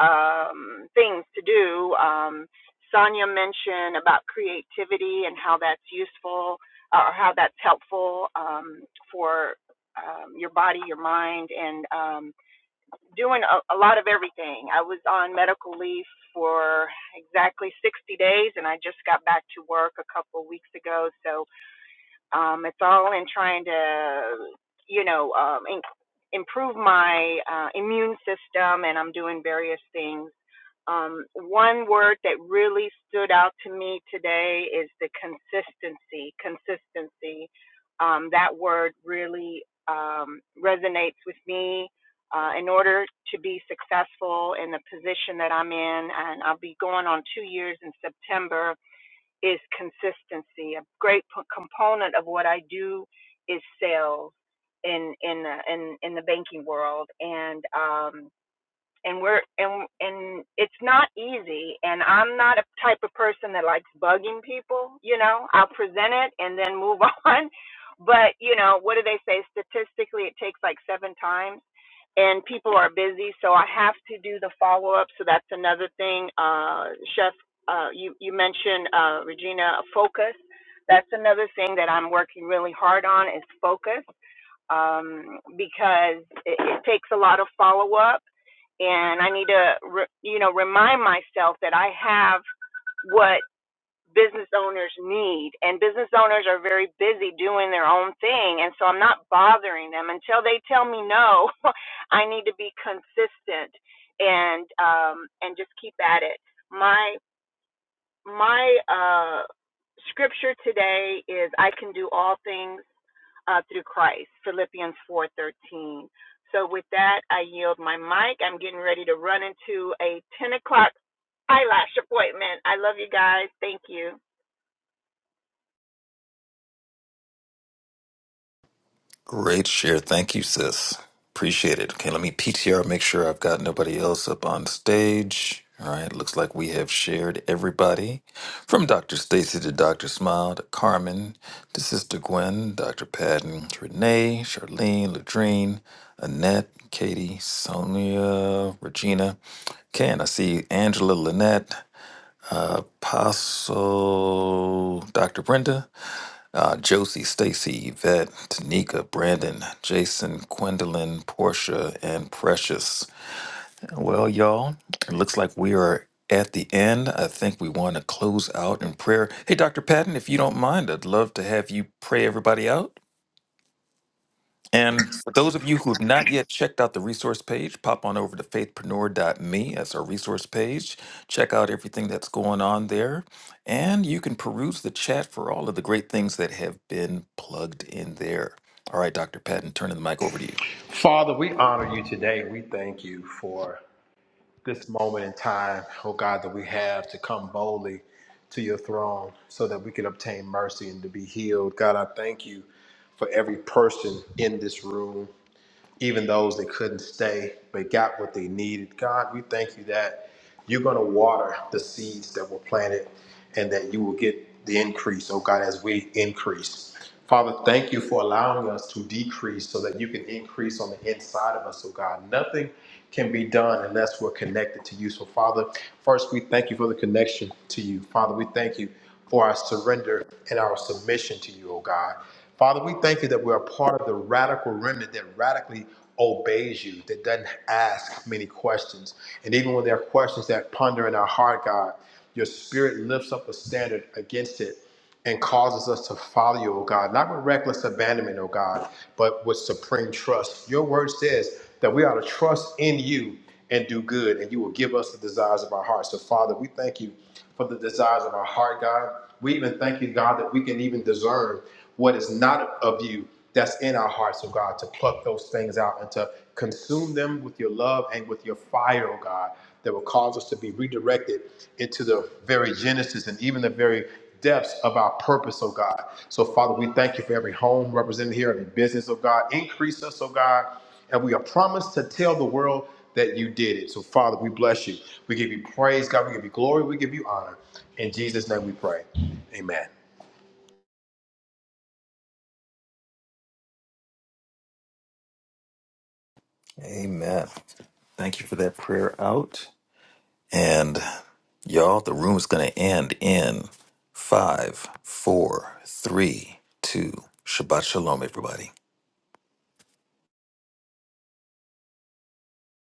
[SPEAKER 19] um, things to do. Um, Sonia mentioned about creativity and how that's useful uh, or how that's helpful um, for um, your body, your mind, and um, doing a, a lot of everything. I was on medical leave for exactly 60 days and I just got back to work a couple of weeks ago. So um, it's all in trying to, you know, um, in, improve my uh, immune system and I'm doing various things um, one word that really stood out to me today is the consistency. Consistency. Um, that word really um, resonates with me. Uh, in order to be successful in the position that I'm in, and I'll be going on two years in September, is consistency. A great p- component of what I do is sales in in the- in in the banking world, and um, and we're and and it's not easy and i'm not a type of person that likes bugging people you know i'll present it and then move on but you know what do they say statistically it takes like seven times and people are busy so i have to do the follow up so that's another thing uh chef uh you you mentioned uh regina focus that's another thing that i'm working really hard on is focus um because it, it takes a lot of follow up and I need to, re, you know, remind myself that I have what business owners need. And business owners are very busy doing their own thing. And so I'm not bothering them until they tell me no. I need to be consistent and um, and just keep at it. My my uh, scripture today is I can do all things uh, through Christ, Philippians 4:13. So with that, I yield my mic. I'm getting ready to run into a 10 o'clock eyelash appointment. I love you guys. Thank you.
[SPEAKER 1] Great share. Thank you, sis. Appreciate it. Okay, let me PTR, make sure I've got nobody else up on stage. All right, looks like we have shared everybody from Dr. Stacy to Dr. Smile to Carmen to Sister Gwen, Dr. Patton, Renee, Charlene, Ladrine, Annette, Katie, Sonia, Regina. Ken, I see Angela, Lynette, uh, Apostle, Dr. Brenda. Uh, Josie, Stacy, Yvette, Tanika, Brandon, Jason, Gwendolyn, Portia, and Precious. Well, y'all, it looks like we are at the end. I think we want to close out in prayer. Hey, Dr. Patton, if you don't mind, I'd love to have you pray everybody out. And for those of you who have not yet checked out the resource page, pop on over to faithpreneur.me. That's our resource page. Check out everything that's going on there. And you can peruse the chat for all of the great things that have been plugged in there. All right, Dr. Patton, turning the mic over to you.
[SPEAKER 11] Father, we honor you today. We thank you for. this moment in time, oh God, that we have to come boldly to your throne so that we can obtain mercy and to be healed. God, I thank you for every person in this room even those that couldn't stay but got what they needed. God, we thank you that you're going to water the seeds that were planted and that you will get the increase, oh God, as we increase. Father, thank you for allowing us to decrease so that you can increase on the inside of us, oh God. Nothing can be done unless we're connected to you. So, Father, first we thank you for the connection to you. Father, we thank you for our surrender and our submission to you, O God. Father, we thank you that we are part of the radical remnant that radically obeys you, that doesn't ask many questions. And even when there are questions that ponder in our heart, God, your spirit lifts up a standard against it and causes us to follow you, O God, not with reckless abandonment, O God, but with supreme trust. Your word says that we ought to trust in you and do good, and you will give us the desires of our heart. So, Father, we thank you for the desires of our heart, God. We even thank you, God, that we can even discern what is not of you that's in our hearts, oh God, to pluck those things out and to consume them with your love and with your fire, oh God that will cause us to be redirected into the very genesis and even the very depths of our purpose, oh God. So, Father, we thank you for every home represented here, every business, oh God. Increase us, oh God. And we are promised to tell the world that you did it. So, Father, we bless you. We give you praise, God. We give you glory. We give you honor. In Jesus' name we pray. Amen.
[SPEAKER 1] Amen. Thank you for that prayer out. And y'all, the room is going to end in five, four, three, two. Shabbat shalom, everybody.